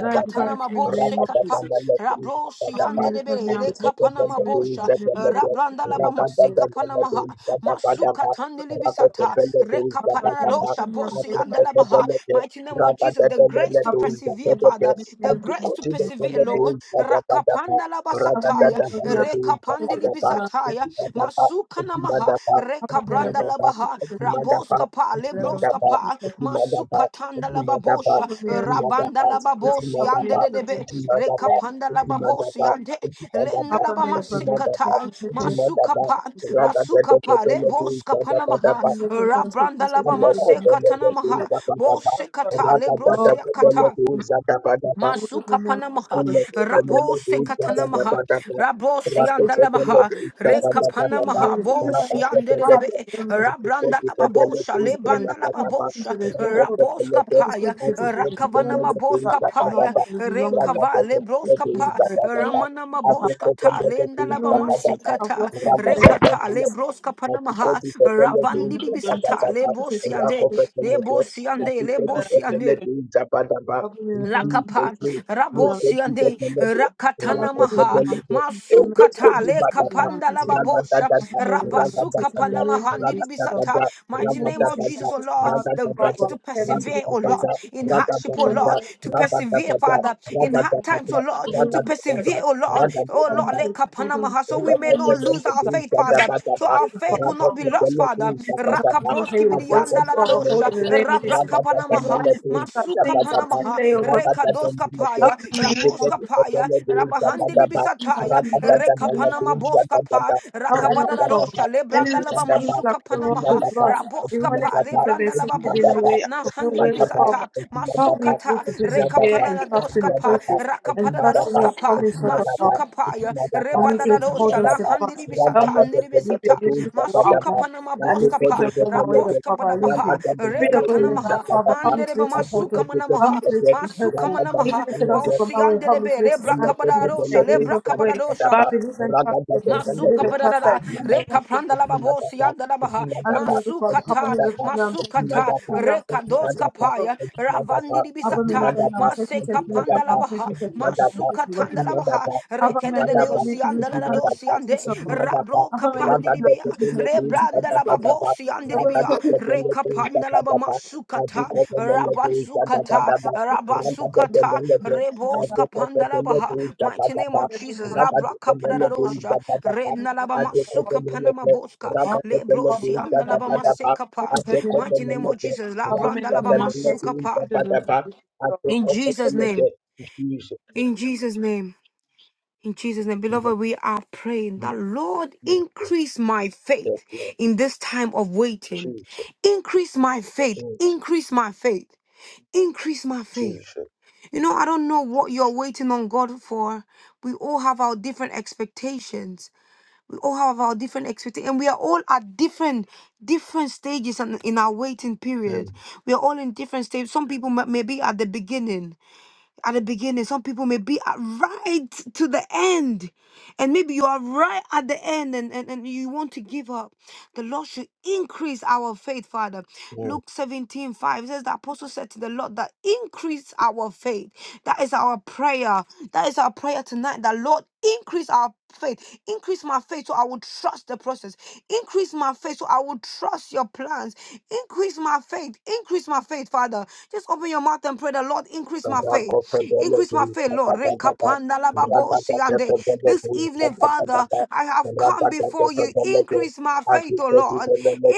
[SPEAKER 5] pray that you will be
[SPEAKER 3] tanama
[SPEAKER 5] filled
[SPEAKER 3] bo
[SPEAKER 5] with
[SPEAKER 3] sekapa rabro
[SPEAKER 5] the Holy Spirit. I pray that you will be filled with the Holy Spirit. I pray that you will be
[SPEAKER 3] siyandele
[SPEAKER 5] filled with the
[SPEAKER 3] bere
[SPEAKER 5] Holy
[SPEAKER 3] reka
[SPEAKER 5] Spirit.
[SPEAKER 3] panama bosha la branda la bama sekapanamaha masuka tandili bisata reka
[SPEAKER 5] I pray
[SPEAKER 3] panana
[SPEAKER 5] that you will be
[SPEAKER 3] dosha bosi andala baha mighty name of Jesus the grace to persevere father
[SPEAKER 5] filled
[SPEAKER 3] the
[SPEAKER 5] with
[SPEAKER 3] grace to
[SPEAKER 5] the Holy
[SPEAKER 3] persevere
[SPEAKER 5] Spirit.
[SPEAKER 3] Lord rakapanda la
[SPEAKER 5] Abone
[SPEAKER 3] basataya
[SPEAKER 5] bulunmayan
[SPEAKER 3] Reka
[SPEAKER 5] teşekkür
[SPEAKER 3] pandili
[SPEAKER 5] ederim. Ben teşekkür
[SPEAKER 3] bisataya.
[SPEAKER 5] ederim.
[SPEAKER 3] Masuka namaha. Reka
[SPEAKER 5] Abonelere
[SPEAKER 3] branda
[SPEAKER 5] bulunan
[SPEAKER 3] labaha.
[SPEAKER 5] teşekkür ederim. Teşekkür
[SPEAKER 3] Raboska pa.
[SPEAKER 5] ederim.
[SPEAKER 3] Lebroska pa.
[SPEAKER 5] Teşekkür ederim.
[SPEAKER 3] Masuka tanda lababosha.
[SPEAKER 5] Abonelere bulunan
[SPEAKER 3] Rabanda
[SPEAKER 5] teşekkür ederim.
[SPEAKER 3] lababosi. Ande
[SPEAKER 5] Abonelere
[SPEAKER 3] de
[SPEAKER 5] bulunan teşekkür ederim. Abonelere bulunan teşekkür
[SPEAKER 3] debe. Reka
[SPEAKER 5] ederim.
[SPEAKER 3] panda lababosi. Ande. Lenda
[SPEAKER 5] Abonelere bulunan
[SPEAKER 3] labamasika ta.
[SPEAKER 5] teşekkür ederim.
[SPEAKER 3] Masuka pa.
[SPEAKER 5] Abonelere
[SPEAKER 3] La suka pa. Leboska panamaha.
[SPEAKER 2] Rada
[SPEAKER 3] Rabranda
[SPEAKER 5] bulunan
[SPEAKER 3] labamasika
[SPEAKER 5] teşekkür
[SPEAKER 3] tanamaha.
[SPEAKER 5] ederim.
[SPEAKER 3] Bosekata.
[SPEAKER 5] Oh,
[SPEAKER 3] Lebroseka
[SPEAKER 5] abonelere
[SPEAKER 3] ta.
[SPEAKER 5] bulunan
[SPEAKER 3] Masuka Masukapanamaha,
[SPEAKER 2] Thank
[SPEAKER 5] teşekkür ederim.
[SPEAKER 3] Rabo
[SPEAKER 5] This is just little,
[SPEAKER 3] Sekatanamaha, Rabo
[SPEAKER 5] that's
[SPEAKER 3] Siandalamaha,
[SPEAKER 5] little, that's little,
[SPEAKER 3] Rekapanamaha, Bo
[SPEAKER 5] even when it's hard,
[SPEAKER 3] Siandelebe,
[SPEAKER 5] the name of
[SPEAKER 3] Rabranda
[SPEAKER 5] That's
[SPEAKER 3] Lababosha,
[SPEAKER 5] just perseverance.
[SPEAKER 3] Lebanda
[SPEAKER 5] Even when it seems that
[SPEAKER 3] Lababosha,
[SPEAKER 5] there's no hope,
[SPEAKER 3] Raboska
[SPEAKER 5] that's just your
[SPEAKER 3] Paya,
[SPEAKER 5] perseverance. Even when it
[SPEAKER 3] Rakavanama
[SPEAKER 5] seems that
[SPEAKER 3] Boska
[SPEAKER 5] I cannot
[SPEAKER 3] Paya,
[SPEAKER 5] hold on long run.
[SPEAKER 3] Rekava,
[SPEAKER 5] it's your
[SPEAKER 3] Lebroska Pa,
[SPEAKER 5] perseverance. Even when it
[SPEAKER 3] Ramanama
[SPEAKER 5] seems that I've,
[SPEAKER 3] Boska Ta, Lenda
[SPEAKER 5] even
[SPEAKER 3] Labama
[SPEAKER 5] when it seems that I've
[SPEAKER 3] Sekata,
[SPEAKER 5] lost hope in many
[SPEAKER 3] Rekata,
[SPEAKER 2] you.
[SPEAKER 5] cases,
[SPEAKER 3] Lebroska Panamaha,
[SPEAKER 2] Katikati
[SPEAKER 5] I've
[SPEAKER 2] pepele
[SPEAKER 5] been
[SPEAKER 2] de
[SPEAKER 3] Ravandi
[SPEAKER 5] in test, test,
[SPEAKER 3] Bisata,
[SPEAKER 2] Zabadababa,
[SPEAKER 5] test, test, test, test,
[SPEAKER 2] Rako
[SPEAKER 3] Lebosiande,
[SPEAKER 5] test,
[SPEAKER 2] pepele
[SPEAKER 5] test,
[SPEAKER 2] de,
[SPEAKER 5] test, test,
[SPEAKER 3] Lebosiande,
[SPEAKER 5] and
[SPEAKER 2] Katikati
[SPEAKER 5] I'm so
[SPEAKER 2] pepele
[SPEAKER 3] Lebosiande.
[SPEAKER 2] de Zabadaba,
[SPEAKER 5] I've been in the wrong
[SPEAKER 2] Isi
[SPEAKER 3] Lakapa,
[SPEAKER 5] test, test, test,
[SPEAKER 2] pepele,
[SPEAKER 5] test, test,
[SPEAKER 2] Nekoti
[SPEAKER 5] test,
[SPEAKER 3] Rabosiande,
[SPEAKER 5] test,
[SPEAKER 2] pepele
[SPEAKER 5] test,
[SPEAKER 2] de,
[SPEAKER 5] Cover
[SPEAKER 3] Rakatana
[SPEAKER 2] Rako
[SPEAKER 5] them with the
[SPEAKER 3] Maha,
[SPEAKER 2] pepele
[SPEAKER 5] mountain,
[SPEAKER 2] de,
[SPEAKER 5] the
[SPEAKER 2] Ende
[SPEAKER 3] Masukata,
[SPEAKER 2] kodi
[SPEAKER 5] mountain, the
[SPEAKER 2] badaba,
[SPEAKER 3] Lekapanda
[SPEAKER 5] mountain,
[SPEAKER 3] Lababosha,
[SPEAKER 5] of a
[SPEAKER 2] Ragadadada,
[SPEAKER 5] medical
[SPEAKER 3] Rabasuka
[SPEAKER 5] taking
[SPEAKER 2] Ragadadada,
[SPEAKER 5] and learn to
[SPEAKER 3] Panamahandi
[SPEAKER 5] Jesus suffer.
[SPEAKER 3] Bisata.
[SPEAKER 2] Ragadadada,
[SPEAKER 3] Mighty
[SPEAKER 5] Everyone who
[SPEAKER 3] name of
[SPEAKER 5] seems like
[SPEAKER 2] Ragadadada,
[SPEAKER 3] Jesus, O
[SPEAKER 5] his
[SPEAKER 3] Lord,
[SPEAKER 5] part
[SPEAKER 3] the
[SPEAKER 5] of our
[SPEAKER 3] grace
[SPEAKER 2] Ragadadada,
[SPEAKER 5] work,
[SPEAKER 3] to
[SPEAKER 5] family to the
[SPEAKER 3] persevere, O
[SPEAKER 2] Ragadadada,
[SPEAKER 3] Lord,
[SPEAKER 5] prison.
[SPEAKER 3] in hardship, O
[SPEAKER 5] Everyone who
[SPEAKER 3] Lord,
[SPEAKER 2] Ragadadada,
[SPEAKER 5] seems
[SPEAKER 3] to
[SPEAKER 5] like his
[SPEAKER 3] persevere,
[SPEAKER 2] Ragadadada,
[SPEAKER 5] part of
[SPEAKER 3] Father,
[SPEAKER 5] the
[SPEAKER 3] in
[SPEAKER 2] Ragadadada,
[SPEAKER 3] hard
[SPEAKER 5] prison.
[SPEAKER 3] times, O Lord,
[SPEAKER 5] Everyone
[SPEAKER 3] to
[SPEAKER 5] who seems like a
[SPEAKER 2] Ragadadada,
[SPEAKER 3] persevere, O
[SPEAKER 5] part
[SPEAKER 3] Lord,
[SPEAKER 5] of the
[SPEAKER 3] O
[SPEAKER 5] family
[SPEAKER 3] Lord,
[SPEAKER 2] Ragadadada,
[SPEAKER 5] to the
[SPEAKER 3] Lekapana
[SPEAKER 5] prison.
[SPEAKER 3] Maha, so
[SPEAKER 2] Thank
[SPEAKER 3] we may
[SPEAKER 5] Everyone who
[SPEAKER 3] not lose
[SPEAKER 5] seems
[SPEAKER 3] our
[SPEAKER 5] like
[SPEAKER 3] our faith, Father. So our
[SPEAKER 5] a
[SPEAKER 3] faith
[SPEAKER 5] part
[SPEAKER 3] will
[SPEAKER 5] of the
[SPEAKER 3] not be
[SPEAKER 5] Father,
[SPEAKER 3] lost, Father.
[SPEAKER 5] listens unto your
[SPEAKER 3] Rakaproski
[SPEAKER 5] hear your voice
[SPEAKER 3] bidianda la
[SPEAKER 5] before the hold
[SPEAKER 3] radosha,
[SPEAKER 5] in the name of Jesus.
[SPEAKER 3] rabraka
[SPEAKER 5] Even
[SPEAKER 3] panamaha,
[SPEAKER 5] when it seems that
[SPEAKER 3] masuka
[SPEAKER 5] things are too
[SPEAKER 3] panamaha,
[SPEAKER 5] late, oh God, please
[SPEAKER 3] rekadoska paya,
[SPEAKER 5] help me in the name of
[SPEAKER 3] raboska
[SPEAKER 5] Jesus.
[SPEAKER 3] paya,
[SPEAKER 5] Even when it
[SPEAKER 3] rabahandi
[SPEAKER 5] seems that things are
[SPEAKER 3] libisataya,
[SPEAKER 5] too late, in
[SPEAKER 3] reka
[SPEAKER 5] the name of
[SPEAKER 3] panama
[SPEAKER 5] Jesus,
[SPEAKER 3] boska pa,
[SPEAKER 5] help me, oh
[SPEAKER 3] rakabada
[SPEAKER 5] God, Father.
[SPEAKER 3] radosha,
[SPEAKER 5] Even
[SPEAKER 3] lebranda
[SPEAKER 5] when it
[SPEAKER 3] laba
[SPEAKER 5] seems like
[SPEAKER 3] masuka
[SPEAKER 5] the world
[SPEAKER 3] panamaha,
[SPEAKER 5] is lost, even
[SPEAKER 3] raboska
[SPEAKER 5] when it
[SPEAKER 3] pa,
[SPEAKER 5] seems that there
[SPEAKER 3] lebranda
[SPEAKER 5] seems
[SPEAKER 3] laba
[SPEAKER 5] to be no
[SPEAKER 3] bosha,
[SPEAKER 5] way out
[SPEAKER 3] na
[SPEAKER 5] of no
[SPEAKER 3] handi
[SPEAKER 5] way, oh Father,
[SPEAKER 3] sata
[SPEAKER 5] help me to,
[SPEAKER 3] masukata
[SPEAKER 5] to persevere and trust in the
[SPEAKER 3] rekapanadoskapa
[SPEAKER 5] process and trust in your
[SPEAKER 3] rakapanadoskapa
[SPEAKER 5] promise, oh God, Father.
[SPEAKER 3] masukapaya
[SPEAKER 2] you.
[SPEAKER 5] I'm not here to hold
[SPEAKER 3] rebadadosha
[SPEAKER 5] on
[SPEAKER 3] la
[SPEAKER 5] to
[SPEAKER 3] handiri
[SPEAKER 5] fast.
[SPEAKER 3] bisata
[SPEAKER 5] I'm not
[SPEAKER 3] handiri
[SPEAKER 5] living
[SPEAKER 3] bisata
[SPEAKER 5] doing this for what I
[SPEAKER 3] masuka
[SPEAKER 5] want.
[SPEAKER 3] panama
[SPEAKER 5] And these
[SPEAKER 3] boska
[SPEAKER 5] things
[SPEAKER 3] pa
[SPEAKER 5] are not my way that
[SPEAKER 3] raboska
[SPEAKER 5] Father
[SPEAKER 3] badabaha
[SPEAKER 5] living. Free the God in
[SPEAKER 3] rekatana
[SPEAKER 5] the back,
[SPEAKER 3] maha
[SPEAKER 5] Father, help me to
[SPEAKER 3] mandere
[SPEAKER 5] be
[SPEAKER 3] ba
[SPEAKER 5] able to hold on.
[SPEAKER 3] masuka
[SPEAKER 5] Help me
[SPEAKER 3] manamaha
[SPEAKER 5] to be able to be
[SPEAKER 3] masuka
[SPEAKER 5] helpful. Even
[SPEAKER 3] manamaha
[SPEAKER 5] if it doesn't
[SPEAKER 2] Ram
[SPEAKER 5] go
[SPEAKER 3] bosi
[SPEAKER 5] my way, help
[SPEAKER 3] andere
[SPEAKER 5] me to
[SPEAKER 3] be
[SPEAKER 5] be able
[SPEAKER 3] le
[SPEAKER 5] to stand
[SPEAKER 3] braka
[SPEAKER 5] strong and say,
[SPEAKER 3] badadosha
[SPEAKER 5] it
[SPEAKER 3] le
[SPEAKER 5] didn't go my way.
[SPEAKER 3] braka
[SPEAKER 5] But I believe and trust in your person, believe
[SPEAKER 3] Masuka
[SPEAKER 5] and trust that
[SPEAKER 3] parada,
[SPEAKER 5] you know
[SPEAKER 3] reka
[SPEAKER 5] what's good.
[SPEAKER 3] panda la babosi anda la baha,
[SPEAKER 5] I don't know the Father, cover me
[SPEAKER 3] masukata,
[SPEAKER 5] with in, I'm taking this
[SPEAKER 3] masukata,
[SPEAKER 5] from me, I'm
[SPEAKER 3] reka
[SPEAKER 5] taking such as
[SPEAKER 3] doska
[SPEAKER 5] this from
[SPEAKER 3] paya, ravandi di
[SPEAKER 5] Abba beni
[SPEAKER 3] bisata,
[SPEAKER 5] ben nam ses mi ses
[SPEAKER 3] maseka
[SPEAKER 5] bile ben
[SPEAKER 3] panda la
[SPEAKER 5] nam ses
[SPEAKER 3] baha,
[SPEAKER 5] mi ses bile ben nam ses
[SPEAKER 3] masuka
[SPEAKER 5] me
[SPEAKER 3] tanda
[SPEAKER 5] vakit
[SPEAKER 3] la
[SPEAKER 5] bu.
[SPEAKER 3] baha,
[SPEAKER 5] Abba
[SPEAKER 3] reke de
[SPEAKER 5] ben de
[SPEAKER 3] de de
[SPEAKER 5] ben de
[SPEAKER 3] osi
[SPEAKER 5] şimdi
[SPEAKER 3] anda
[SPEAKER 5] ben
[SPEAKER 3] la
[SPEAKER 5] kana bir
[SPEAKER 3] dosi
[SPEAKER 5] ses
[SPEAKER 3] ande,
[SPEAKER 5] mi ses
[SPEAKER 3] rabro
[SPEAKER 5] Abba ben de
[SPEAKER 3] kapandi
[SPEAKER 5] ben
[SPEAKER 3] di
[SPEAKER 5] nam
[SPEAKER 3] bia,
[SPEAKER 5] ses mi ses mi ses mi
[SPEAKER 3] rebranda
[SPEAKER 5] vakit
[SPEAKER 3] la
[SPEAKER 5] bu.
[SPEAKER 3] babosi
[SPEAKER 5] Abba bir
[SPEAKER 3] Andribia,
[SPEAKER 5] tek bir tek bir tek bir
[SPEAKER 3] Rekapandalaba Masukata,
[SPEAKER 5] tek bir tek. Abba ben de
[SPEAKER 3] Rabatsukata,
[SPEAKER 5] ben
[SPEAKER 3] Rabasukata,
[SPEAKER 2] Randa
[SPEAKER 3] Rebos
[SPEAKER 2] Jesus,
[SPEAKER 3] Kapandalabaha, mighty name of Jesus, Labra Kapadarosha, Rednalaba Masuka Panama Boska, Lebrosiandalaba Masekapa, mighty name of Jesus, Labrandalaba Masukapa, in Jesus' name, in Jesus' name. In Jesus' name, beloved, we are praying that Lord increase my faith
[SPEAKER 2] Jesus,
[SPEAKER 3] in this time of waiting.
[SPEAKER 2] Jesus,
[SPEAKER 3] Increase my faith.
[SPEAKER 2] Jesus,
[SPEAKER 3] Increase my faith. Increase my faith.
[SPEAKER 2] Jesus.
[SPEAKER 3] You know, I don't know what you're waiting on God for. We all have our different expectations. We all have our different expectations, and we are all at different different stages in in our waiting period. We are all in different stages. Some people may may be at the beginning, at the beginning. Some people may be at right to the end and maybe you are right at the end and, and, and you want to give up, the Lord should increase our faith, Father. Luke 17 5 says, The apostle said to the Lord, that increase our faith. That is our prayer. That is our prayer tonight. That Lord, increase our faith. Increase my faith so I will trust the process. Increase my faith so I will trust your plans. Increase my faith. Increase my faith, Father. Just open your mouth and pray the Lord, increase
[SPEAKER 2] My
[SPEAKER 3] my faith.
[SPEAKER 2] faithful Lord, I
[SPEAKER 3] Increase my faith,
[SPEAKER 2] declare
[SPEAKER 3] Lord. Rekapandalababosiande. This evening, Father, I have come before you. Increase my faith, O Lord.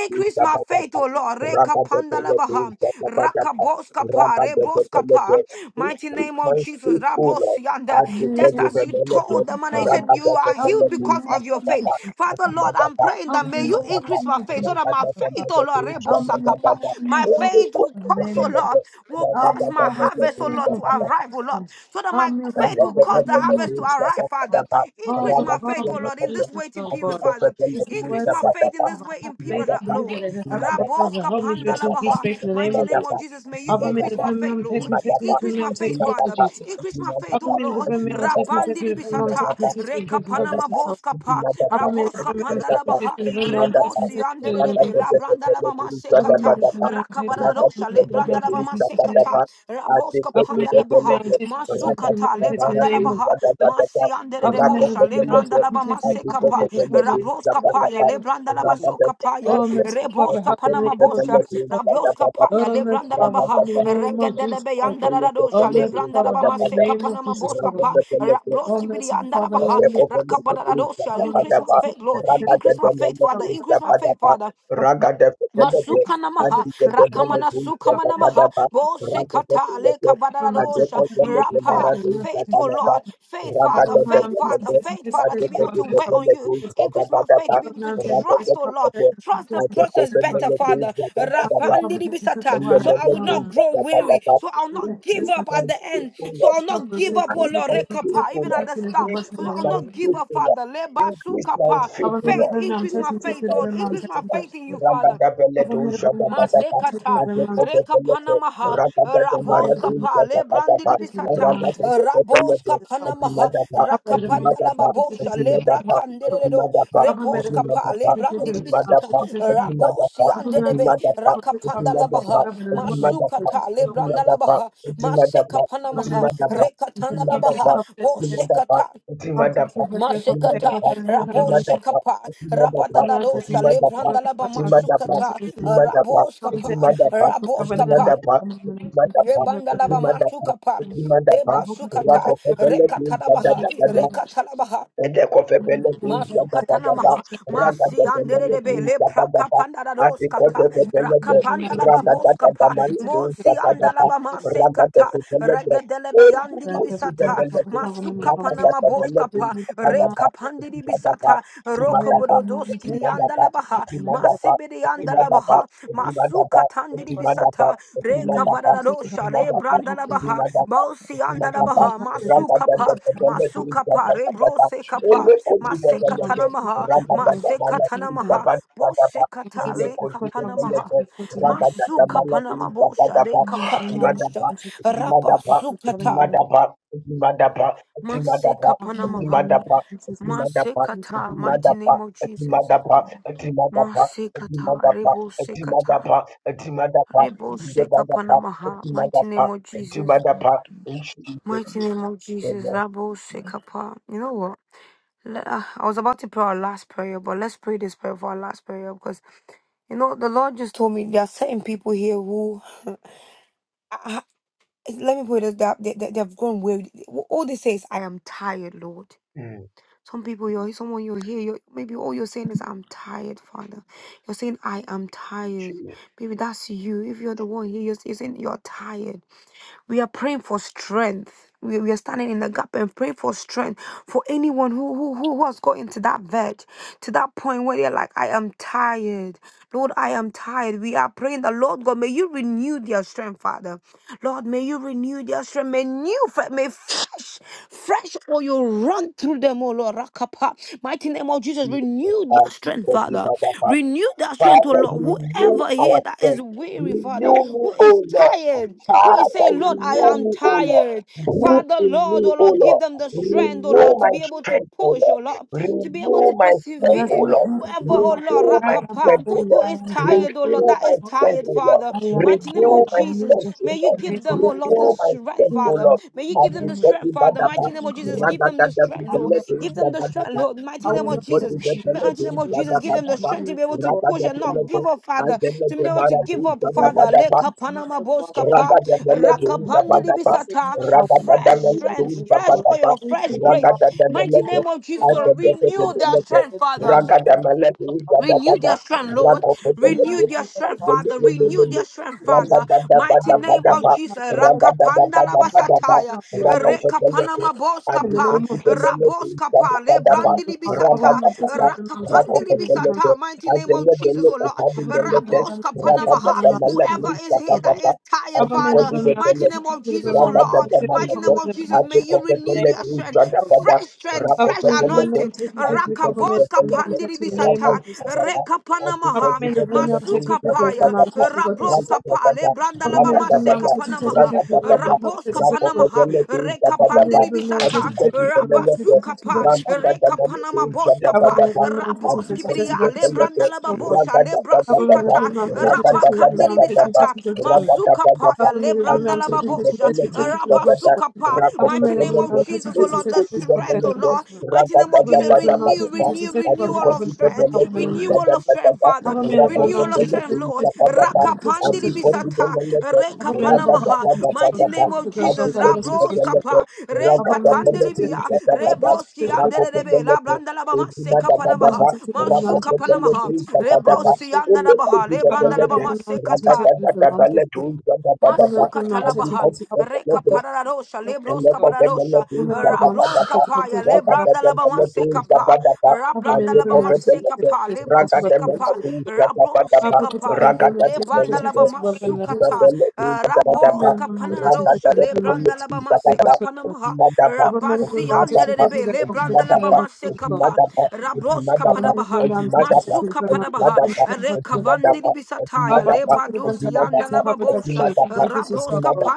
[SPEAKER 3] Increase my faith, O Lord. Rekapandalabaha. Rakaboskapa. Reboskapa. Mighty name of Jesus. Rabosianda.
[SPEAKER 5] Come in
[SPEAKER 2] the
[SPEAKER 3] Just as you told
[SPEAKER 2] development.
[SPEAKER 3] the man, I said, You
[SPEAKER 2] Rabada
[SPEAKER 3] are healed
[SPEAKER 2] Tepelotu,
[SPEAKER 3] because of your faith.
[SPEAKER 2] Rabada,
[SPEAKER 5] the
[SPEAKER 3] Father, Lord, I'm
[SPEAKER 2] Akimadata,
[SPEAKER 3] praying that may you
[SPEAKER 2] Akimadata,
[SPEAKER 3] increase my faith so that my
[SPEAKER 2] Rabada
[SPEAKER 3] faith, oh
[SPEAKER 2] Tepelotu,
[SPEAKER 3] Lord, Rebosakapa,
[SPEAKER 2] Rabada,
[SPEAKER 3] my
[SPEAKER 5] name
[SPEAKER 3] faith will cause, oh
[SPEAKER 5] of Jesus.
[SPEAKER 3] Lord,
[SPEAKER 2] Every
[SPEAKER 3] will
[SPEAKER 2] Thank
[SPEAKER 5] Help
[SPEAKER 3] cause
[SPEAKER 5] me
[SPEAKER 3] my
[SPEAKER 5] over the
[SPEAKER 3] harvest, oh
[SPEAKER 5] name
[SPEAKER 3] Lord, to
[SPEAKER 5] of
[SPEAKER 2] you.
[SPEAKER 3] arrive,
[SPEAKER 5] Jesus.
[SPEAKER 3] oh Lord,
[SPEAKER 5] Lord.
[SPEAKER 3] so that my
[SPEAKER 5] Help me over
[SPEAKER 2] Thank you.
[SPEAKER 3] faith will
[SPEAKER 5] the
[SPEAKER 3] cause the harvest to
[SPEAKER 5] Jesus.
[SPEAKER 3] arrive,
[SPEAKER 5] Lord.
[SPEAKER 3] Father.
[SPEAKER 5] Oh,
[SPEAKER 3] Increase
[SPEAKER 5] God,
[SPEAKER 3] my faith,
[SPEAKER 5] Father,
[SPEAKER 3] oh
[SPEAKER 5] Lord
[SPEAKER 3] Lord, in this
[SPEAKER 5] Jesus,
[SPEAKER 3] waiting
[SPEAKER 5] oh
[SPEAKER 3] period,
[SPEAKER 5] God.
[SPEAKER 3] Father.
[SPEAKER 5] This is the
[SPEAKER 3] Increase
[SPEAKER 5] word
[SPEAKER 3] my
[SPEAKER 5] says, oh,
[SPEAKER 3] faith in this
[SPEAKER 5] Father, I have
[SPEAKER 3] waiting
[SPEAKER 5] faith
[SPEAKER 3] period,
[SPEAKER 5] and
[SPEAKER 3] Lord.
[SPEAKER 5] believe that it has happened, but Father,
[SPEAKER 3] Raboska
[SPEAKER 5] help me to
[SPEAKER 3] panda
[SPEAKER 5] attain peace,
[SPEAKER 3] labaha.
[SPEAKER 5] faith in the name
[SPEAKER 3] Mighty
[SPEAKER 5] of
[SPEAKER 3] name of
[SPEAKER 5] Jesus.
[SPEAKER 3] Jesus, may you
[SPEAKER 5] Father, may
[SPEAKER 3] increase
[SPEAKER 5] the
[SPEAKER 3] my
[SPEAKER 5] firm
[SPEAKER 3] faith,
[SPEAKER 5] man take
[SPEAKER 3] Lord.
[SPEAKER 5] me, take me, the firm
[SPEAKER 3] Increase my
[SPEAKER 5] man
[SPEAKER 3] faith,
[SPEAKER 5] take me, Lord
[SPEAKER 3] Father.
[SPEAKER 5] Jesus.
[SPEAKER 3] Increase my faith,
[SPEAKER 5] Father,
[SPEAKER 3] oh
[SPEAKER 5] may the
[SPEAKER 3] Lord.
[SPEAKER 5] firm man take me, take
[SPEAKER 3] Rapandi
[SPEAKER 5] me, the firm man
[SPEAKER 3] libisata.
[SPEAKER 5] take me, take me, take me, Lord
[SPEAKER 3] Rekapana
[SPEAKER 5] Jesus, oh.
[SPEAKER 3] maboska pa.
[SPEAKER 5] Father, may the
[SPEAKER 3] Raboska
[SPEAKER 5] firm man
[SPEAKER 3] panda
[SPEAKER 5] take me,
[SPEAKER 3] labaha.
[SPEAKER 5] take me, the firm man take me,
[SPEAKER 3] Rebosi
[SPEAKER 5] take me,
[SPEAKER 3] andere debe.
[SPEAKER 5] Lord Jesus,
[SPEAKER 3] Labranda
[SPEAKER 5] oh.
[SPEAKER 3] labama
[SPEAKER 5] Cover me with your man,
[SPEAKER 3] sekata.
[SPEAKER 5] taste me, cover me
[SPEAKER 3] Kabararosha,
[SPEAKER 5] with your man, taste
[SPEAKER 3] Lebrandalabama
[SPEAKER 5] me, taste me,
[SPEAKER 3] Sekata, Raboska
[SPEAKER 5] Help me, help me,
[SPEAKER 3] Pandalabaha,
[SPEAKER 5] I'm chasing, chasing,
[SPEAKER 2] Rata
[SPEAKER 5] helping me,
[SPEAKER 3] Masukata,
[SPEAKER 5] I'm chasing the
[SPEAKER 2] Jabara
[SPEAKER 5] name of
[SPEAKER 3] Lebrandalabaha,
[SPEAKER 2] jibara
[SPEAKER 5] Jesus.
[SPEAKER 2] jibara jibara,
[SPEAKER 3] Masiandere
[SPEAKER 5] Help
[SPEAKER 2] jabara jibara
[SPEAKER 5] me,
[SPEAKER 3] Rebosha,
[SPEAKER 5] help me,
[SPEAKER 2] jibara
[SPEAKER 5] I'm
[SPEAKER 2] jibara,
[SPEAKER 5] chasing,
[SPEAKER 3] Lebrandalabama
[SPEAKER 2] jibara
[SPEAKER 5] chasing,
[SPEAKER 2] jibara
[SPEAKER 5] helping
[SPEAKER 3] Sekapa,
[SPEAKER 2] jibara
[SPEAKER 5] me, just
[SPEAKER 2] jibara,
[SPEAKER 5] from me, in
[SPEAKER 3] Rabroska
[SPEAKER 2] jibara
[SPEAKER 5] the
[SPEAKER 2] jibara
[SPEAKER 3] Paya,
[SPEAKER 5] name of
[SPEAKER 2] jibara jibara, jibara jibara
[SPEAKER 5] Jesus.
[SPEAKER 3] Lebrandalabasoka Paya,
[SPEAKER 5] Oh, merciful Father,
[SPEAKER 3] Reboska
[SPEAKER 5] help me,
[SPEAKER 2] jibara jibara, jibara jibara
[SPEAKER 5] in the
[SPEAKER 3] Panama
[SPEAKER 5] name of
[SPEAKER 3] Bosha,
[SPEAKER 2] jibara
[SPEAKER 5] Jesus.
[SPEAKER 3] Rabroska Paya,
[SPEAKER 5] Oh, merciful Father,
[SPEAKER 3] Lebrandalabaha,
[SPEAKER 5] help me, in the name of Jesus. Oh,
[SPEAKER 3] Regadelebeyandaradosha,
[SPEAKER 5] merciful Father, help
[SPEAKER 3] Lebrandalabama
[SPEAKER 2] jibara,
[SPEAKER 5] me, in the name of
[SPEAKER 3] Sekapanama
[SPEAKER 5] Jesus.
[SPEAKER 2] jibara jibara
[SPEAKER 3] Boska Pa,
[SPEAKER 2] jibara
[SPEAKER 5] Oh,
[SPEAKER 2] jibara.
[SPEAKER 3] Rabroski
[SPEAKER 5] merciful Father, in the
[SPEAKER 3] Bidiandarabaha,
[SPEAKER 2] Increase
[SPEAKER 5] name of Jesus. oh
[SPEAKER 2] my
[SPEAKER 5] God.
[SPEAKER 2] faithfulness.
[SPEAKER 3] Rakabaradosha,
[SPEAKER 5] Have a man
[SPEAKER 3] increase my
[SPEAKER 5] tasting, taste
[SPEAKER 3] faith,
[SPEAKER 5] me,
[SPEAKER 3] Lord,
[SPEAKER 5] taste me, taste
[SPEAKER 3] increase
[SPEAKER 5] me,
[SPEAKER 3] my
[SPEAKER 5] cover
[SPEAKER 3] faith, Father,
[SPEAKER 5] me, just
[SPEAKER 3] increase
[SPEAKER 5] from
[SPEAKER 3] my
[SPEAKER 5] me,
[SPEAKER 3] faith, Father.
[SPEAKER 5] have a man tasting, taste me, taste me,
[SPEAKER 3] Masuka namaha,
[SPEAKER 5] taste me,
[SPEAKER 3] rakamana
[SPEAKER 5] cover
[SPEAKER 3] sukamana
[SPEAKER 5] me, just
[SPEAKER 3] namaha,
[SPEAKER 5] from
[SPEAKER 3] bose
[SPEAKER 5] me,
[SPEAKER 3] kata leka
[SPEAKER 5] upper
[SPEAKER 3] kabadarosha, rapa,
[SPEAKER 5] like
[SPEAKER 3] faith, oh Lord, faith, Father, faith, Father, faith, Father, to be able to wait on you, increase my faith, to be able to trust, oh Lord, trust the process better, Father, rapandiri bisata, so I will not grow weary, so I'll not give up at the end, so I'll not give
[SPEAKER 2] Increase
[SPEAKER 3] up, oh
[SPEAKER 2] my
[SPEAKER 3] Lord, rekapa, even
[SPEAKER 2] faithfulness.
[SPEAKER 3] at the start,
[SPEAKER 2] Increase
[SPEAKER 3] so I'll
[SPEAKER 2] my
[SPEAKER 3] not give
[SPEAKER 2] faith,
[SPEAKER 3] up,
[SPEAKER 2] O Lord.
[SPEAKER 3] Father, leba
[SPEAKER 2] Increase my
[SPEAKER 3] sukapa,
[SPEAKER 2] faith, O
[SPEAKER 3] faith,
[SPEAKER 2] Lord.
[SPEAKER 5] am
[SPEAKER 3] increase my
[SPEAKER 5] Testen,
[SPEAKER 2] Increase
[SPEAKER 3] faith,
[SPEAKER 5] Testen
[SPEAKER 2] my
[SPEAKER 5] mit
[SPEAKER 3] Lord, increase
[SPEAKER 2] faith,
[SPEAKER 3] my
[SPEAKER 2] O Lord.
[SPEAKER 3] faith in you, Father.
[SPEAKER 2] Ragadabeledo Shadabadaba.
[SPEAKER 3] Masekata,
[SPEAKER 2] Adekobebelete.
[SPEAKER 3] Rekapanamaha,
[SPEAKER 2] Ragadadamarado
[SPEAKER 3] Raboska pa,
[SPEAKER 2] Shadabadaba.
[SPEAKER 3] Lebrandili bisata,
[SPEAKER 2] Ragadadabelete.
[SPEAKER 3] Raboska panamaha,
[SPEAKER 2] Adimadaba.
[SPEAKER 5] Thank
[SPEAKER 3] Rakapanda la
[SPEAKER 2] Adimadaba.
[SPEAKER 3] babosha,
[SPEAKER 2] Adimadaba.
[SPEAKER 3] Lebrakanderedo,
[SPEAKER 2] Adimadaba.
[SPEAKER 3] Reboska pa,
[SPEAKER 2] Adimadaba.
[SPEAKER 3] Lebrandili bisata,
[SPEAKER 2] Adimadaba. Adimadaba.
[SPEAKER 3] Rabosi anderebe,
[SPEAKER 2] Adimadaba. Adimadaba.
[SPEAKER 3] Rakapanda la baha, Masukata, Lebranda la
[SPEAKER 2] Adimadaba.
[SPEAKER 3] baha, Maseka
[SPEAKER 2] Adimadaba.
[SPEAKER 3] panamaha,
[SPEAKER 2] Adimadaba.
[SPEAKER 3] Rekatana la
[SPEAKER 2] Adimadaba. Adimadaba.
[SPEAKER 3] baha,
[SPEAKER 2] Itimadapa,
[SPEAKER 3] Masekata,
[SPEAKER 2] Itimadapa,
[SPEAKER 3] Rabo
[SPEAKER 2] Itimadapa,
[SPEAKER 3] Sekapa,
[SPEAKER 2] Itimadapa,
[SPEAKER 3] Rabadadadosa,
[SPEAKER 2] Itimadapa, Itimadapa,
[SPEAKER 3] Lebrandalaba
[SPEAKER 2] Itimadapa,
[SPEAKER 3] Masukata, uh, Raboskapa,
[SPEAKER 2] Itimadapa,
[SPEAKER 3] Raboskapa,
[SPEAKER 2] Itimadapa,
[SPEAKER 3] Rebandalaba
[SPEAKER 2] Itimadapa, Itimadapa,
[SPEAKER 3] Masukapa,
[SPEAKER 2] Itimadapa, Rako
[SPEAKER 3] Rebasukata,
[SPEAKER 2] Fedele,
[SPEAKER 3] Rekatalabaha,
[SPEAKER 5] you.
[SPEAKER 3] Rekatalabaha,
[SPEAKER 5] Thank
[SPEAKER 3] Masukatana maha, masi anderebe le prakapanda la roskata, rakapanda la baboskapa, mosi andala ba masekata, regedele be yandiri bisata, masukapana maboskapa, rekapandiri bisata, rokoborodoski di andala baha, masibiri andala baha, Sukatandiri bisata, reka vararosha, re brandalabaha, bausi andalabaha, masukapa,
[SPEAKER 2] Randa
[SPEAKER 3] masukapa, rebro sekapa,
[SPEAKER 2] ele kojijajalebe
[SPEAKER 3] masekatanamaha,
[SPEAKER 2] ragadadabala
[SPEAKER 3] masekatanamaha,
[SPEAKER 2] ijabadabadaba
[SPEAKER 3] bosekata,
[SPEAKER 2] ele
[SPEAKER 3] lekapanamaha,
[SPEAKER 2] kojijajalebe
[SPEAKER 5] you.
[SPEAKER 2] ragadadabala
[SPEAKER 3] masukapanamabosha,
[SPEAKER 2] ijabadaba
[SPEAKER 5] Government of Vermont
[SPEAKER 2] itimadaba
[SPEAKER 3] lekapararosha,
[SPEAKER 5] is expected to focus controlling
[SPEAKER 3] rabasukata,
[SPEAKER 5] animals.
[SPEAKER 2] itimadaba
[SPEAKER 5] The
[SPEAKER 2] itimadaba itimadaba
[SPEAKER 5] government of
[SPEAKER 3] masekapanamaha,
[SPEAKER 5] Vermont
[SPEAKER 2] itimadaba itimadaba
[SPEAKER 5] consists
[SPEAKER 2] itimadaba
[SPEAKER 5] of
[SPEAKER 3] masekata, mighty
[SPEAKER 5] professional.
[SPEAKER 2] itimadaba
[SPEAKER 3] name of Jesus,
[SPEAKER 2] itimadaba itimadaba
[SPEAKER 3] masekata,
[SPEAKER 2] itimadaba
[SPEAKER 3] rebo sekata.
[SPEAKER 2] itimadaba itimadaba
[SPEAKER 3] Rebo Sheka
[SPEAKER 2] ijabadaba
[SPEAKER 3] Panamaha, mighty
[SPEAKER 2] itimadaba
[SPEAKER 3] name of Jesus,
[SPEAKER 2] itimadaba in Jesus'
[SPEAKER 3] mighty name of Jesus,
[SPEAKER 2] name.
[SPEAKER 3] Rabo Sheka Pa. You know what? Le- ah, I was about to pray our last prayer, but let's pray this prayer for our last prayer because you know the Lord just told me there are certain people here who, [laughs] I, I- let me put it that they, they, they've grown weary. All they say is, "I am tired, Lord."
[SPEAKER 2] Mm.
[SPEAKER 3] Some people you're someone you're here, you're, maybe all you're saying is, "I'm tired, Father." You're saying, "I am tired."
[SPEAKER 2] Jesus.
[SPEAKER 3] Maybe that's you. If you're the one here, you're, you're saying you're tired. We are praying for strength. We, we are standing in the gap and praying for strength for anyone who, who who has gotten to that verge, to that point where they're like, I am tired. Lord, I am tired. We are praying the Lord God, may you renew their strength, Father. Lord, may you renew their strength. May new, fre- may fresh, fresh oil run through them, oh Lord. Rakapa. Mighty name of Jesus, renew renew
[SPEAKER 2] God,
[SPEAKER 3] their strength,
[SPEAKER 2] because you
[SPEAKER 3] Father.
[SPEAKER 2] are the Father,
[SPEAKER 3] Renew their strength, oh
[SPEAKER 2] Father,
[SPEAKER 3] Lord.
[SPEAKER 2] renew
[SPEAKER 3] Whoever here
[SPEAKER 2] our
[SPEAKER 3] that is
[SPEAKER 2] strength.
[SPEAKER 3] weary, Father,
[SPEAKER 2] Renew me,
[SPEAKER 3] who is
[SPEAKER 2] O Lord.
[SPEAKER 3] tired, who
[SPEAKER 2] Father,
[SPEAKER 3] is saying, Lord, I
[SPEAKER 2] renew
[SPEAKER 3] am
[SPEAKER 2] me, O Lord.
[SPEAKER 3] tired.
[SPEAKER 2] Breathe
[SPEAKER 3] Father,
[SPEAKER 2] in
[SPEAKER 3] Lord,
[SPEAKER 2] me,
[SPEAKER 3] oh
[SPEAKER 2] O
[SPEAKER 3] Lord, give
[SPEAKER 2] Lord.
[SPEAKER 3] them the strength, oh
[SPEAKER 2] Renew
[SPEAKER 3] Lord, to
[SPEAKER 2] my
[SPEAKER 3] be able to
[SPEAKER 2] strength, O
[SPEAKER 3] push, oh
[SPEAKER 2] Lord.
[SPEAKER 3] Lord, to be able
[SPEAKER 2] Renew
[SPEAKER 3] to
[SPEAKER 2] my
[SPEAKER 5] Let
[SPEAKER 2] strength,
[SPEAKER 5] us
[SPEAKER 3] persevere.
[SPEAKER 2] O Lord.
[SPEAKER 5] include the
[SPEAKER 3] Whoever, oh
[SPEAKER 5] power
[SPEAKER 3] Lord,
[SPEAKER 2] Renew
[SPEAKER 5] I
[SPEAKER 2] my
[SPEAKER 5] am
[SPEAKER 3] Rakapa,
[SPEAKER 2] strength,
[SPEAKER 5] before
[SPEAKER 2] O
[SPEAKER 5] you.
[SPEAKER 3] who
[SPEAKER 2] Lord.
[SPEAKER 5] I
[SPEAKER 3] is
[SPEAKER 5] am tired
[SPEAKER 3] tired, oh
[SPEAKER 5] of
[SPEAKER 3] Lord,
[SPEAKER 2] Renew
[SPEAKER 3] that
[SPEAKER 2] my
[SPEAKER 3] is
[SPEAKER 5] self.
[SPEAKER 2] strength,
[SPEAKER 3] tired,
[SPEAKER 2] O Lord.
[SPEAKER 3] Father.
[SPEAKER 5] I am
[SPEAKER 3] Mighty name
[SPEAKER 2] Renew
[SPEAKER 3] of
[SPEAKER 5] tired
[SPEAKER 2] my
[SPEAKER 5] of
[SPEAKER 3] Jesus,
[SPEAKER 2] strength,
[SPEAKER 5] injustice
[SPEAKER 2] O
[SPEAKER 3] may
[SPEAKER 5] in
[SPEAKER 3] you
[SPEAKER 2] Lord.
[SPEAKER 5] the
[SPEAKER 8] in
[SPEAKER 3] give
[SPEAKER 5] name of
[SPEAKER 3] them, oh Lord.
[SPEAKER 5] this.
[SPEAKER 3] Lord,
[SPEAKER 2] Renew
[SPEAKER 3] the
[SPEAKER 2] my
[SPEAKER 3] strength,
[SPEAKER 2] strength,
[SPEAKER 5] Please
[SPEAKER 2] O
[SPEAKER 5] do
[SPEAKER 3] Father.
[SPEAKER 2] Lord.
[SPEAKER 5] not
[SPEAKER 3] May you
[SPEAKER 5] in
[SPEAKER 3] give
[SPEAKER 5] the
[SPEAKER 3] them the
[SPEAKER 5] name of this
[SPEAKER 2] Everybody,
[SPEAKER 3] strength,
[SPEAKER 5] man.
[SPEAKER 3] Father.
[SPEAKER 8] the
[SPEAKER 2] badaba.
[SPEAKER 3] Mighty name of
[SPEAKER 5] Thank you,
[SPEAKER 8] difficult
[SPEAKER 3] Jesus,
[SPEAKER 5] Mother
[SPEAKER 3] give them the
[SPEAKER 2] Ragadada,
[SPEAKER 3] strength,
[SPEAKER 5] I will
[SPEAKER 3] Lord.
[SPEAKER 5] not
[SPEAKER 2] bidelete,
[SPEAKER 8] task
[SPEAKER 3] Give
[SPEAKER 5] let
[SPEAKER 3] them the
[SPEAKER 5] you.
[SPEAKER 3] strength,
[SPEAKER 2] badababa.
[SPEAKER 3] Lord.
[SPEAKER 8] of
[SPEAKER 5] I
[SPEAKER 3] Mighty name
[SPEAKER 5] will
[SPEAKER 3] of
[SPEAKER 5] not let
[SPEAKER 2] Everybody,
[SPEAKER 8] making
[SPEAKER 3] Jesus.
[SPEAKER 5] you.
[SPEAKER 3] Mighty
[SPEAKER 8] restraints
[SPEAKER 2] bidelete,
[SPEAKER 3] name
[SPEAKER 8] to
[SPEAKER 5] I
[SPEAKER 3] of
[SPEAKER 5] will
[SPEAKER 3] Jesus, give
[SPEAKER 5] not
[SPEAKER 3] them the
[SPEAKER 8] function
[SPEAKER 2] badababa.
[SPEAKER 5] let you know
[SPEAKER 3] strength to
[SPEAKER 5] you
[SPEAKER 3] be
[SPEAKER 5] for
[SPEAKER 3] able to
[SPEAKER 5] God,
[SPEAKER 3] push
[SPEAKER 2] Ragadada,
[SPEAKER 3] and
[SPEAKER 5] for
[SPEAKER 3] not
[SPEAKER 5] Father.
[SPEAKER 2] bidelete,
[SPEAKER 5] But
[SPEAKER 3] give
[SPEAKER 5] I am
[SPEAKER 3] up,
[SPEAKER 5] coming
[SPEAKER 3] Father.
[SPEAKER 5] to
[SPEAKER 3] To be
[SPEAKER 2] adelete,
[SPEAKER 5] you.
[SPEAKER 3] able to
[SPEAKER 5] I
[SPEAKER 2] marabu,
[SPEAKER 3] give
[SPEAKER 5] am
[SPEAKER 3] up,
[SPEAKER 5] praying
[SPEAKER 3] Father.
[SPEAKER 5] and
[SPEAKER 8] activity
[SPEAKER 2] badababa.
[SPEAKER 5] speaking to you,
[SPEAKER 3] Lekapanama
[SPEAKER 5] for Father.
[SPEAKER 3] boskapa,
[SPEAKER 5] That's the main
[SPEAKER 2] Ragadadameleduntabadaba,
[SPEAKER 5] person.
[SPEAKER 3] rakapandilibisata.
[SPEAKER 5] I will not
[SPEAKER 3] Fresh
[SPEAKER 5] bring you with the
[SPEAKER 3] strength,
[SPEAKER 5] rich. I
[SPEAKER 3] fresh
[SPEAKER 5] will not
[SPEAKER 2] ragadadameleduntabadaba,
[SPEAKER 3] oil,
[SPEAKER 5] be
[SPEAKER 3] fresh
[SPEAKER 5] anything but
[SPEAKER 3] grace.
[SPEAKER 5] partner.
[SPEAKER 3] Mighty
[SPEAKER 5] I
[SPEAKER 2] ragadadamelede,
[SPEAKER 3] name
[SPEAKER 5] will
[SPEAKER 3] of Jesus,
[SPEAKER 5] figure out
[SPEAKER 3] Lord,
[SPEAKER 5] the
[SPEAKER 3] renew their
[SPEAKER 5] problems
[SPEAKER 2] azededededelede,
[SPEAKER 5] and
[SPEAKER 3] strength,
[SPEAKER 5] the
[SPEAKER 3] Father.
[SPEAKER 5] plans that we have to do. But I will come
[SPEAKER 3] Renew
[SPEAKER 2] ragadameledutabadabada,
[SPEAKER 5] back
[SPEAKER 3] their strength, Lord.
[SPEAKER 5] and
[SPEAKER 3] Renew
[SPEAKER 2] ragodedelede,
[SPEAKER 5] now
[SPEAKER 3] their
[SPEAKER 5] all the
[SPEAKER 3] strength, Father.
[SPEAKER 5] problems
[SPEAKER 3] Renew
[SPEAKER 2] azelelelelele,
[SPEAKER 3] their strength,
[SPEAKER 5] system.
[SPEAKER 3] Father. Mighty
[SPEAKER 5] I will
[SPEAKER 3] name of
[SPEAKER 5] commit
[SPEAKER 2] ragadadabadabadaba,
[SPEAKER 3] Jesus.
[SPEAKER 5] myself
[SPEAKER 3] Rakapanda
[SPEAKER 5] to make
[SPEAKER 2] ragadadabadabadaba,
[SPEAKER 3] labasataya.
[SPEAKER 5] sure you are very
[SPEAKER 2] ragodedelede,
[SPEAKER 3] Rekapanama
[SPEAKER 5] in the
[SPEAKER 3] boskapa.
[SPEAKER 5] name of Jesus.
[SPEAKER 3] Raboskapa.
[SPEAKER 5] As
[SPEAKER 2] adigodedeleledutabadaba,
[SPEAKER 5] I'm the
[SPEAKER 3] Lebrandili
[SPEAKER 5] Father, cover
[SPEAKER 3] bisata.
[SPEAKER 5] me, test me
[SPEAKER 2] ragadadada,
[SPEAKER 5] with the man, test me, test
[SPEAKER 3] Rakapandili
[SPEAKER 5] me with the man,
[SPEAKER 2] ragodedelede,
[SPEAKER 3] bisata. Mighty
[SPEAKER 5] test me.
[SPEAKER 3] name of Jesus,
[SPEAKER 2] azelelelelele,
[SPEAKER 3] oh Lord.
[SPEAKER 5] cover me with the man, test me, test me with
[SPEAKER 3] Raboskapanamaha.
[SPEAKER 5] the man, test me with the
[SPEAKER 3] Whoever is here that
[SPEAKER 5] man.
[SPEAKER 2] ragadadameleduntabadaba,
[SPEAKER 3] is tired,
[SPEAKER 5] Cover me with
[SPEAKER 3] Father.
[SPEAKER 5] the man, test
[SPEAKER 2] Antikodibotele,
[SPEAKER 5] me,
[SPEAKER 3] Mighty name
[SPEAKER 5] test
[SPEAKER 3] of
[SPEAKER 5] me with the
[SPEAKER 3] Jesus, oh
[SPEAKER 5] man, test me,
[SPEAKER 3] Lord.
[SPEAKER 5] test me,
[SPEAKER 3] Mighty
[SPEAKER 5] cover me
[SPEAKER 2] Ragadamanate,
[SPEAKER 3] name
[SPEAKER 5] with
[SPEAKER 3] of
[SPEAKER 5] the man, in
[SPEAKER 3] Jesus, may you
[SPEAKER 5] the
[SPEAKER 3] renew
[SPEAKER 5] name
[SPEAKER 2] Antikopotele,
[SPEAKER 3] their
[SPEAKER 5] of
[SPEAKER 3] strength.
[SPEAKER 5] Jesus.
[SPEAKER 2] Jadapada,
[SPEAKER 3] Fresh strength
[SPEAKER 5] Cover
[SPEAKER 3] fresh
[SPEAKER 5] me with one
[SPEAKER 2] Rakopotele,
[SPEAKER 5] arm,
[SPEAKER 3] anointing.
[SPEAKER 5] take me, take me, cover me with
[SPEAKER 3] Rakaboska
[SPEAKER 2] Antikodibotele,
[SPEAKER 5] one arm, take me, in the name
[SPEAKER 3] pandiribisata,
[SPEAKER 5] of Jesus, Lord.
[SPEAKER 2] Ragadapada,
[SPEAKER 5] Cover
[SPEAKER 3] rekapanamaha,
[SPEAKER 5] me with one
[SPEAKER 2] Antikodibotele,
[SPEAKER 5] arm, take me,
[SPEAKER 3] masuka
[SPEAKER 5] take me, with one
[SPEAKER 3] paya,
[SPEAKER 2] Jadapada,
[SPEAKER 5] arm, take me, Lord Jesus,
[SPEAKER 3] rabroska
[SPEAKER 5] Lord.
[SPEAKER 3] pale,
[SPEAKER 2] Ragadapada,
[SPEAKER 5] Cover
[SPEAKER 3] brandalaba
[SPEAKER 5] me with one arm,
[SPEAKER 3] maseka
[SPEAKER 2] Ragadapada,
[SPEAKER 5] take me, take me,
[SPEAKER 3] panamaha,
[SPEAKER 5] take me, Lord,
[SPEAKER 2] Ragadapada,
[SPEAKER 5] with one arm, take
[SPEAKER 3] raboska
[SPEAKER 5] me, take me, Lord
[SPEAKER 3] panamaha,
[SPEAKER 5] Jesus,
[SPEAKER 2] Rakopotele,
[SPEAKER 5] Lord. Cover me
[SPEAKER 2] Jadapada,
[SPEAKER 5] with one arm, take
[SPEAKER 3] rekapandiribisata,
[SPEAKER 5] me, take me, with one arm, take
[SPEAKER 2] Antikodibotele,
[SPEAKER 5] me,
[SPEAKER 3] rabasuka
[SPEAKER 5] take me,
[SPEAKER 3] pa,
[SPEAKER 8] simply
[SPEAKER 5] Lord Jesus,
[SPEAKER 8] used
[SPEAKER 5] Lord.
[SPEAKER 2] Ragadapada,
[SPEAKER 3] rekapanama boska
[SPEAKER 5] Cover
[SPEAKER 3] pa,
[SPEAKER 5] me with
[SPEAKER 2] Jadapada,
[SPEAKER 5] one arm, take me, take
[SPEAKER 3] raboski
[SPEAKER 5] me, take
[SPEAKER 3] biria,
[SPEAKER 5] me, Lord Jesus,
[SPEAKER 2] Antikodibotele,
[SPEAKER 3] lebrandalaba
[SPEAKER 8] to
[SPEAKER 5] Lord.
[SPEAKER 3] bosha,
[SPEAKER 5] Papa me the
[SPEAKER 2] Ragadapada,
[SPEAKER 3] lebrasukata,
[SPEAKER 5] dream,
[SPEAKER 8] record
[SPEAKER 5] mom
[SPEAKER 8] the
[SPEAKER 5] takes me,
[SPEAKER 8] difficult
[SPEAKER 5] takes me to the dream, mom takes me,
[SPEAKER 2] Ragadapada,
[SPEAKER 3] rabakandiribisata,
[SPEAKER 5] takes me go to the store.
[SPEAKER 3] masuka
[SPEAKER 2] Ragadapada,
[SPEAKER 3] paya,
[SPEAKER 5] Papa me the dream, mom
[SPEAKER 2] Rakopelete,
[SPEAKER 5] takes
[SPEAKER 3] lebrandalaba
[SPEAKER 5] me,
[SPEAKER 8] things
[SPEAKER 5] takes me,
[SPEAKER 3] bosha,
[SPEAKER 5] takes me,
[SPEAKER 8] to
[SPEAKER 5] takes me to the work school.
[SPEAKER 3] Rabasukapa.
[SPEAKER 5] Papa
[SPEAKER 3] Mighty
[SPEAKER 5] me the
[SPEAKER 3] name
[SPEAKER 5] dream,
[SPEAKER 3] of
[SPEAKER 8] perform
[SPEAKER 5] mom takes me,
[SPEAKER 3] Jesus,
[SPEAKER 8] is
[SPEAKER 3] oh
[SPEAKER 5] takes
[SPEAKER 8] of
[SPEAKER 5] me,
[SPEAKER 3] Lord,
[SPEAKER 5] takes
[SPEAKER 3] the
[SPEAKER 5] me,
[SPEAKER 8] the
[SPEAKER 5] takes me go to
[SPEAKER 3] strength,
[SPEAKER 5] the
[SPEAKER 3] oh
[SPEAKER 8] system
[SPEAKER 5] nursing
[SPEAKER 3] Lord.
[SPEAKER 5] school.
[SPEAKER 3] Mighty name of
[SPEAKER 5] Papa me
[SPEAKER 3] Jesus,
[SPEAKER 5] the dream, mom
[SPEAKER 8] is
[SPEAKER 3] renew,
[SPEAKER 5] takes me, takes me,
[SPEAKER 3] renew,
[SPEAKER 5] takes me go to the
[SPEAKER 3] renewal of
[SPEAKER 5] cover, cover,
[SPEAKER 3] strength,
[SPEAKER 8] a
[SPEAKER 5] cover, and then
[SPEAKER 8] play
[SPEAKER 5] close.
[SPEAKER 3] renewal of strength, Father,
[SPEAKER 8] that
[SPEAKER 5] Papa
[SPEAKER 8] is
[SPEAKER 5] me the dream, mom
[SPEAKER 3] renewal of
[SPEAKER 5] takes me,
[SPEAKER 8] restraints
[SPEAKER 3] strength,
[SPEAKER 5] takes me,
[SPEAKER 3] Lord.
[SPEAKER 5] takes me,
[SPEAKER 8] to
[SPEAKER 5] takes me, comes,
[SPEAKER 8] one
[SPEAKER 5] takes,
[SPEAKER 8] to
[SPEAKER 5] comes,
[SPEAKER 8] the
[SPEAKER 3] Rakapandiri
[SPEAKER 5] takes, children.
[SPEAKER 3] bisata,
[SPEAKER 5] Papa me the
[SPEAKER 8] world
[SPEAKER 5] dream,
[SPEAKER 8] that
[SPEAKER 5] mom
[SPEAKER 3] rekapanamaha.
[SPEAKER 5] takes me, takes me,
[SPEAKER 3] Mighty
[SPEAKER 5] takes me,
[SPEAKER 8] as
[SPEAKER 3] name
[SPEAKER 5] comes, takes, comes, comes, comes,
[SPEAKER 8] the
[SPEAKER 3] of
[SPEAKER 8] person
[SPEAKER 3] Jesus,
[SPEAKER 5] comes, comes, comes, comes, comes.
[SPEAKER 3] Rabroskapa,
[SPEAKER 5] Papa me the dream, mom takes me, takes me, takes me, takes me, takes me, takes
[SPEAKER 3] Rekatandelibia,
[SPEAKER 8] is
[SPEAKER 5] me,
[SPEAKER 3] Rebroski
[SPEAKER 5] takes me, takes me. go to school.
[SPEAKER 3] anderebe, Labrandalabama,
[SPEAKER 8] the Lord
[SPEAKER 5] Everyone
[SPEAKER 3] Sekapanamaha,
[SPEAKER 5] protected every mom, test
[SPEAKER 8] Jesus
[SPEAKER 5] me, test me,
[SPEAKER 3] Mansukapanamaha,
[SPEAKER 5] test me, test me,
[SPEAKER 3] Rebrosi
[SPEAKER 5] test me, test me, test me.
[SPEAKER 3] andalabaha,
[SPEAKER 5] Everyone let
[SPEAKER 3] Lebrandalabama,
[SPEAKER 5] every mom, test me,
[SPEAKER 3] Sekata.
[SPEAKER 5] test me, every mom, test me. Everyone let
[SPEAKER 3] Masuka
[SPEAKER 5] every mom, test me,
[SPEAKER 3] talabaha,
[SPEAKER 5] test me, help
[SPEAKER 3] reka
[SPEAKER 2] let
[SPEAKER 5] me, help me, help me, help
[SPEAKER 3] pararosha,
[SPEAKER 2] Thank
[SPEAKER 5] me,
[SPEAKER 3] lebroska
[SPEAKER 5] help me.
[SPEAKER 3] pararosha,
[SPEAKER 5] Everyone let every mom, test me,
[SPEAKER 3] rabroska
[SPEAKER 5] test me,
[SPEAKER 3] paya, lebranda laba maseka pa,
[SPEAKER 5] help me, help me, every mom, test me, test me, test me, test
[SPEAKER 3] rabranda laba maseka pa, lebroseka pa, rabroseka
[SPEAKER 5] protected
[SPEAKER 3] pa,
[SPEAKER 5] every mom, test me,
[SPEAKER 3] lebranda
[SPEAKER 5] test me,
[SPEAKER 3] laba
[SPEAKER 5] test me, help me,
[SPEAKER 3] masuka ta,
[SPEAKER 5] every
[SPEAKER 3] raboska
[SPEAKER 5] mom, test every mom, test me, test me, help me, every mom, test me, test me, help
[SPEAKER 3] panarosha, lebranda Alabama Sekapanamaha, Rabasi Anderebe, Lebrandalabama
[SPEAKER 5] me.
[SPEAKER 3] Sekapa, Rabros
[SPEAKER 5] Aber mir
[SPEAKER 3] Kapadabaha,
[SPEAKER 5] wenn wir am Tag nicht essen,
[SPEAKER 3] Masuka
[SPEAKER 5] wenn wir fit
[SPEAKER 3] Padabaha,
[SPEAKER 5] sind, dann wird es nicht sein.
[SPEAKER 3] Rekavandiri Bisataya,
[SPEAKER 5] Aber am Tag der Wand
[SPEAKER 3] Lebadus
[SPEAKER 5] hat nicht essen, Papa sagt,
[SPEAKER 3] Yandalababosha,
[SPEAKER 5] children, Lord Jesus,
[SPEAKER 3] Rabros
[SPEAKER 5] so Lord.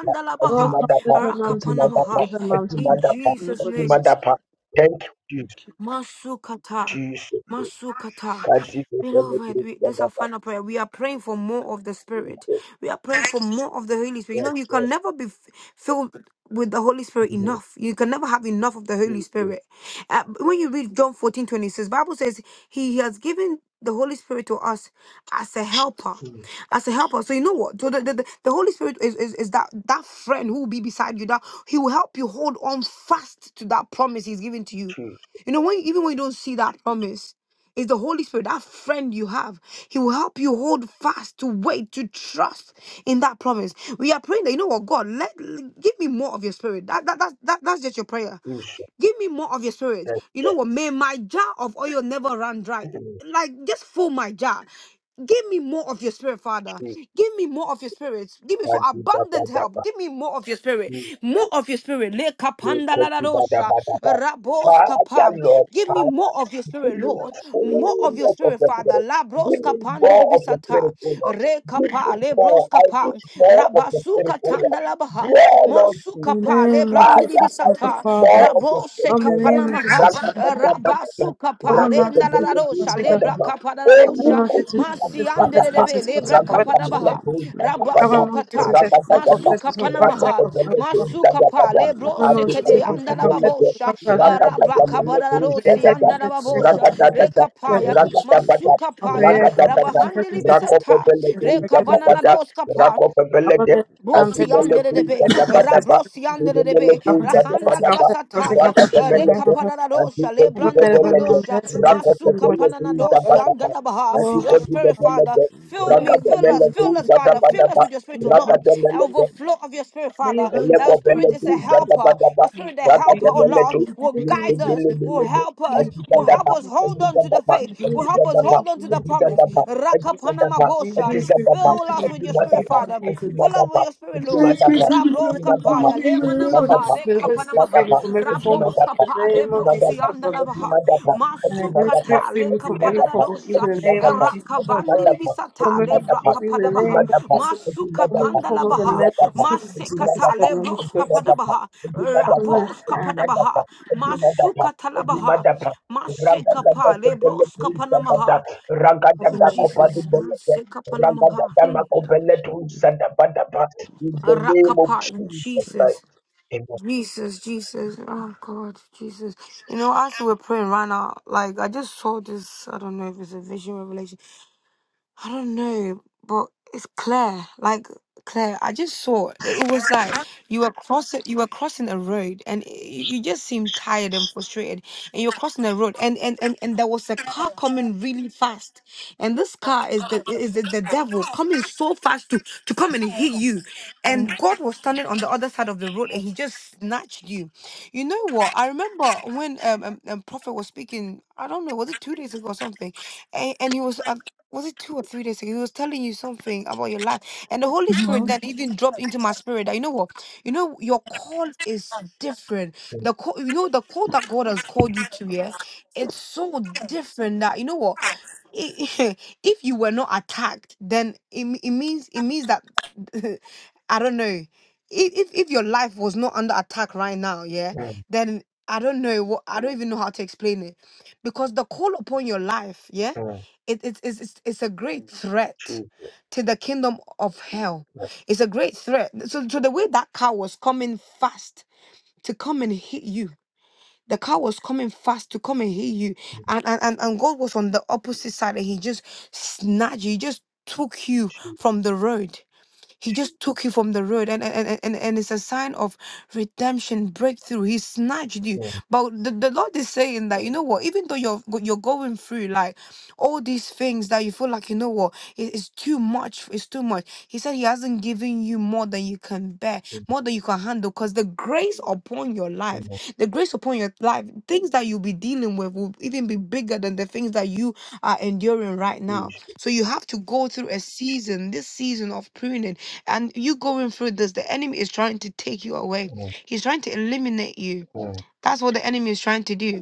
[SPEAKER 5] Oh, come
[SPEAKER 2] you.
[SPEAKER 5] with my
[SPEAKER 2] Thank
[SPEAKER 5] mom, take
[SPEAKER 2] you,
[SPEAKER 5] me, take the
[SPEAKER 3] Rakapanamaha.
[SPEAKER 5] with my mom,
[SPEAKER 2] Jesus.
[SPEAKER 5] take me,
[SPEAKER 3] In
[SPEAKER 2] I
[SPEAKER 5] take me,
[SPEAKER 3] Jesus'
[SPEAKER 5] Lord
[SPEAKER 3] name.
[SPEAKER 5] Jesus, so. God.
[SPEAKER 2] Thank
[SPEAKER 3] Masukata. Masukata. Beloved,
[SPEAKER 2] you,
[SPEAKER 3] we, this is our final prayer. We are praying for more of the Spirit.
[SPEAKER 2] Jesus.
[SPEAKER 3] We are praying for more of the Holy Spirit. You
[SPEAKER 2] Yes,
[SPEAKER 3] know, you can
[SPEAKER 2] yes.
[SPEAKER 3] never be f- filled with the Holy Spirit
[SPEAKER 2] Mm,
[SPEAKER 3] enough. You can never have enough of the Holy
[SPEAKER 2] Jesus.
[SPEAKER 3] Spirit. Uh, when you read John 14 26, Bible says he has given the Holy Spirit to us as a helper.
[SPEAKER 2] Mm,
[SPEAKER 3] As a helper, so you know what? So the, the, the the Holy Spirit is, is, is that that friend who will be beside you. That he will help you hold on fast to that promise he's given to you.
[SPEAKER 2] Jesus.
[SPEAKER 3] You know, when even when you don't see that promise, it's the Holy Spirit, that friend you have. He will help you hold fast, to wait, to trust in that promise. We are praying that you know what, God, let give me more of your spirit. That, that, that, that that's just your prayer.
[SPEAKER 2] Jesus.
[SPEAKER 3] Give me more of your spirit.
[SPEAKER 2] Yes,
[SPEAKER 3] You know
[SPEAKER 2] yes.
[SPEAKER 3] what? May my jar of oil never run dry.
[SPEAKER 2] Mm,
[SPEAKER 3] Like, just fill my jar. Give me more of your spirit, Father.
[SPEAKER 2] Jesus.
[SPEAKER 3] Give me more of your spirit. Give me
[SPEAKER 2] I
[SPEAKER 3] so
[SPEAKER 2] did that, that,
[SPEAKER 3] abundant
[SPEAKER 2] that,
[SPEAKER 3] help.
[SPEAKER 2] that.
[SPEAKER 3] Give me more of your spirit.
[SPEAKER 2] Mm,
[SPEAKER 3] More of your spirit. Le
[SPEAKER 2] Jesus.
[SPEAKER 3] kapanda la
[SPEAKER 2] God,
[SPEAKER 3] la
[SPEAKER 2] did that, that,
[SPEAKER 3] dosha.
[SPEAKER 2] that, that, that.
[SPEAKER 3] Rabos
[SPEAKER 2] Father,
[SPEAKER 3] kapam.
[SPEAKER 2] Lord,
[SPEAKER 3] Give
[SPEAKER 2] I
[SPEAKER 3] me more of your
[SPEAKER 2] give
[SPEAKER 3] spirit,
[SPEAKER 2] me
[SPEAKER 3] Lord.
[SPEAKER 2] so
[SPEAKER 3] More of your
[SPEAKER 2] much of
[SPEAKER 3] spirit,
[SPEAKER 2] the
[SPEAKER 3] Father.
[SPEAKER 2] Spirit.
[SPEAKER 3] La bros
[SPEAKER 2] Give me
[SPEAKER 3] kapandi
[SPEAKER 2] more of the
[SPEAKER 3] libisata.
[SPEAKER 2] Spirit, O Lord.
[SPEAKER 3] Re
[SPEAKER 2] Give
[SPEAKER 3] kapa.
[SPEAKER 2] me
[SPEAKER 3] Le bros
[SPEAKER 2] more. I
[SPEAKER 3] kapa.
[SPEAKER 2] need more of the Spirit,
[SPEAKER 3] Rabasuka
[SPEAKER 2] O
[SPEAKER 3] tanda la
[SPEAKER 2] Lord. Dwell
[SPEAKER 3] baha
[SPEAKER 2] on me.
[SPEAKER 5] In the
[SPEAKER 3] sukapa le
[SPEAKER 5] name of
[SPEAKER 2] Father,
[SPEAKER 3] brandidi di
[SPEAKER 5] Jesus,
[SPEAKER 2] I
[SPEAKER 5] so
[SPEAKER 2] need
[SPEAKER 5] good
[SPEAKER 3] sata
[SPEAKER 5] Father.
[SPEAKER 2] more of your
[SPEAKER 3] rabo
[SPEAKER 5] Oh,
[SPEAKER 2] spirit,
[SPEAKER 5] in the
[SPEAKER 2] O Lord.
[SPEAKER 5] name
[SPEAKER 3] sekapana
[SPEAKER 5] of
[SPEAKER 3] maha
[SPEAKER 5] Jesus, so good Father.
[SPEAKER 3] raba
[SPEAKER 2] Rakatatabatata,
[SPEAKER 5] Over
[SPEAKER 3] sukapa le
[SPEAKER 5] mountains, we
[SPEAKER 3] ndala
[SPEAKER 5] must
[SPEAKER 3] rosha
[SPEAKER 5] be
[SPEAKER 3] le
[SPEAKER 5] governed.
[SPEAKER 2] rakotobelebuzadaba.
[SPEAKER 3] brakapa da
[SPEAKER 5] Over
[SPEAKER 3] rosha
[SPEAKER 5] mountains, we
[SPEAKER 8] and the
[SPEAKER 5] must
[SPEAKER 2] Elukutika,
[SPEAKER 5] be
[SPEAKER 3] masi ande
[SPEAKER 8] Lord
[SPEAKER 5] protest,
[SPEAKER 3] de
[SPEAKER 2] batata,
[SPEAKER 3] de be
[SPEAKER 5] protest,
[SPEAKER 3] le
[SPEAKER 8] the
[SPEAKER 5] protest, protest.
[SPEAKER 3] brakapa
[SPEAKER 8] Lord
[SPEAKER 3] da baha
[SPEAKER 8] Jehovah's
[SPEAKER 3] raba
[SPEAKER 5] Over
[SPEAKER 2] rakatamalebuzadabada,
[SPEAKER 5] mountains, we
[SPEAKER 3] sukata
[SPEAKER 8] I
[SPEAKER 5] must the
[SPEAKER 8] pray
[SPEAKER 5] protest,
[SPEAKER 8] that you
[SPEAKER 2] rakatatata,
[SPEAKER 5] protest,
[SPEAKER 3] masuka
[SPEAKER 8] may
[SPEAKER 5] protest,
[SPEAKER 3] pana
[SPEAKER 8] have
[SPEAKER 5] protest.
[SPEAKER 3] maha
[SPEAKER 8] overflow
[SPEAKER 3] masuka pa
[SPEAKER 2] rakotobelebuzadabada.
[SPEAKER 8] by
[SPEAKER 3] le
[SPEAKER 8] your
[SPEAKER 3] bro
[SPEAKER 5] Over
[SPEAKER 8] Holy
[SPEAKER 5] mountains, we
[SPEAKER 3] sekede
[SPEAKER 8] Spirit
[SPEAKER 5] must be
[SPEAKER 3] anda
[SPEAKER 5] protest,
[SPEAKER 3] la
[SPEAKER 5] protest,
[SPEAKER 2] Adikotikimelebe,
[SPEAKER 3] babosha
[SPEAKER 5] protest, protest.
[SPEAKER 8] and
[SPEAKER 3] raba
[SPEAKER 8] pray
[SPEAKER 3] kabada la la
[SPEAKER 5] May your Holy
[SPEAKER 3] rosi
[SPEAKER 5] Spirit
[SPEAKER 2] rakatatamalebuzadaba,
[SPEAKER 8] may
[SPEAKER 3] anda la
[SPEAKER 5] come
[SPEAKER 8] it slip
[SPEAKER 3] babosha
[SPEAKER 8] me
[SPEAKER 2] rakatatata,
[SPEAKER 3] reka
[SPEAKER 8] in
[SPEAKER 3] paya
[SPEAKER 8] Holy Spirit
[SPEAKER 2] rakatabata,
[SPEAKER 8] in
[SPEAKER 3] masuka paya
[SPEAKER 8] all
[SPEAKER 3] raba
[SPEAKER 2] rakatatata,
[SPEAKER 8] areas of
[SPEAKER 3] handili bisata reka vana na
[SPEAKER 2] rakotobelebuzadabada,
[SPEAKER 3] doska
[SPEAKER 2] rakotobelede,
[SPEAKER 3] Brosi andere de be,
[SPEAKER 2] adibelebuzadabadaba.
[SPEAKER 3] rabrosi
[SPEAKER 5] in,
[SPEAKER 3] andere de be,
[SPEAKER 8] prayer.
[SPEAKER 3] rahanda la basataya, reka panana dosha, lebranda la badosha, masuka panana dosi andana baha. Your spirit, Father, fill me, fill us, fill us, Father, fill us with your spirit, O Lord.
[SPEAKER 2] Raka
[SPEAKER 3] Overflow of your spirit,
[SPEAKER 5] may your
[SPEAKER 3] Father.
[SPEAKER 5] Holy
[SPEAKER 3] That your spirit
[SPEAKER 2] Elekobeledu,
[SPEAKER 3] is a
[SPEAKER 8] Yes,
[SPEAKER 5] may
[SPEAKER 3] helper.
[SPEAKER 2] Jadabadaba,
[SPEAKER 3] Your spirit, the helper,
[SPEAKER 5] your
[SPEAKER 3] O
[SPEAKER 5] Holy
[SPEAKER 3] Lord,
[SPEAKER 2] Ragadabeledu,
[SPEAKER 5] Spirit
[SPEAKER 3] will
[SPEAKER 5] deliver me,
[SPEAKER 3] guide
[SPEAKER 5] may your Holy
[SPEAKER 3] us,
[SPEAKER 5] Spirit
[SPEAKER 3] will
[SPEAKER 2] Lipidilibilibi,
[SPEAKER 3] help
[SPEAKER 5] free
[SPEAKER 3] us,
[SPEAKER 5] me from
[SPEAKER 3] will
[SPEAKER 8] in
[SPEAKER 5] every
[SPEAKER 8] the
[SPEAKER 2] Adizadaba,
[SPEAKER 3] help
[SPEAKER 5] form
[SPEAKER 3] us
[SPEAKER 5] of
[SPEAKER 3] hold
[SPEAKER 5] evil.
[SPEAKER 3] on to the
[SPEAKER 2] Adizadaba,
[SPEAKER 8] mighty
[SPEAKER 5] May
[SPEAKER 3] faith,
[SPEAKER 5] your
[SPEAKER 8] name of
[SPEAKER 5] Holy
[SPEAKER 3] will
[SPEAKER 5] Spirit
[SPEAKER 3] help us
[SPEAKER 5] free
[SPEAKER 2] Adizadaba,
[SPEAKER 5] me
[SPEAKER 3] hold on
[SPEAKER 5] from
[SPEAKER 3] into the
[SPEAKER 5] every form of
[SPEAKER 3] promise.
[SPEAKER 2] Adizadaba,
[SPEAKER 5] evil.
[SPEAKER 2] Adizadaba,
[SPEAKER 5] May the
[SPEAKER 3] Rakapanamabosha.
[SPEAKER 5] Holy
[SPEAKER 2] Adizadaba,
[SPEAKER 5] Spirit come
[SPEAKER 8] pray.
[SPEAKER 3] Fill
[SPEAKER 5] with you
[SPEAKER 3] us with your
[SPEAKER 5] and with
[SPEAKER 3] spirit,
[SPEAKER 5] you
[SPEAKER 2] Adimadaba,
[SPEAKER 5] from
[SPEAKER 3] Father.
[SPEAKER 5] places.
[SPEAKER 3] Fill us
[SPEAKER 2] Adimadaba,
[SPEAKER 3] with your spirit,
[SPEAKER 5] May the Holy
[SPEAKER 3] Lord.
[SPEAKER 5] Spirit
[SPEAKER 2] Adimadaba,
[SPEAKER 5] free me from
[SPEAKER 3] Rabros
[SPEAKER 5] every
[SPEAKER 2] Adimadaba,
[SPEAKER 5] form of
[SPEAKER 3] kapaya,
[SPEAKER 2] Adimadaba,
[SPEAKER 3] le
[SPEAKER 5] evil in the name of
[SPEAKER 3] manamaha,
[SPEAKER 2] Adimadaba, Adimadaba,
[SPEAKER 5] Jesus.
[SPEAKER 3] le
[SPEAKER 5] May the Holy Spirit free
[SPEAKER 3] kapanamaha.
[SPEAKER 5] me from
[SPEAKER 2] Adimadaba,
[SPEAKER 5] every form of evil
[SPEAKER 3] Rabos
[SPEAKER 2] Adimadaba,
[SPEAKER 5] in the name
[SPEAKER 3] kapa, le
[SPEAKER 5] of Jesus,
[SPEAKER 8] next
[SPEAKER 2] Adimadaba,
[SPEAKER 8] to
[SPEAKER 5] oh
[SPEAKER 8] me
[SPEAKER 5] God.
[SPEAKER 3] brosiandanamaha.
[SPEAKER 8] the
[SPEAKER 2] Adimadaba,
[SPEAKER 8] mighty
[SPEAKER 5] And the
[SPEAKER 8] name of
[SPEAKER 5] Holy
[SPEAKER 2] Adimadaba,
[SPEAKER 8] Jesus.
[SPEAKER 5] Spirit
[SPEAKER 3] Masukata,
[SPEAKER 5] free
[SPEAKER 3] le
[SPEAKER 5] me from every form of evil
[SPEAKER 3] kapadadadosha.
[SPEAKER 5] in the
[SPEAKER 8] May
[SPEAKER 5] name
[SPEAKER 8] you
[SPEAKER 5] of
[SPEAKER 8] see
[SPEAKER 5] Jesus,
[SPEAKER 8] me
[SPEAKER 5] oh God.
[SPEAKER 3] Rakavandiri
[SPEAKER 5] From
[SPEAKER 3] bisata,
[SPEAKER 5] every
[SPEAKER 3] le
[SPEAKER 5] form
[SPEAKER 2] Adimadaba, Adimadaba,
[SPEAKER 5] of evil in the
[SPEAKER 3] brakapadabaha.
[SPEAKER 5] name of Jesus. From
[SPEAKER 2] Adimadaba,
[SPEAKER 5] every form
[SPEAKER 2] Adimadaba,
[SPEAKER 5] of evil in the
[SPEAKER 3] Masukapandalabaha.
[SPEAKER 5] name
[SPEAKER 2] Adimadaba,
[SPEAKER 5] of Jesus.
[SPEAKER 2] in
[SPEAKER 5] This is
[SPEAKER 2] the name
[SPEAKER 5] what is
[SPEAKER 3] Masekata,
[SPEAKER 5] good
[SPEAKER 2] of
[SPEAKER 3] le
[SPEAKER 5] and this is
[SPEAKER 2] Jesus,
[SPEAKER 5] what is
[SPEAKER 2] I
[SPEAKER 5] good.
[SPEAKER 3] broskapadabaha.
[SPEAKER 5] Cover me,
[SPEAKER 3] Rabos
[SPEAKER 5] alright.
[SPEAKER 3] kapadabaha. Masukatalabaha.
[SPEAKER 8] there.
[SPEAKER 3] Mashekapa, le
[SPEAKER 8] and May you
[SPEAKER 3] broskapanamaha. Oh, Jesus. Ma sekapanamaha. Hmm.
[SPEAKER 8] appreciate you. Also, in my God,
[SPEAKER 3] Arakapa.
[SPEAKER 8] praise.
[SPEAKER 3] Jesus.
[SPEAKER 2] am
[SPEAKER 3] Jesus, Jesus, oh God, Jesus. You know, as we're praying right now, like I just saw this, I don't know if it's a vision revelation. I don't know, but it's Claire. Like Claire, I just saw it was like you were crossing you were crossing a road and you, you just seemed tired and frustrated and you're crossing a road and, and and and there was a car coming really fast and this car is the is the, the devil coming so fast to to come and hit you and God was standing on the other side of the road and he just snatched you. You know what? I remember when um, um, um prophet was speaking I don't know was it 2 days ago or something and, and he was uh, was it two or three days ago? He was telling you something about your life, and the Holy Spirit then even dropped into my spirit that you know what, you know your call is different. The call, you know, the call that God has called you to, yeah, it's so different that you know what. i- [laughs] If you were not attacked, then it, me- it means it means that [laughs] I don't know. If, if if your life was not under attack right now, yeah, then I don't know what I don't even know how to explain it, because the call upon your life, yeah it, it, it's, it's it's a great threat to the kingdom of hell. It's a great threat. So, so the way that car was coming fast to come and hit you, the car was coming fast to come and hit you, and and and, and God was on the opposite side, and He just snatched you. He just took you
[SPEAKER 2] Jesus.
[SPEAKER 3] from the road. He just took you from the road, and and, and, and and it's a sign of redemption, breakthrough. He snatched you. But the, the Lord is saying that you know what, even though you're go- you're going through, like all these things that you feel like you know what it- it's too much it's too much he said he hasn't given you more than you can bear
[SPEAKER 2] mm,
[SPEAKER 3] more than you can handle because the grace upon your
[SPEAKER 2] mm, Jesus, mm, mm,
[SPEAKER 3] life
[SPEAKER 2] mm,
[SPEAKER 3] the grace upon your life things that you'll be dealing with will even be bigger than the things that you are enduring right now
[SPEAKER 2] Jesus,
[SPEAKER 3] so you have to go through a season this season of pruning and you going through this the enemy is trying to take you away
[SPEAKER 2] mm,
[SPEAKER 3] he's trying to eliminate you
[SPEAKER 2] mm,
[SPEAKER 3] that's what the enemy is trying to do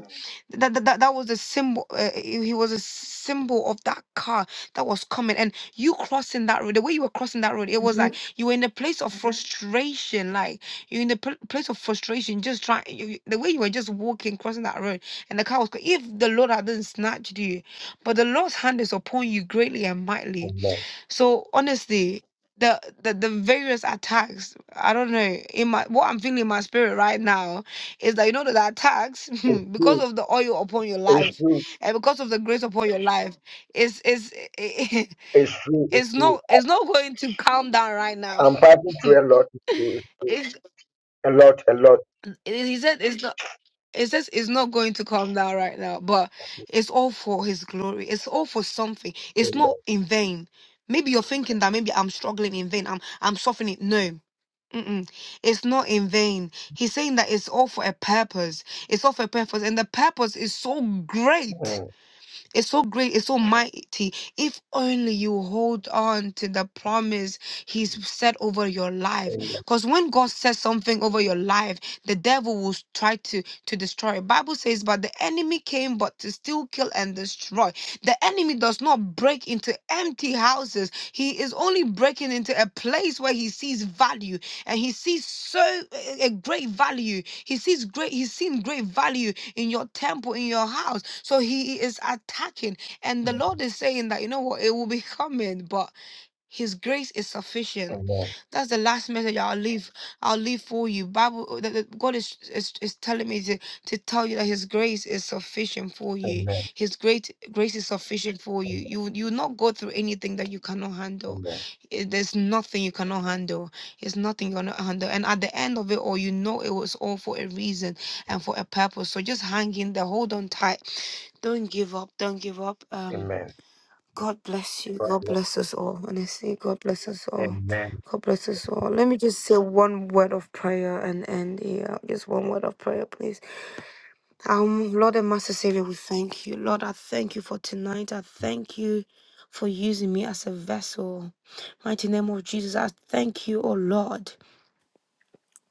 [SPEAKER 3] that that, that, that was a symbol. Uh, he he was a symbol of that car that was coming, and you crossing that road. The way you were crossing that road, it was like you were in a place of Mhm. frustration. Like you're in the pl- place of frustration, just trying. You, you- the way you were just walking, crossing that road, and the car was. co- If the Lord hadn't snatched you, but the Lord's hand is upon you greatly and mightily.
[SPEAKER 2] amen.
[SPEAKER 3] So honestly, the, the the various attacks, I don't know, in my what I'm feeling in my spirit right now is that you know that the attacks
[SPEAKER 2] It's
[SPEAKER 3] [laughs] because
[SPEAKER 2] true,
[SPEAKER 3] of the oil upon your
[SPEAKER 2] it's
[SPEAKER 3] life
[SPEAKER 2] true,
[SPEAKER 3] and because of the grace upon your life is is [laughs] it's
[SPEAKER 2] it's true, it's true.
[SPEAKER 3] not it's not going to calm down right now.
[SPEAKER 2] I'm fighting
[SPEAKER 3] [laughs]
[SPEAKER 2] through a lot. It's true, it's true.
[SPEAKER 3] It's,
[SPEAKER 2] A lot, a lot.
[SPEAKER 3] he said it's not. It's just it's not going to calm down right now, but it's all for his glory. It's all for something. It's not in vain. Maybe you're thinking that maybe I'm struggling in vain. I'm I'm suffering. No. Mm-mm. It's not in vain. He's saying that it's all for a purpose. It's all for a purpose, and the purpose is so great.
[SPEAKER 2] Amen.
[SPEAKER 3] It's so great, it's so mighty. If only you hold on to the promise He's said over your life.
[SPEAKER 2] Amen.
[SPEAKER 3] Because when God says something over your life, the devil will s- try to, to destroy. it. Bible says, But the enemy came but to steal, kill, and destroy. The enemy does not break into empty houses. He is only breaking into a place where he sees value and he sees so a great value. He sees great, he's seen great value in your temple, in your house. So he is attacking. And the Lord is saying that, you know what, it will be coming, but his grace is sufficient.
[SPEAKER 2] Amen.
[SPEAKER 3] That's the last message I'll leave. I'll leave for you. Bible, the, the- God is, is is telling me to to tell you that His grace is sufficient for you.
[SPEAKER 2] Amen.
[SPEAKER 3] His great grace is sufficient for you. You you will not go through anything that you cannot handle.
[SPEAKER 2] Amen. Amen.
[SPEAKER 3] Eh, There's nothing you cannot handle. It's nothing you cannot handle. And at the end of it all, you know it was all for a reason and for a purpose. So just hang in there. Hold on tight. Don't give up. Don't give up. Um
[SPEAKER 2] Amen.
[SPEAKER 3] God bless you.
[SPEAKER 2] God
[SPEAKER 3] God
[SPEAKER 2] bless.
[SPEAKER 3] bless us all. Honestly, God bless us all.
[SPEAKER 2] Amen. Amen.
[SPEAKER 3] God bless us all. Let me just say one word of prayer and end here. Just one word of prayer, please. Um, Lord and Master Savior, we thank you. Lord, I thank you for tonight. I thank you for using me as a vessel. Mighty name of Jesus, I thank you, oh Lord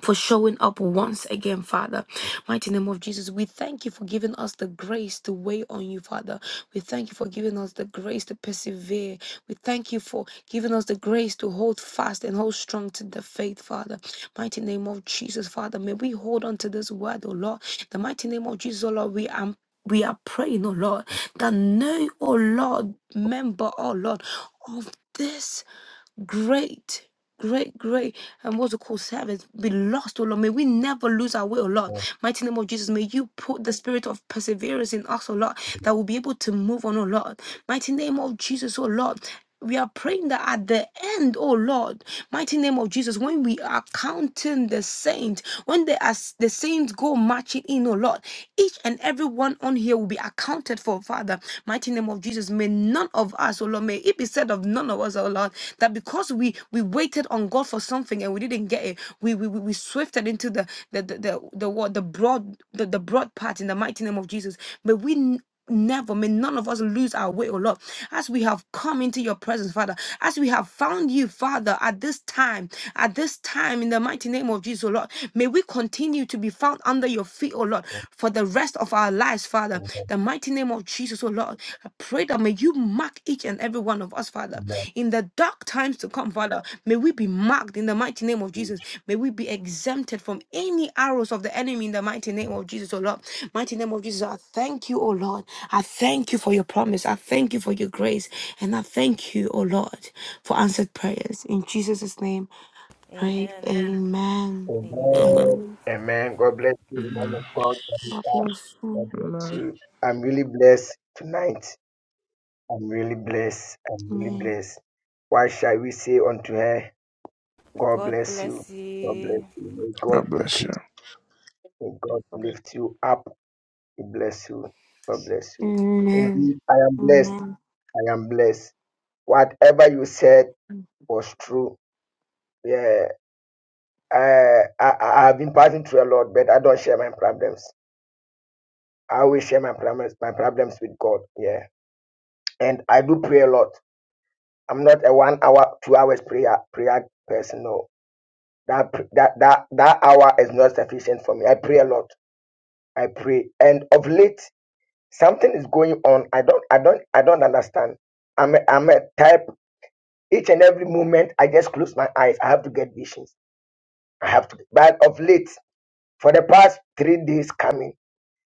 [SPEAKER 3] for showing up once again, Father. Mighty name of Jesus, we thank you for giving us the grace to wait on you, Father. We thank you for giving us the grace to persevere. We thank you for giving us the grace to hold fast and hold strong to the faith, Father. Mighty name of Jesus, Father. May we hold on to this word, O Lord. The mighty name of Jesus, O Lord, we are we are praying, O Lord, that no, O Lord, member, O Lord, of this great, great, great, and what's it called, servants be lost, O Lord. May we never lose our way, O Lord.
[SPEAKER 2] Amen.
[SPEAKER 3] Mighty name of Jesus, may you put the spirit of perseverance in us, O Lord, that we'll be able to move on, O Lord. Mighty name of Jesus, O Lord. We are praying that at the end, oh Lord, mighty name of Jesus, when we are counting the saints, when they are, the saints go marching in, oh Lord, each and every one on here will be accounted for, Father. Mighty name of Jesus. May none of us, oh Lord, may it be said of none of us, oh Lord, that because we we waited on God for something and we didn't get it, we we, we we swifted into the the the the the, what, the broad the, the broad path in the mighty name of Jesus. May we Never may none of us lose our way, O Lord. As we have come into your presence, Father, as we have found you, Father, at this time, at this time, in the mighty name of Jesus, O Lord, may we continue to be found under your feet, O Lord, for the rest of our lives, Father. The mighty name of Jesus, O Lord. Pray that may you mark each and every one of us, Father.
[SPEAKER 2] Amen.
[SPEAKER 3] In the dark times to come, Father, may we be marked in the mighty name of Jesus. May we be exempted from any arrows of the enemy in the mighty name of Jesus, oh Lord. Mighty name of Jesus, I thank you, oh Lord. I thank you for your promise. I thank you for your grace. And I thank you, oh Lord, for answered prayers. In Jesus' name, pray.
[SPEAKER 6] Amen.
[SPEAKER 3] Amen.
[SPEAKER 6] Amen.
[SPEAKER 10] um,
[SPEAKER 2] Amen.
[SPEAKER 3] Amen.
[SPEAKER 2] Amen. God bless you, man of
[SPEAKER 8] Amen.
[SPEAKER 2] God.
[SPEAKER 3] God
[SPEAKER 2] Tabitha.
[SPEAKER 3] bless you.
[SPEAKER 2] God bless
[SPEAKER 8] Amen.
[SPEAKER 2] you. I'm really blessed tonight. I'm really blessed. I'm really
[SPEAKER 3] Amen.
[SPEAKER 2] blessed. Why shall we say unto her, God
[SPEAKER 6] God
[SPEAKER 2] bless you?
[SPEAKER 6] bless
[SPEAKER 2] God bless
[SPEAKER 6] you.
[SPEAKER 2] you. May
[SPEAKER 8] God
[SPEAKER 2] God
[SPEAKER 8] bless you.
[SPEAKER 2] increase. May God lift you up. He bless you. God bless you. Indeed, I am blessed.
[SPEAKER 3] Amen.
[SPEAKER 2] I am blessed. Whatever you said was true. Yeah, I, I, I have been passing through a lot, but I don't share my problems. I always share my problems, my problems with God. Yeah, and I do pray a lot. I'm not a one hour, two hours prayer prayer person. No, that pr- that that that hour is not sufficient for me. I pray a lot. I pray, and of late something is going on. I don't I don't I don't understand. I'm a, I'm a type. Each and every moment, I just close my eyes. I have to get visions. I have to. But of late, for the past three days coming,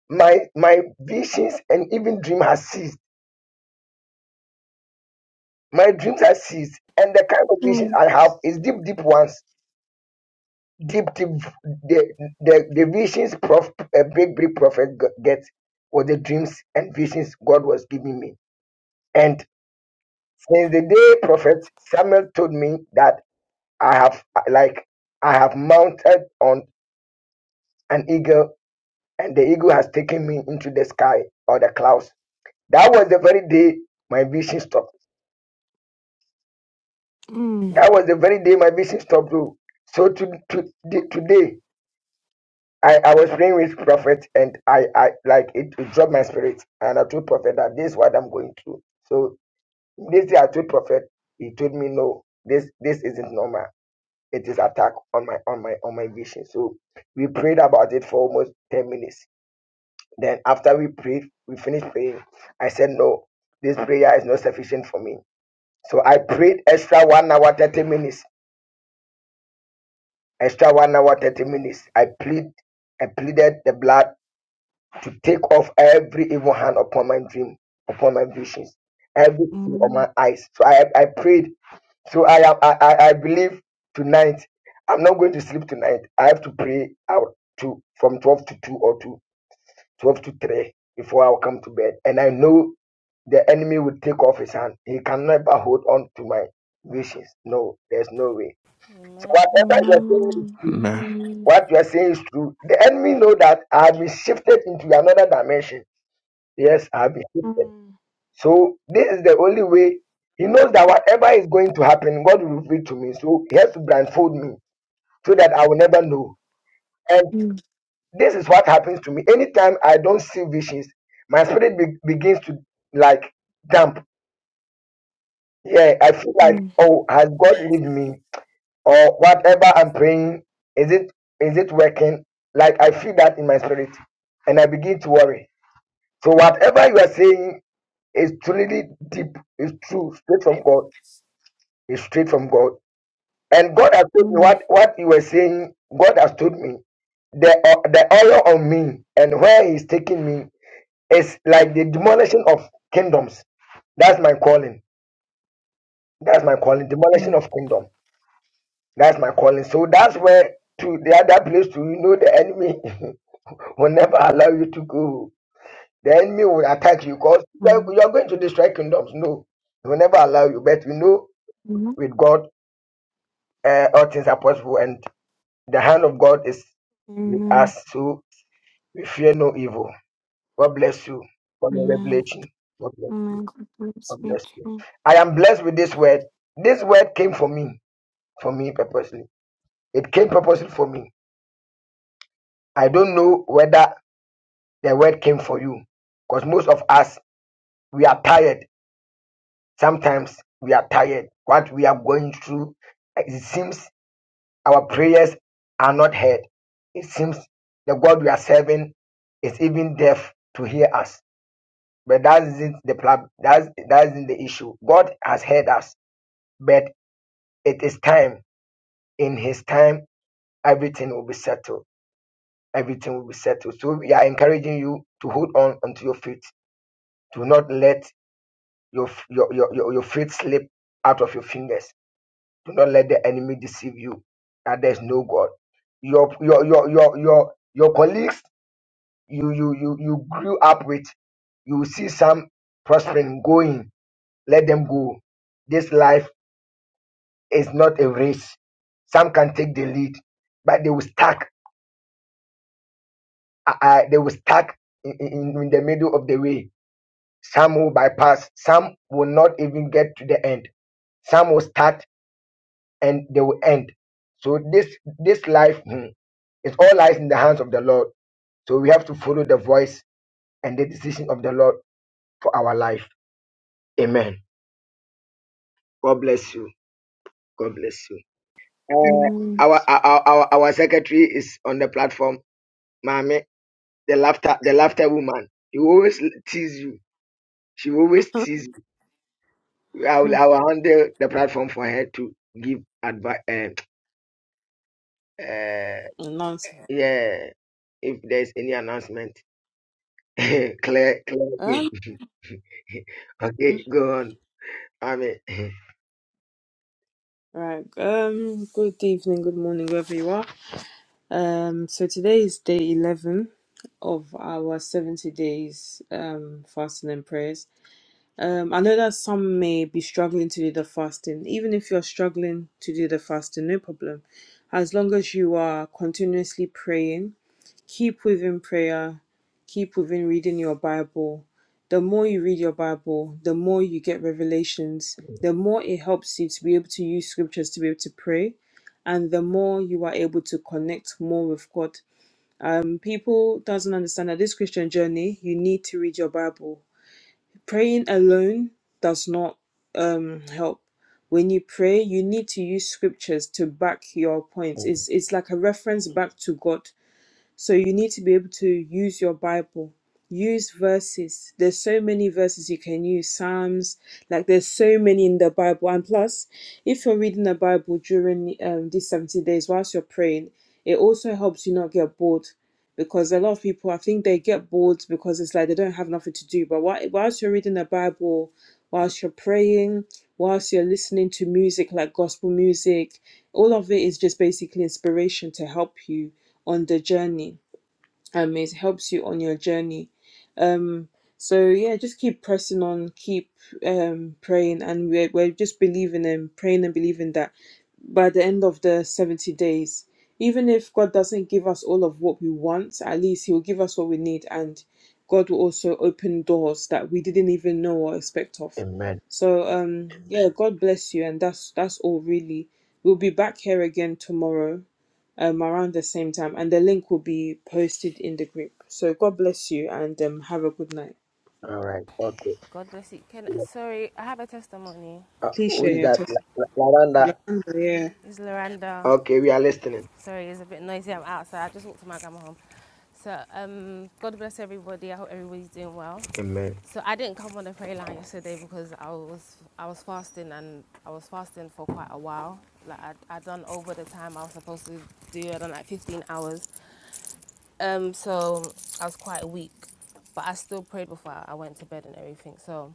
[SPEAKER 2] my my visions and even dream has ceased. My dreams have ceased, and the kind of
[SPEAKER 3] Amen.
[SPEAKER 2] visions I have is deep, deep ones. Deep, deep. The the, the visions, prof, a big, big prophet g- gets were the dreams and visions God was giving me. And since the day prophet Samuel told me that I have uh, like I have mounted on an eagle and the eagle has taken me into the sky or the clouds. That was the very day my vision stopped. That was the very day my vision stopped. oh. So to, to, the- today, I, I was praying with prophet and I, I like it, it dropped my spirit and I told prophet that this is what I'm going through. So this day I told prophet, he told me no, this this isn't normal. It is attack on my on my on my vision. So we prayed about it for almost ten minutes Then after we prayed, we finished praying. I said, No, this prayer is not sufficient for me. So I prayed extra one hour, 30 minutes. Extra one hour, 30 minutes. I plead, I pleaded the blood to take off every evil hand upon my dream, upon my visions, every thing on
[SPEAKER 3] Amen.
[SPEAKER 2] my eyes. So I, I prayed. So I am I, I I believe tonight I'm not going to sleep tonight. I have to pray out to from 12 to 2 or 2. 12 to 3 before I'll come to bed. And I know the enemy will take off his hand. He can never hold on to my visions. No, there's no way. So
[SPEAKER 6] Amen.
[SPEAKER 2] whatever you're saying is
[SPEAKER 3] Mm,
[SPEAKER 2] true.
[SPEAKER 8] Amen.
[SPEAKER 3] mm, mm,
[SPEAKER 2] What you are saying is true. The enemy know that I have been shifted into another dimension. Yes, I have been shifted.
[SPEAKER 3] mm,
[SPEAKER 2] So this is the only way. He knows that whatever is going to happen, God will reveal to me. So he has to blindfold me so that I will never know.
[SPEAKER 3] mm,
[SPEAKER 2] This is what happens to me. Anytime I don't see visions, my spirit be- begins to like jump. Yeah, I feel like,
[SPEAKER 3] mm,
[SPEAKER 2] oh, has God leave me? Or whatever I'm praying, is it is it working? Like I feel that in my spirit, and I begin to worry. So whatever you are saying is truly deep, is true, straight from God, is straight from God. And God has told me
[SPEAKER 3] mm,
[SPEAKER 2] what what you were saying. God has told me the uh, the oil on me and where He's taking me. It's like the demolition of kingdoms. That's my calling. That's my calling. Demolition
[SPEAKER 3] mm.
[SPEAKER 2] of kingdom. That's my calling. So that's where to the other place to you know the enemy [laughs] will never allow you to go. The enemy will attack you because you are going to destroy kingdoms. No, he will never allow you. But you know,
[SPEAKER 3] Amen.
[SPEAKER 2] with God, uh, all things are possible, and the hand of God is with
[SPEAKER 3] Amen.
[SPEAKER 2] us. So we fear no evil. God bless you for your
[SPEAKER 3] Amen.
[SPEAKER 2] revelation. God bless.
[SPEAKER 3] Amen. God bless
[SPEAKER 2] God
[SPEAKER 3] you
[SPEAKER 2] bless you. I am blessed with this word. This word came for me, for me purposely. It came purposely for me. I don't know whether the word came for you, because most of us we are tired. Sometimes we are tired. What we are going through, it seems our prayers are not heard. It seems the God we are serving is even deaf to hear us. But that isn't the problem. That's that isn't the issue. God has heard us, but it is time in His time everything will be settled. Everything will be settled. So we are encouraging you to hold on onto your faith. Do not let your your your, your, your faith slip out of your fingers. Do not let the enemy deceive you that there's no God. Your your your your your your colleagues you you you you grew up with, you will see some prospering going. Let them go. This life is not a race. Some can take the lead, but they will stack I, I- they will stuck in, in, in the middle of the way. Some will bypass. Some will not even get to the end. Some will start and they will end. So this this life hmm, it all lies in the hands of the Lord. So we have to follow the voice and the decision of the Lord for our life. Amen. God bless you. God bless you.
[SPEAKER 3] too.
[SPEAKER 2] Uh, our, our our our secretary is on the platform, Mami, the laughter the laughter woman. She will always tease you. She will always tease I will, I will handle the platform for her to give advice. Uh, uh, yeah, if there's any announcement, [laughs] clear, clear
[SPEAKER 5] Um,
[SPEAKER 2] again. [laughs] okay, go on. Amen. [laughs]
[SPEAKER 5] right. Um. Good evening. Good morning, wherever you are. Um, so today is day 11 of our 70 days um, fasting and prayers. Um, I know that some may be struggling to do the fasting. Even if you're struggling to do the fasting, no problem. As long as you are continuously praying, keep within prayer, keep within reading your Bible. The more you read your Bible, the more you get revelations, the more it helps you to be able to use scriptures to be able to pray and the more you are able to connect more with God people doesn't understand that this christian journey you need to read your bible praying alone does not um help when you pray you need to use scriptures to back your points it's it's like a reference back to god so you need to be able to use your Bible, use verses. There's so many verses you can use, Psalms, like there's so many in the Bible. And plus, if you're reading the Bible during um, these 70 days whilst you're praying, it also helps you not get bored. Because a lot of people, I think they get bored because it's like they don't have nothing to do. But whi- whilst you're reading the Bible, whilst you're praying, whilst you're listening to music like gospel music, all of it is just basically inspiration to help you on the journey um it helps you on your journey um so yeah just keep pressing on keep um praying and we're, we're just believing and praying and believing that by the end of the 70 days even if god doesn't give us all of what we want at least he'll give us what we need and god will also open doors that we didn't even know or expect of
[SPEAKER 2] Amen.
[SPEAKER 5] so um yeah god bless you and that's that's all really we'll be back here again tomorrow um, around the same time, and the link will be posted in the group. So God bless you and um, have a good night.
[SPEAKER 2] All right. Okay.
[SPEAKER 6] God bless you. Can sorry, I have a testimony.
[SPEAKER 2] Uh,
[SPEAKER 5] Please
[SPEAKER 2] who
[SPEAKER 5] share
[SPEAKER 2] is
[SPEAKER 5] your
[SPEAKER 2] that?
[SPEAKER 5] testimony.
[SPEAKER 2] La- La- Lavanda.
[SPEAKER 5] Lavender, Yeah.
[SPEAKER 6] It's Loranda.
[SPEAKER 2] Okay, we are listening.
[SPEAKER 6] Sorry, it's a bit noisy. I'm outside. I just walked to my grandma home. So um, God bless everybody. I hope everybody's doing well.
[SPEAKER 2] Amen.
[SPEAKER 6] So I didn't come on the prayer line yesterday because I was I was fasting and I was fasting for quite a while. Like I I done over the time I was supposed to do. I done like 15 hours. Um, so I was quite weak, but I still prayed before I went to bed and everything. So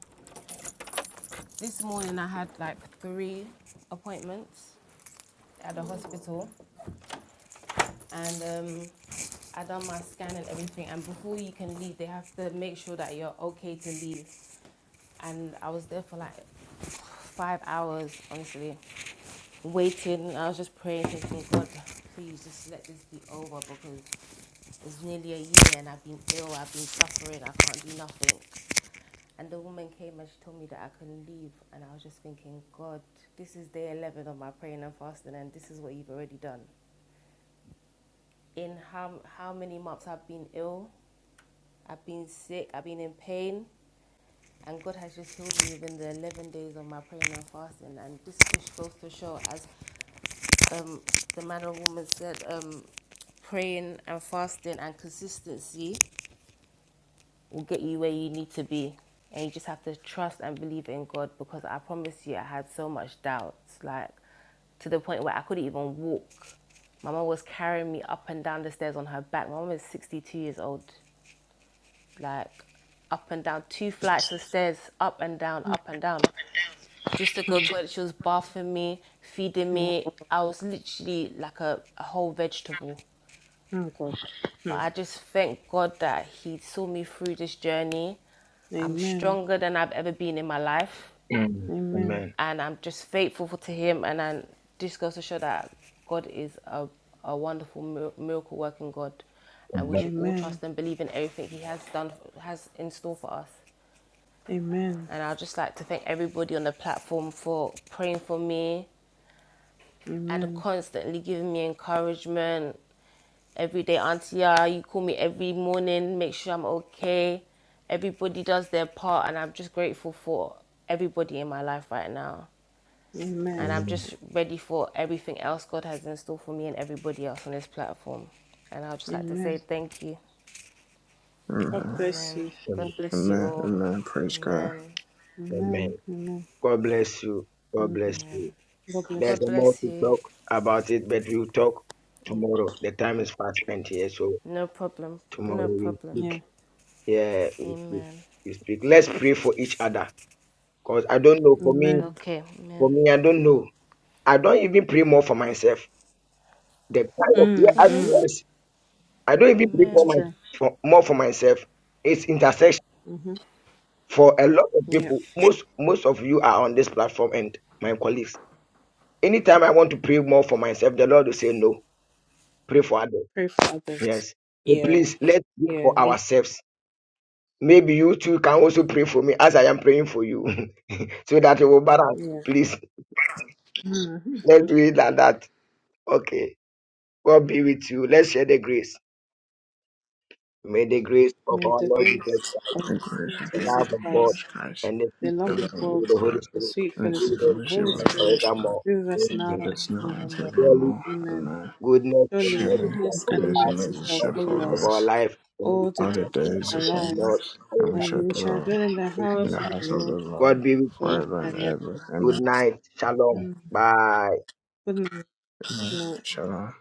[SPEAKER 6] this morning I had like three appointments at the hospital, and um, I done my scan and everything. And before you can leave, they have to make sure that you're okay to leave. And I was there for like five hours, honestly, waiting. I was just praying, thinking, God, please just let this be over because it's nearly a year and I've been ill, I've been suffering, I can't do nothing. And the woman came and she told me that I couldn't leave. And I was just thinking, God, this is day 11 of my praying and fasting, and this is what you've already done. In how, how many months I've been ill, I've been sick, I've been in pain, and God has just healed me within the 11 days of my praying and fasting. And this just goes to show, as the man or woman said, um, praying and fasting and consistency will get you where you need to be. And you just have to trust and believe in God because I promise you, I had so much doubt, like to the point where I couldn't even walk. My mom was carrying me up and down the stairs on her back. My mom is 62 years old, like up and down, two flights of stairs, up and down, up and down, just to go to
[SPEAKER 5] Hmm.
[SPEAKER 6] toilet. She was bathing me, feeding me.
[SPEAKER 5] Oh,
[SPEAKER 6] I was literally like a, a whole vegetable
[SPEAKER 5] oh God. Hmm.
[SPEAKER 6] But I just thank God that He saw me through this journey. I'm
[SPEAKER 5] Amen.
[SPEAKER 6] stronger than I've ever been in my life,
[SPEAKER 2] Mm.
[SPEAKER 5] Amen.
[SPEAKER 2] Amen.
[SPEAKER 6] and I'm just faithful to Him. And I just goes to show that God is a, a wonderful miracle working God, and we
[SPEAKER 2] Amen.
[SPEAKER 6] should all
[SPEAKER 5] Amen.
[SPEAKER 6] trust and believe in everything He has done has in store for us.
[SPEAKER 5] Amen.
[SPEAKER 6] And I'd just like to thank everybody on the platform for praying for me and
[SPEAKER 5] Amen.
[SPEAKER 6] constantly giving me encouragement every day, Auntie, yeah, you call me every morning, make sure I'm okay. Everybody does their part, and I'm just grateful for everybody in my life right now. And
[SPEAKER 5] Amen.
[SPEAKER 6] I'm
[SPEAKER 2] Amen.
[SPEAKER 6] just ready for everything else God has in store for me and everybody else on this platform. And I'd just like to
[SPEAKER 5] Amen.
[SPEAKER 6] say thank you.
[SPEAKER 5] God
[SPEAKER 8] Amen.
[SPEAKER 5] bless
[SPEAKER 6] Amen.
[SPEAKER 5] you.
[SPEAKER 6] God
[SPEAKER 5] God
[SPEAKER 6] bless
[SPEAKER 5] bless
[SPEAKER 6] you
[SPEAKER 8] Amen.
[SPEAKER 6] all.
[SPEAKER 8] Amen. Praise God.
[SPEAKER 6] Amen.
[SPEAKER 5] you.
[SPEAKER 2] Amen.
[SPEAKER 5] Amen. Amen.
[SPEAKER 2] God bless you. God
[SPEAKER 5] Amen.
[SPEAKER 2] bless you.
[SPEAKER 6] Amen.
[SPEAKER 5] God bless
[SPEAKER 2] There's
[SPEAKER 6] God
[SPEAKER 2] a more
[SPEAKER 6] bless
[SPEAKER 2] to
[SPEAKER 6] you.
[SPEAKER 2] talk about it, but we'll talk tomorrow. The time is fast spent here, so
[SPEAKER 6] No problem.
[SPEAKER 2] tomorrow
[SPEAKER 6] No
[SPEAKER 2] we
[SPEAKER 5] you.
[SPEAKER 6] problem.
[SPEAKER 2] speak. Yeah, we speak.
[SPEAKER 6] Amen.
[SPEAKER 2] We speak. Let's pray for each other, cause I don't know.
[SPEAKER 5] Yeah.
[SPEAKER 2] For me,
[SPEAKER 5] Amen.
[SPEAKER 6] Okay.
[SPEAKER 2] for
[SPEAKER 6] Amen.
[SPEAKER 2] me, I don't know. I don't even pray more for myself. The kind of yeah,
[SPEAKER 5] Mm,
[SPEAKER 2] I,
[SPEAKER 5] mm.
[SPEAKER 2] yes, I don't even pray
[SPEAKER 5] It's
[SPEAKER 2] for
[SPEAKER 6] Amen.
[SPEAKER 2] my
[SPEAKER 5] true.
[SPEAKER 2] for more for myself. It's intercession
[SPEAKER 5] Mm-hmm.
[SPEAKER 2] for a lot of
[SPEAKER 5] Yeah.
[SPEAKER 2] people. Most most of you are on this platform and my colleagues. Anytime I want to pray more for myself, the Lord will say no. Pray for others
[SPEAKER 5] Pray for others.
[SPEAKER 2] Yes. So
[SPEAKER 5] Yeah.
[SPEAKER 2] please
[SPEAKER 5] It-
[SPEAKER 2] let's pray
[SPEAKER 5] Yeah.
[SPEAKER 2] for
[SPEAKER 5] Me-
[SPEAKER 2] ourselves. Maybe you too can also pray for me as I am praying for you. [laughs] so that we will balance.
[SPEAKER 5] Yeah.
[SPEAKER 2] Please
[SPEAKER 5] Hmm.
[SPEAKER 2] let's do it like that. Okay. God be with you. Let's share the grace. May the grace of
[SPEAKER 5] May
[SPEAKER 2] our
[SPEAKER 5] the
[SPEAKER 2] Lord Jesus
[SPEAKER 5] grace
[SPEAKER 2] Christ,
[SPEAKER 5] of our
[SPEAKER 8] The grace
[SPEAKER 5] Lord
[SPEAKER 8] of
[SPEAKER 2] the
[SPEAKER 8] our
[SPEAKER 5] Jesus
[SPEAKER 2] love
[SPEAKER 8] Lord
[SPEAKER 2] of God,
[SPEAKER 8] Jesus
[SPEAKER 5] Christ,
[SPEAKER 8] Christ,
[SPEAKER 2] and the
[SPEAKER 5] the
[SPEAKER 2] peace
[SPEAKER 8] the
[SPEAKER 2] of
[SPEAKER 5] love
[SPEAKER 2] the
[SPEAKER 8] love
[SPEAKER 5] of
[SPEAKER 8] of
[SPEAKER 5] God,
[SPEAKER 8] God,
[SPEAKER 2] Holy
[SPEAKER 5] the
[SPEAKER 2] Spirit,
[SPEAKER 5] sweet
[SPEAKER 8] and the
[SPEAKER 2] be
[SPEAKER 8] free
[SPEAKER 2] with
[SPEAKER 5] fellowship of
[SPEAKER 2] us
[SPEAKER 5] the
[SPEAKER 8] fellowship
[SPEAKER 5] Holy
[SPEAKER 8] of
[SPEAKER 2] and
[SPEAKER 8] the Holy
[SPEAKER 5] Spirit
[SPEAKER 8] Spirit,
[SPEAKER 2] forevermore.
[SPEAKER 5] be with us
[SPEAKER 2] Amen.
[SPEAKER 8] be
[SPEAKER 5] now
[SPEAKER 8] with
[SPEAKER 5] and
[SPEAKER 8] us now and
[SPEAKER 5] forevermore.
[SPEAKER 2] Surely
[SPEAKER 8] forevermore.
[SPEAKER 5] Amen.
[SPEAKER 8] Amen.
[SPEAKER 2] goodness and
[SPEAKER 5] Surely
[SPEAKER 2] mercy
[SPEAKER 8] Surely,
[SPEAKER 2] shall
[SPEAKER 5] goodness
[SPEAKER 2] follow
[SPEAKER 5] and
[SPEAKER 8] goodness
[SPEAKER 2] us
[SPEAKER 8] and
[SPEAKER 5] mercy
[SPEAKER 8] mercy
[SPEAKER 5] shall
[SPEAKER 2] all
[SPEAKER 8] shall
[SPEAKER 2] the days
[SPEAKER 5] follow
[SPEAKER 2] of
[SPEAKER 8] follow
[SPEAKER 5] us
[SPEAKER 2] our
[SPEAKER 8] us
[SPEAKER 2] life. And we
[SPEAKER 5] all the
[SPEAKER 2] shall
[SPEAKER 8] all
[SPEAKER 5] days
[SPEAKER 8] the
[SPEAKER 2] bless
[SPEAKER 5] of
[SPEAKER 2] in the
[SPEAKER 8] days
[SPEAKER 5] our
[SPEAKER 2] house
[SPEAKER 8] of
[SPEAKER 2] of the
[SPEAKER 8] our
[SPEAKER 2] Lord.
[SPEAKER 5] lives,
[SPEAKER 8] lives, and we
[SPEAKER 2] forever.
[SPEAKER 5] and
[SPEAKER 8] shall
[SPEAKER 5] we shall
[SPEAKER 8] dwell
[SPEAKER 5] dwell in the
[SPEAKER 2] Amen.
[SPEAKER 8] in the
[SPEAKER 5] house of the
[SPEAKER 8] house of the
[SPEAKER 5] Lord
[SPEAKER 8] Lord
[SPEAKER 2] God be with you.
[SPEAKER 5] forever
[SPEAKER 8] forever and
[SPEAKER 5] and ever.
[SPEAKER 8] ever.
[SPEAKER 2] Good
[SPEAKER 8] Amen.
[SPEAKER 2] night. Shalom.
[SPEAKER 5] Amen.
[SPEAKER 2] Bye.
[SPEAKER 5] Good night.
[SPEAKER 8] Amen.
[SPEAKER 5] Good night.
[SPEAKER 8] Shalom.